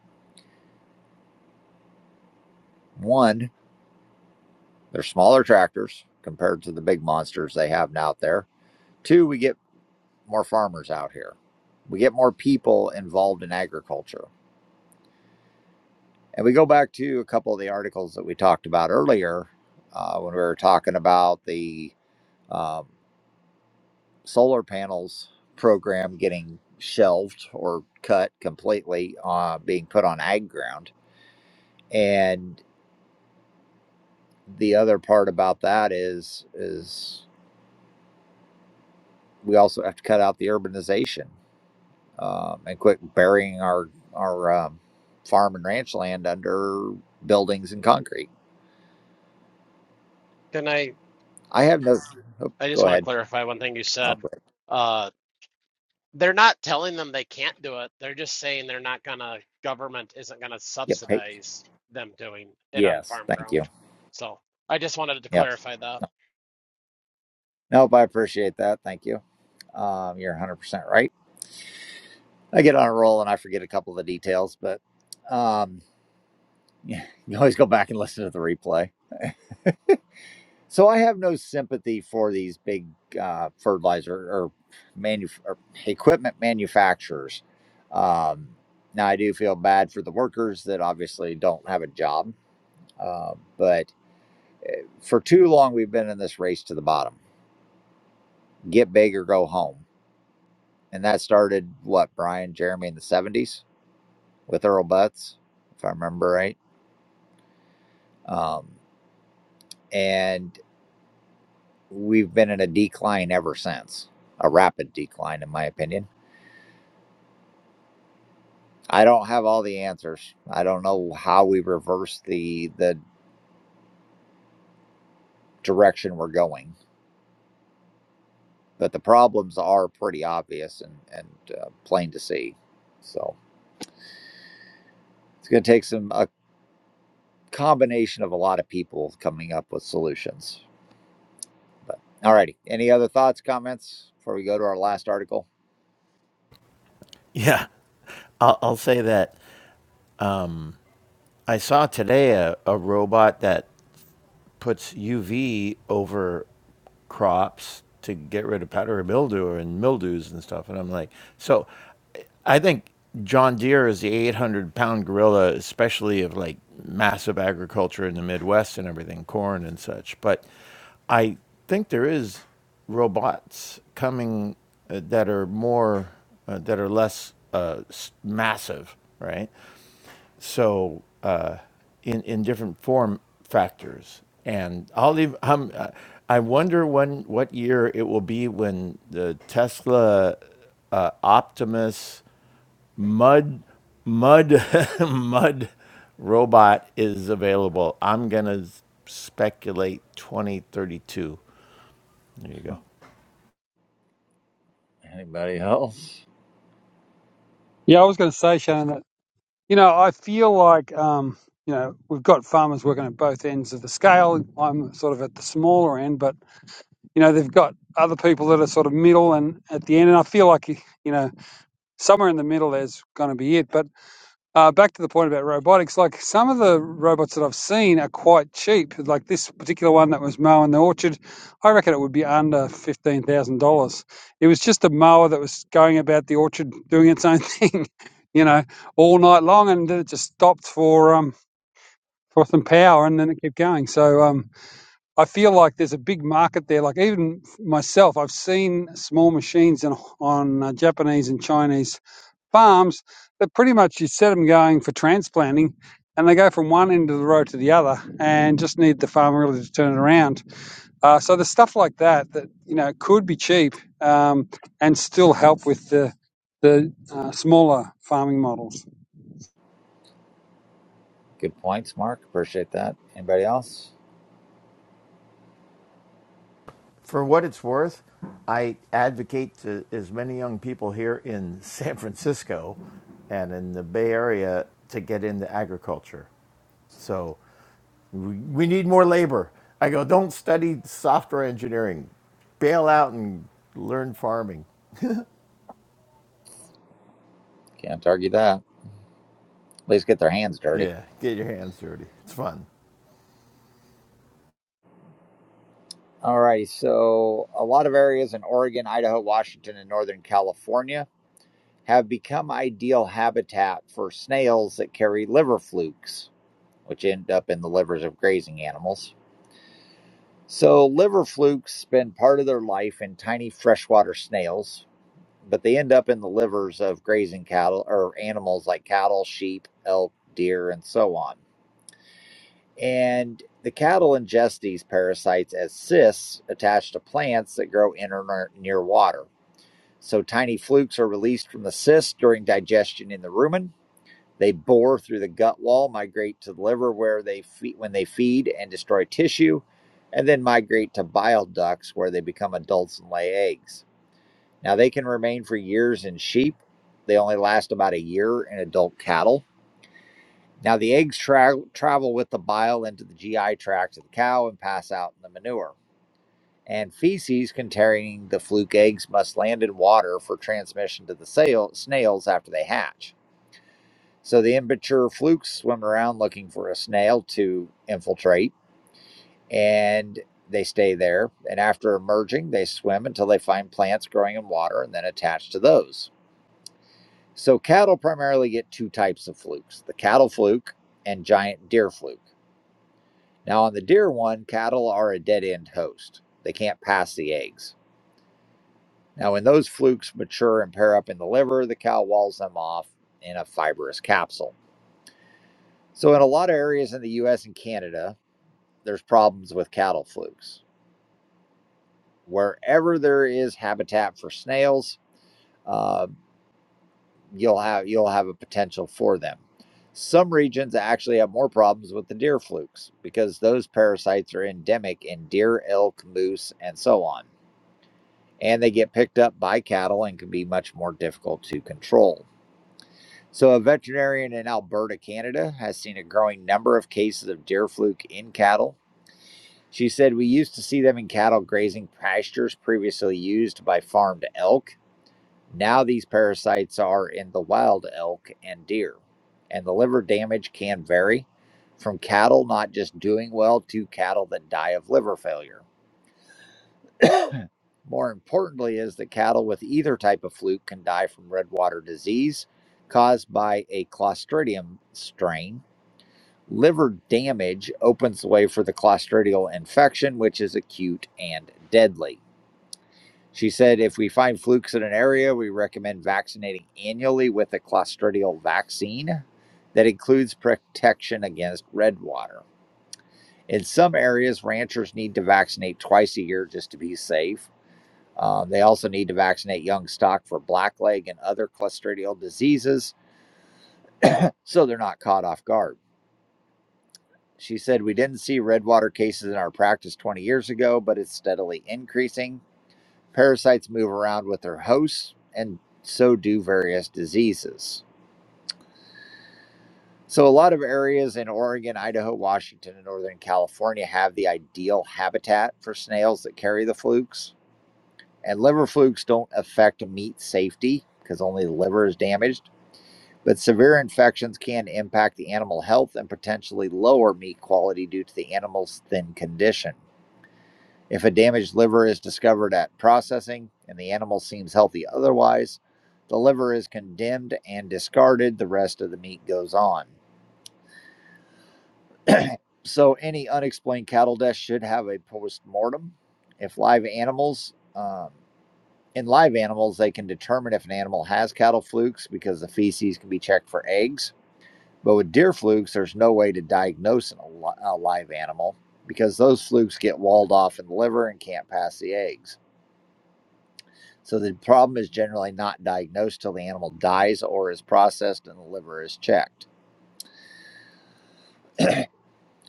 Speaker 1: One, they're smaller tractors compared to the big monsters they have out there. Two, we get more farmers out here. We get more people involved in agriculture. And we go back to a couple of the articles that we talked about earlier uh, when we were talking about the um, solar panels program getting shelved or cut completely, uh, being put on ag ground. And the other part about that is is we also have to cut out the urbanization um, and quit burying our our um, farm and ranch land under buildings and concrete.
Speaker 2: can I?
Speaker 1: I have no. Oh,
Speaker 2: I just
Speaker 1: go
Speaker 2: want to
Speaker 1: ahead.
Speaker 2: clarify one thing you
Speaker 1: I'll
Speaker 2: said.
Speaker 1: quit.
Speaker 2: Uh. they're not telling them they can't do it. They're just saying they're not gonna, government isn't gonna
Speaker 1: Yep. Hey.
Speaker 2: subsidize them doing it on
Speaker 1: Yes.
Speaker 2: farm
Speaker 1: Thank
Speaker 2: ground.
Speaker 1: you.
Speaker 2: So I just wanted to
Speaker 1: Yep.
Speaker 2: clarify that.
Speaker 1: Nope. I appreciate that. Thank you. Um, you're 100 percent right. I get on a roll and I forget a couple of the details, but um, you can always go back and listen to the replay. So I have no sympathy for these big uh, fertilizer or, manu- or equipment manufacturers. Um, now I do feel bad for the workers that obviously don't have a job, uh, but for too long we've been in this race to the bottom. Get big or go home, and that started what Brian Jeremy in the '70s with Earl Butts, if I remember right. Um, and we've been in a decline ever since, a rapid decline, in my opinion I don't have all the answers. I don't know how we reverse the the direction we're going, but the problems are pretty obvious and and uh, plain to see. So it's going to take some a combination of a lot of people coming up with solutions. But all righty, any other thoughts, comments before we go to our last article?
Speaker 9: Yeah, I'll, I'll say that. Um, I saw today a, a robot that puts UV over crops to get rid of powdery mildew and mildews and stuff. And I'm like, so I think John Deere is the 800 pound gorilla, especially of like massive agriculture in the Midwest and everything, corn and such. But I think there is robots coming uh, that are more, uh, that are less uh, s- massive, right? so uh, in in different form factors. And I'll leave. Um, uh, I wonder when what year it will be when the Tesla uh, Optimus mud mud mud robot is available. I'm gonna speculate 2032. There you go.
Speaker 1: Huh, Anybody else?
Speaker 10: Yeah, I was going to say, Shannon, that you know, I feel like um, you know we've got farmers working at both ends of the scale. I'm sort of at the smaller end, but you know they've got other people that are sort of middle and at the end and i feel like you know somewhere in the middle there's going to be it but uh, back to the point about robotics like some of the robots that i've seen are quite cheap like this particular one that was mowing the orchard i reckon it would be under $15000 it was just a mower that was going about the orchard doing its own thing you know all night long and then it just stopped for um for some power and then it kept going so um I feel like there's a big market there. Like even myself, I've seen small machines in, on uh, Japanese and Chinese farms that pretty much you set them going for transplanting and they go from one end of the road to the other and just need the farmer really to turn it around. Uh, so there's stuff like that that, you know, could be cheap um, and still help with the, the uh, smaller farming models.
Speaker 1: Good points, Mark. Appreciate that. Anybody else?
Speaker 9: For what it's worth, I advocate to as many young people here in San Francisco and in the Bay Area to get into agriculture. So we, need more labor. I go, don't study software engineering, bail out and learn farming.
Speaker 1: Can't argue that. At least get their hands dirty.
Speaker 9: Yeah, get your hands dirty. It's fun.
Speaker 1: All right. So, a lot of areas in Oregon, Idaho, Washington, and Northern California have become ideal habitat for snails that carry liver flukes, which end up in the livers of grazing animals. So, liver flukes spend part of their life in tiny freshwater snails, but they end up in the livers of grazing cattle or animals like cattle, sheep, elk, deer, and so on. And the cattle ingest these parasites as cysts attached to plants that grow in or near near water. So tiny flukes are released from the cyst during digestion in the rumen. They bore through the gut wall, migrate to the liver where they feed when they feed and destroy tissue, and then migrate to bile ducts where they become adults and lay eggs. Now they can remain for years in sheep. They only last about a year in adult cattle. Now the eggs tra- travel with the bile into the GI tract of the cow and pass out in the manure and feces containing the fluke eggs must land in water for transmission to the sail, snails after they hatch. So the immature flukes swim around looking for a snail to infiltrate, and they stay there. And after emerging, they swim until they find plants growing in water and then attach to those. So cattle primarily get two types of flukes the cattle fluke and giant deer fluke. Now, on the deer one, cattle are a dead end host, they can't pass the eggs. Now, when those flukes mature and pair up in the liver, the cow walls them off in a fibrous capsule. So, in a lot of areas in the US and Canada, there's problems with cattle flukes. Wherever there is habitat for snails, uh, you'll have you'll have a potential for them. Some regions actually have more problems with the deer flukes because those parasites are endemic in deer, elk, moose, and so on. And they get picked up by cattle and can be much more difficult to control. So, a veterinarian in Alberta, Canada, has seen a growing number of cases of deer fluke in cattle. She said, We used to see them in cattle grazing pastures previously used by farmed elk. Now, these parasites are in the wild elk and deer. And the liver damage can vary from cattle not just doing well to cattle that die of liver failure. More importantly, is that cattle with either type of fluke can die from redwater disease caused by a Clostridium strain Liver damage opens the way for the clostridial infection, which is acute and deadly. She said if we find flukes in an area, we recommend vaccinating annually with a clostridial vaccine that includes protection against red water. In some areas, ranchers need to vaccinate twice a year just to be safe. Um, they also need to vaccinate young stock for blackleg and other clostridial diseases so they're not caught off guard. She said, We didn't see redwater cases in our practice 20 years ago, but it's steadily increasing. Parasites move around with their hosts, and so do various diseases. So, a lot of areas in Oregon, Idaho, Washington, and Northern California have the ideal habitat for snails that carry the flukes. And liver flukes don't affect meat safety because only the liver is damaged. But severe infections can impact the animal health and potentially lower meat quality due to the animal's thin condition. If a damaged liver is discovered at processing and the animal seems healthy otherwise, the liver is condemned and discarded. The rest of the meat goes on. So, any unexplained cattle death should have a post mortem. If live animals, um, in live animals, they can determine if an animal has cattle flukes because the feces can be checked for eggs. But with deer flukes, there's no way to diagnose an, a live animal because those flukes get walled off in the liver and can't pass the eggs. So the problem is generally not diagnosed till the animal dies or is processed and the liver is checked.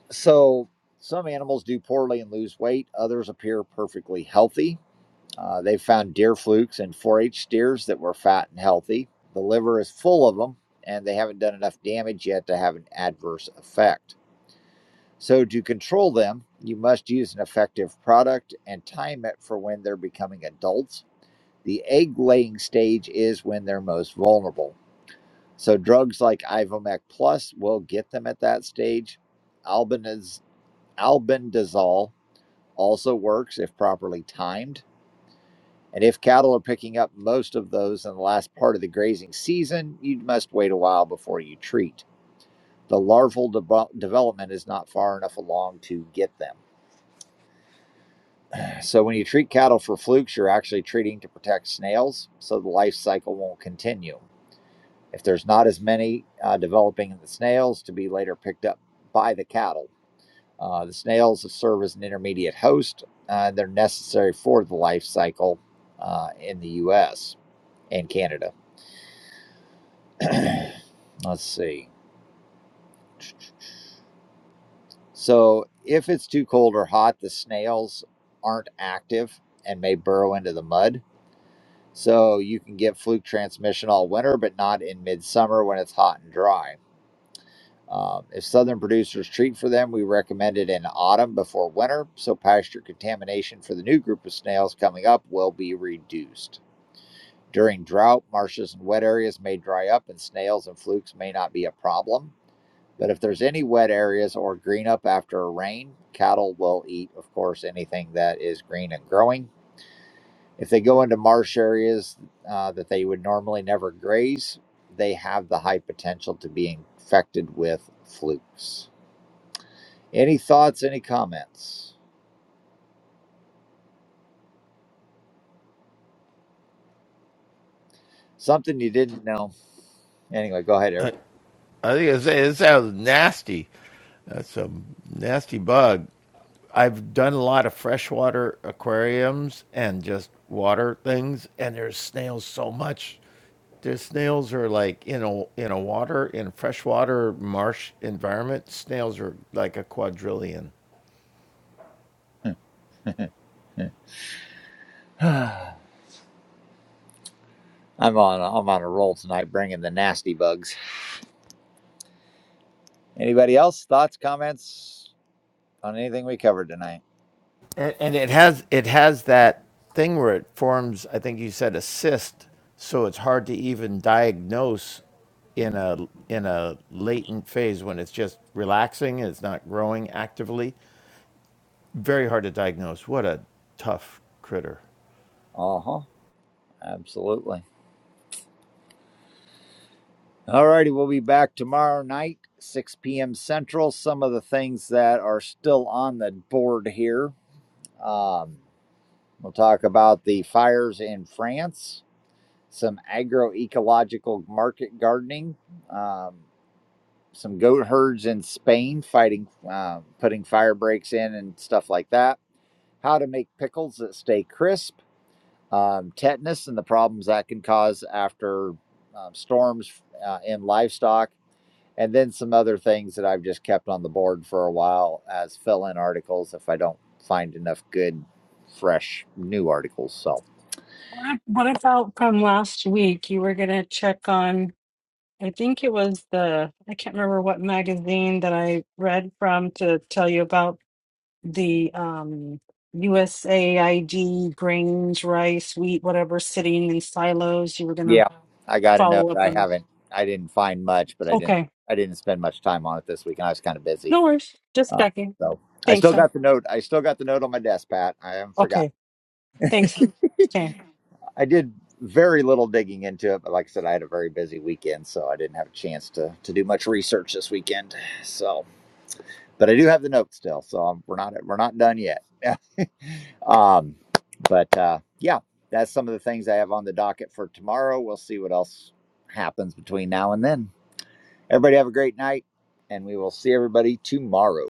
Speaker 1: So some animals do poorly and lose weight, others appear perfectly healthy. Uh, they found deer flukes in 4 H steers that were fat and healthy. The liver is full of them, and they haven't done enough damage yet to have an adverse effect. So, to control them, you must use an effective product and time it for when they're becoming adults. The egg laying stage is when they're most vulnerable. So drugs like Ivomec Plus will get them at that stage. Albendaz- albendazole also works if properly timed. And if cattle are picking up most of those in the last part of the grazing season, you must wait a while before you treat. The larval devo- development is not far enough along to get them. So when you treat cattle for flukes, you're actually treating to protect snails, so the life cycle won't continue. If there's not as many uh, developing in the snails to be later picked up by the cattle, Uh, the snails serve as an intermediate host. Uh, they're necessary for the life cycle uh, in the U.S. and Canada. Let's see. So, if it's too cold or hot, the snails aren't active and may burrow into the mud. So, you can get fluke transmission all winter, but not in midsummer when it's hot and dry. Um, if southern producers treat for them, we recommend it in autumn before winter, so pasture contamination for the new group of snails coming up will be reduced. During drought, marshes and wet areas may dry up and snails and flukes may not be a problem. But if there's any wet areas or green up after a rain, cattle will eat, of course, anything that is green and growing. If they go into marsh areas uh, that they would normally never graze, they have the high potential to be infected with flukes. Any thoughts, any comments? Something you didn't know. Anyway, go ahead, Eric.
Speaker 9: I think I say it sounds nasty. That's a nasty bug. I've done a lot of freshwater aquariums and just water things, and there's snails so much. The snails are like in a in a water in a freshwater marsh environment. Snails are like a quadrillion.
Speaker 1: I'm on I'm on a roll tonight, bringing the nasty bugs. Anybody else? Thoughts, comments on anything we covered tonight?
Speaker 9: And, and it has it has that thing where it forms. I think you said a cyst, so it's hard to even diagnose in a in a latent phase when it's just relaxing and it's not growing actively. Very hard to diagnose. What a tough critter.
Speaker 1: Uh huh. Absolutely. All righty. We'll be back tomorrow night, 6 p.m. Central. Some of the things that are still on the board here. Um, we'll talk about the fires in France, some agroecological market gardening, um, some goat herds in Spain fighting, uh, putting fire breaks in and stuff like that. How to make pickles that stay crisp um, tetanus and the problems that can cause after um, storms uh, in livestock, and then some other things that I've just kept on the board for a while as fill in articles if I don't find enough good, fresh, new articles. So,
Speaker 6: What, ab- what about from last week? You were going to check on, I think it was the, I can't remember what magazine that I read from to tell you about the um, USAID grains, rice, wheat, whatever, sitting in silos. You were going to
Speaker 1: yeah, I got to know
Speaker 6: follow
Speaker 1: that
Speaker 6: up
Speaker 1: I
Speaker 6: on this.
Speaker 1: haven't, I didn't find much, but I didn't.
Speaker 6: Okay.
Speaker 1: I didn't spend much time on it this week, and I was kind of busy.
Speaker 6: No worries. Just
Speaker 1: Uh,
Speaker 6: checking.
Speaker 1: so I
Speaker 6: Thanks.
Speaker 1: still
Speaker 6: huh?
Speaker 1: got the note. I still got the note on my desk, Pat. I haven't forgotten.
Speaker 6: Okay. Thanks, Stan.
Speaker 1: I did very little digging into it, but like I said, I had a very busy weekend, so I didn't have a chance to to do much research this weekend. So, but I do have the notes still, so um we're not we're not done yet. um, but uh, yeah, that's some of the things I have on the docket for tomorrow. We'll see what else happens between now and then. Everybody have a great night, and we will see everybody tomorrow.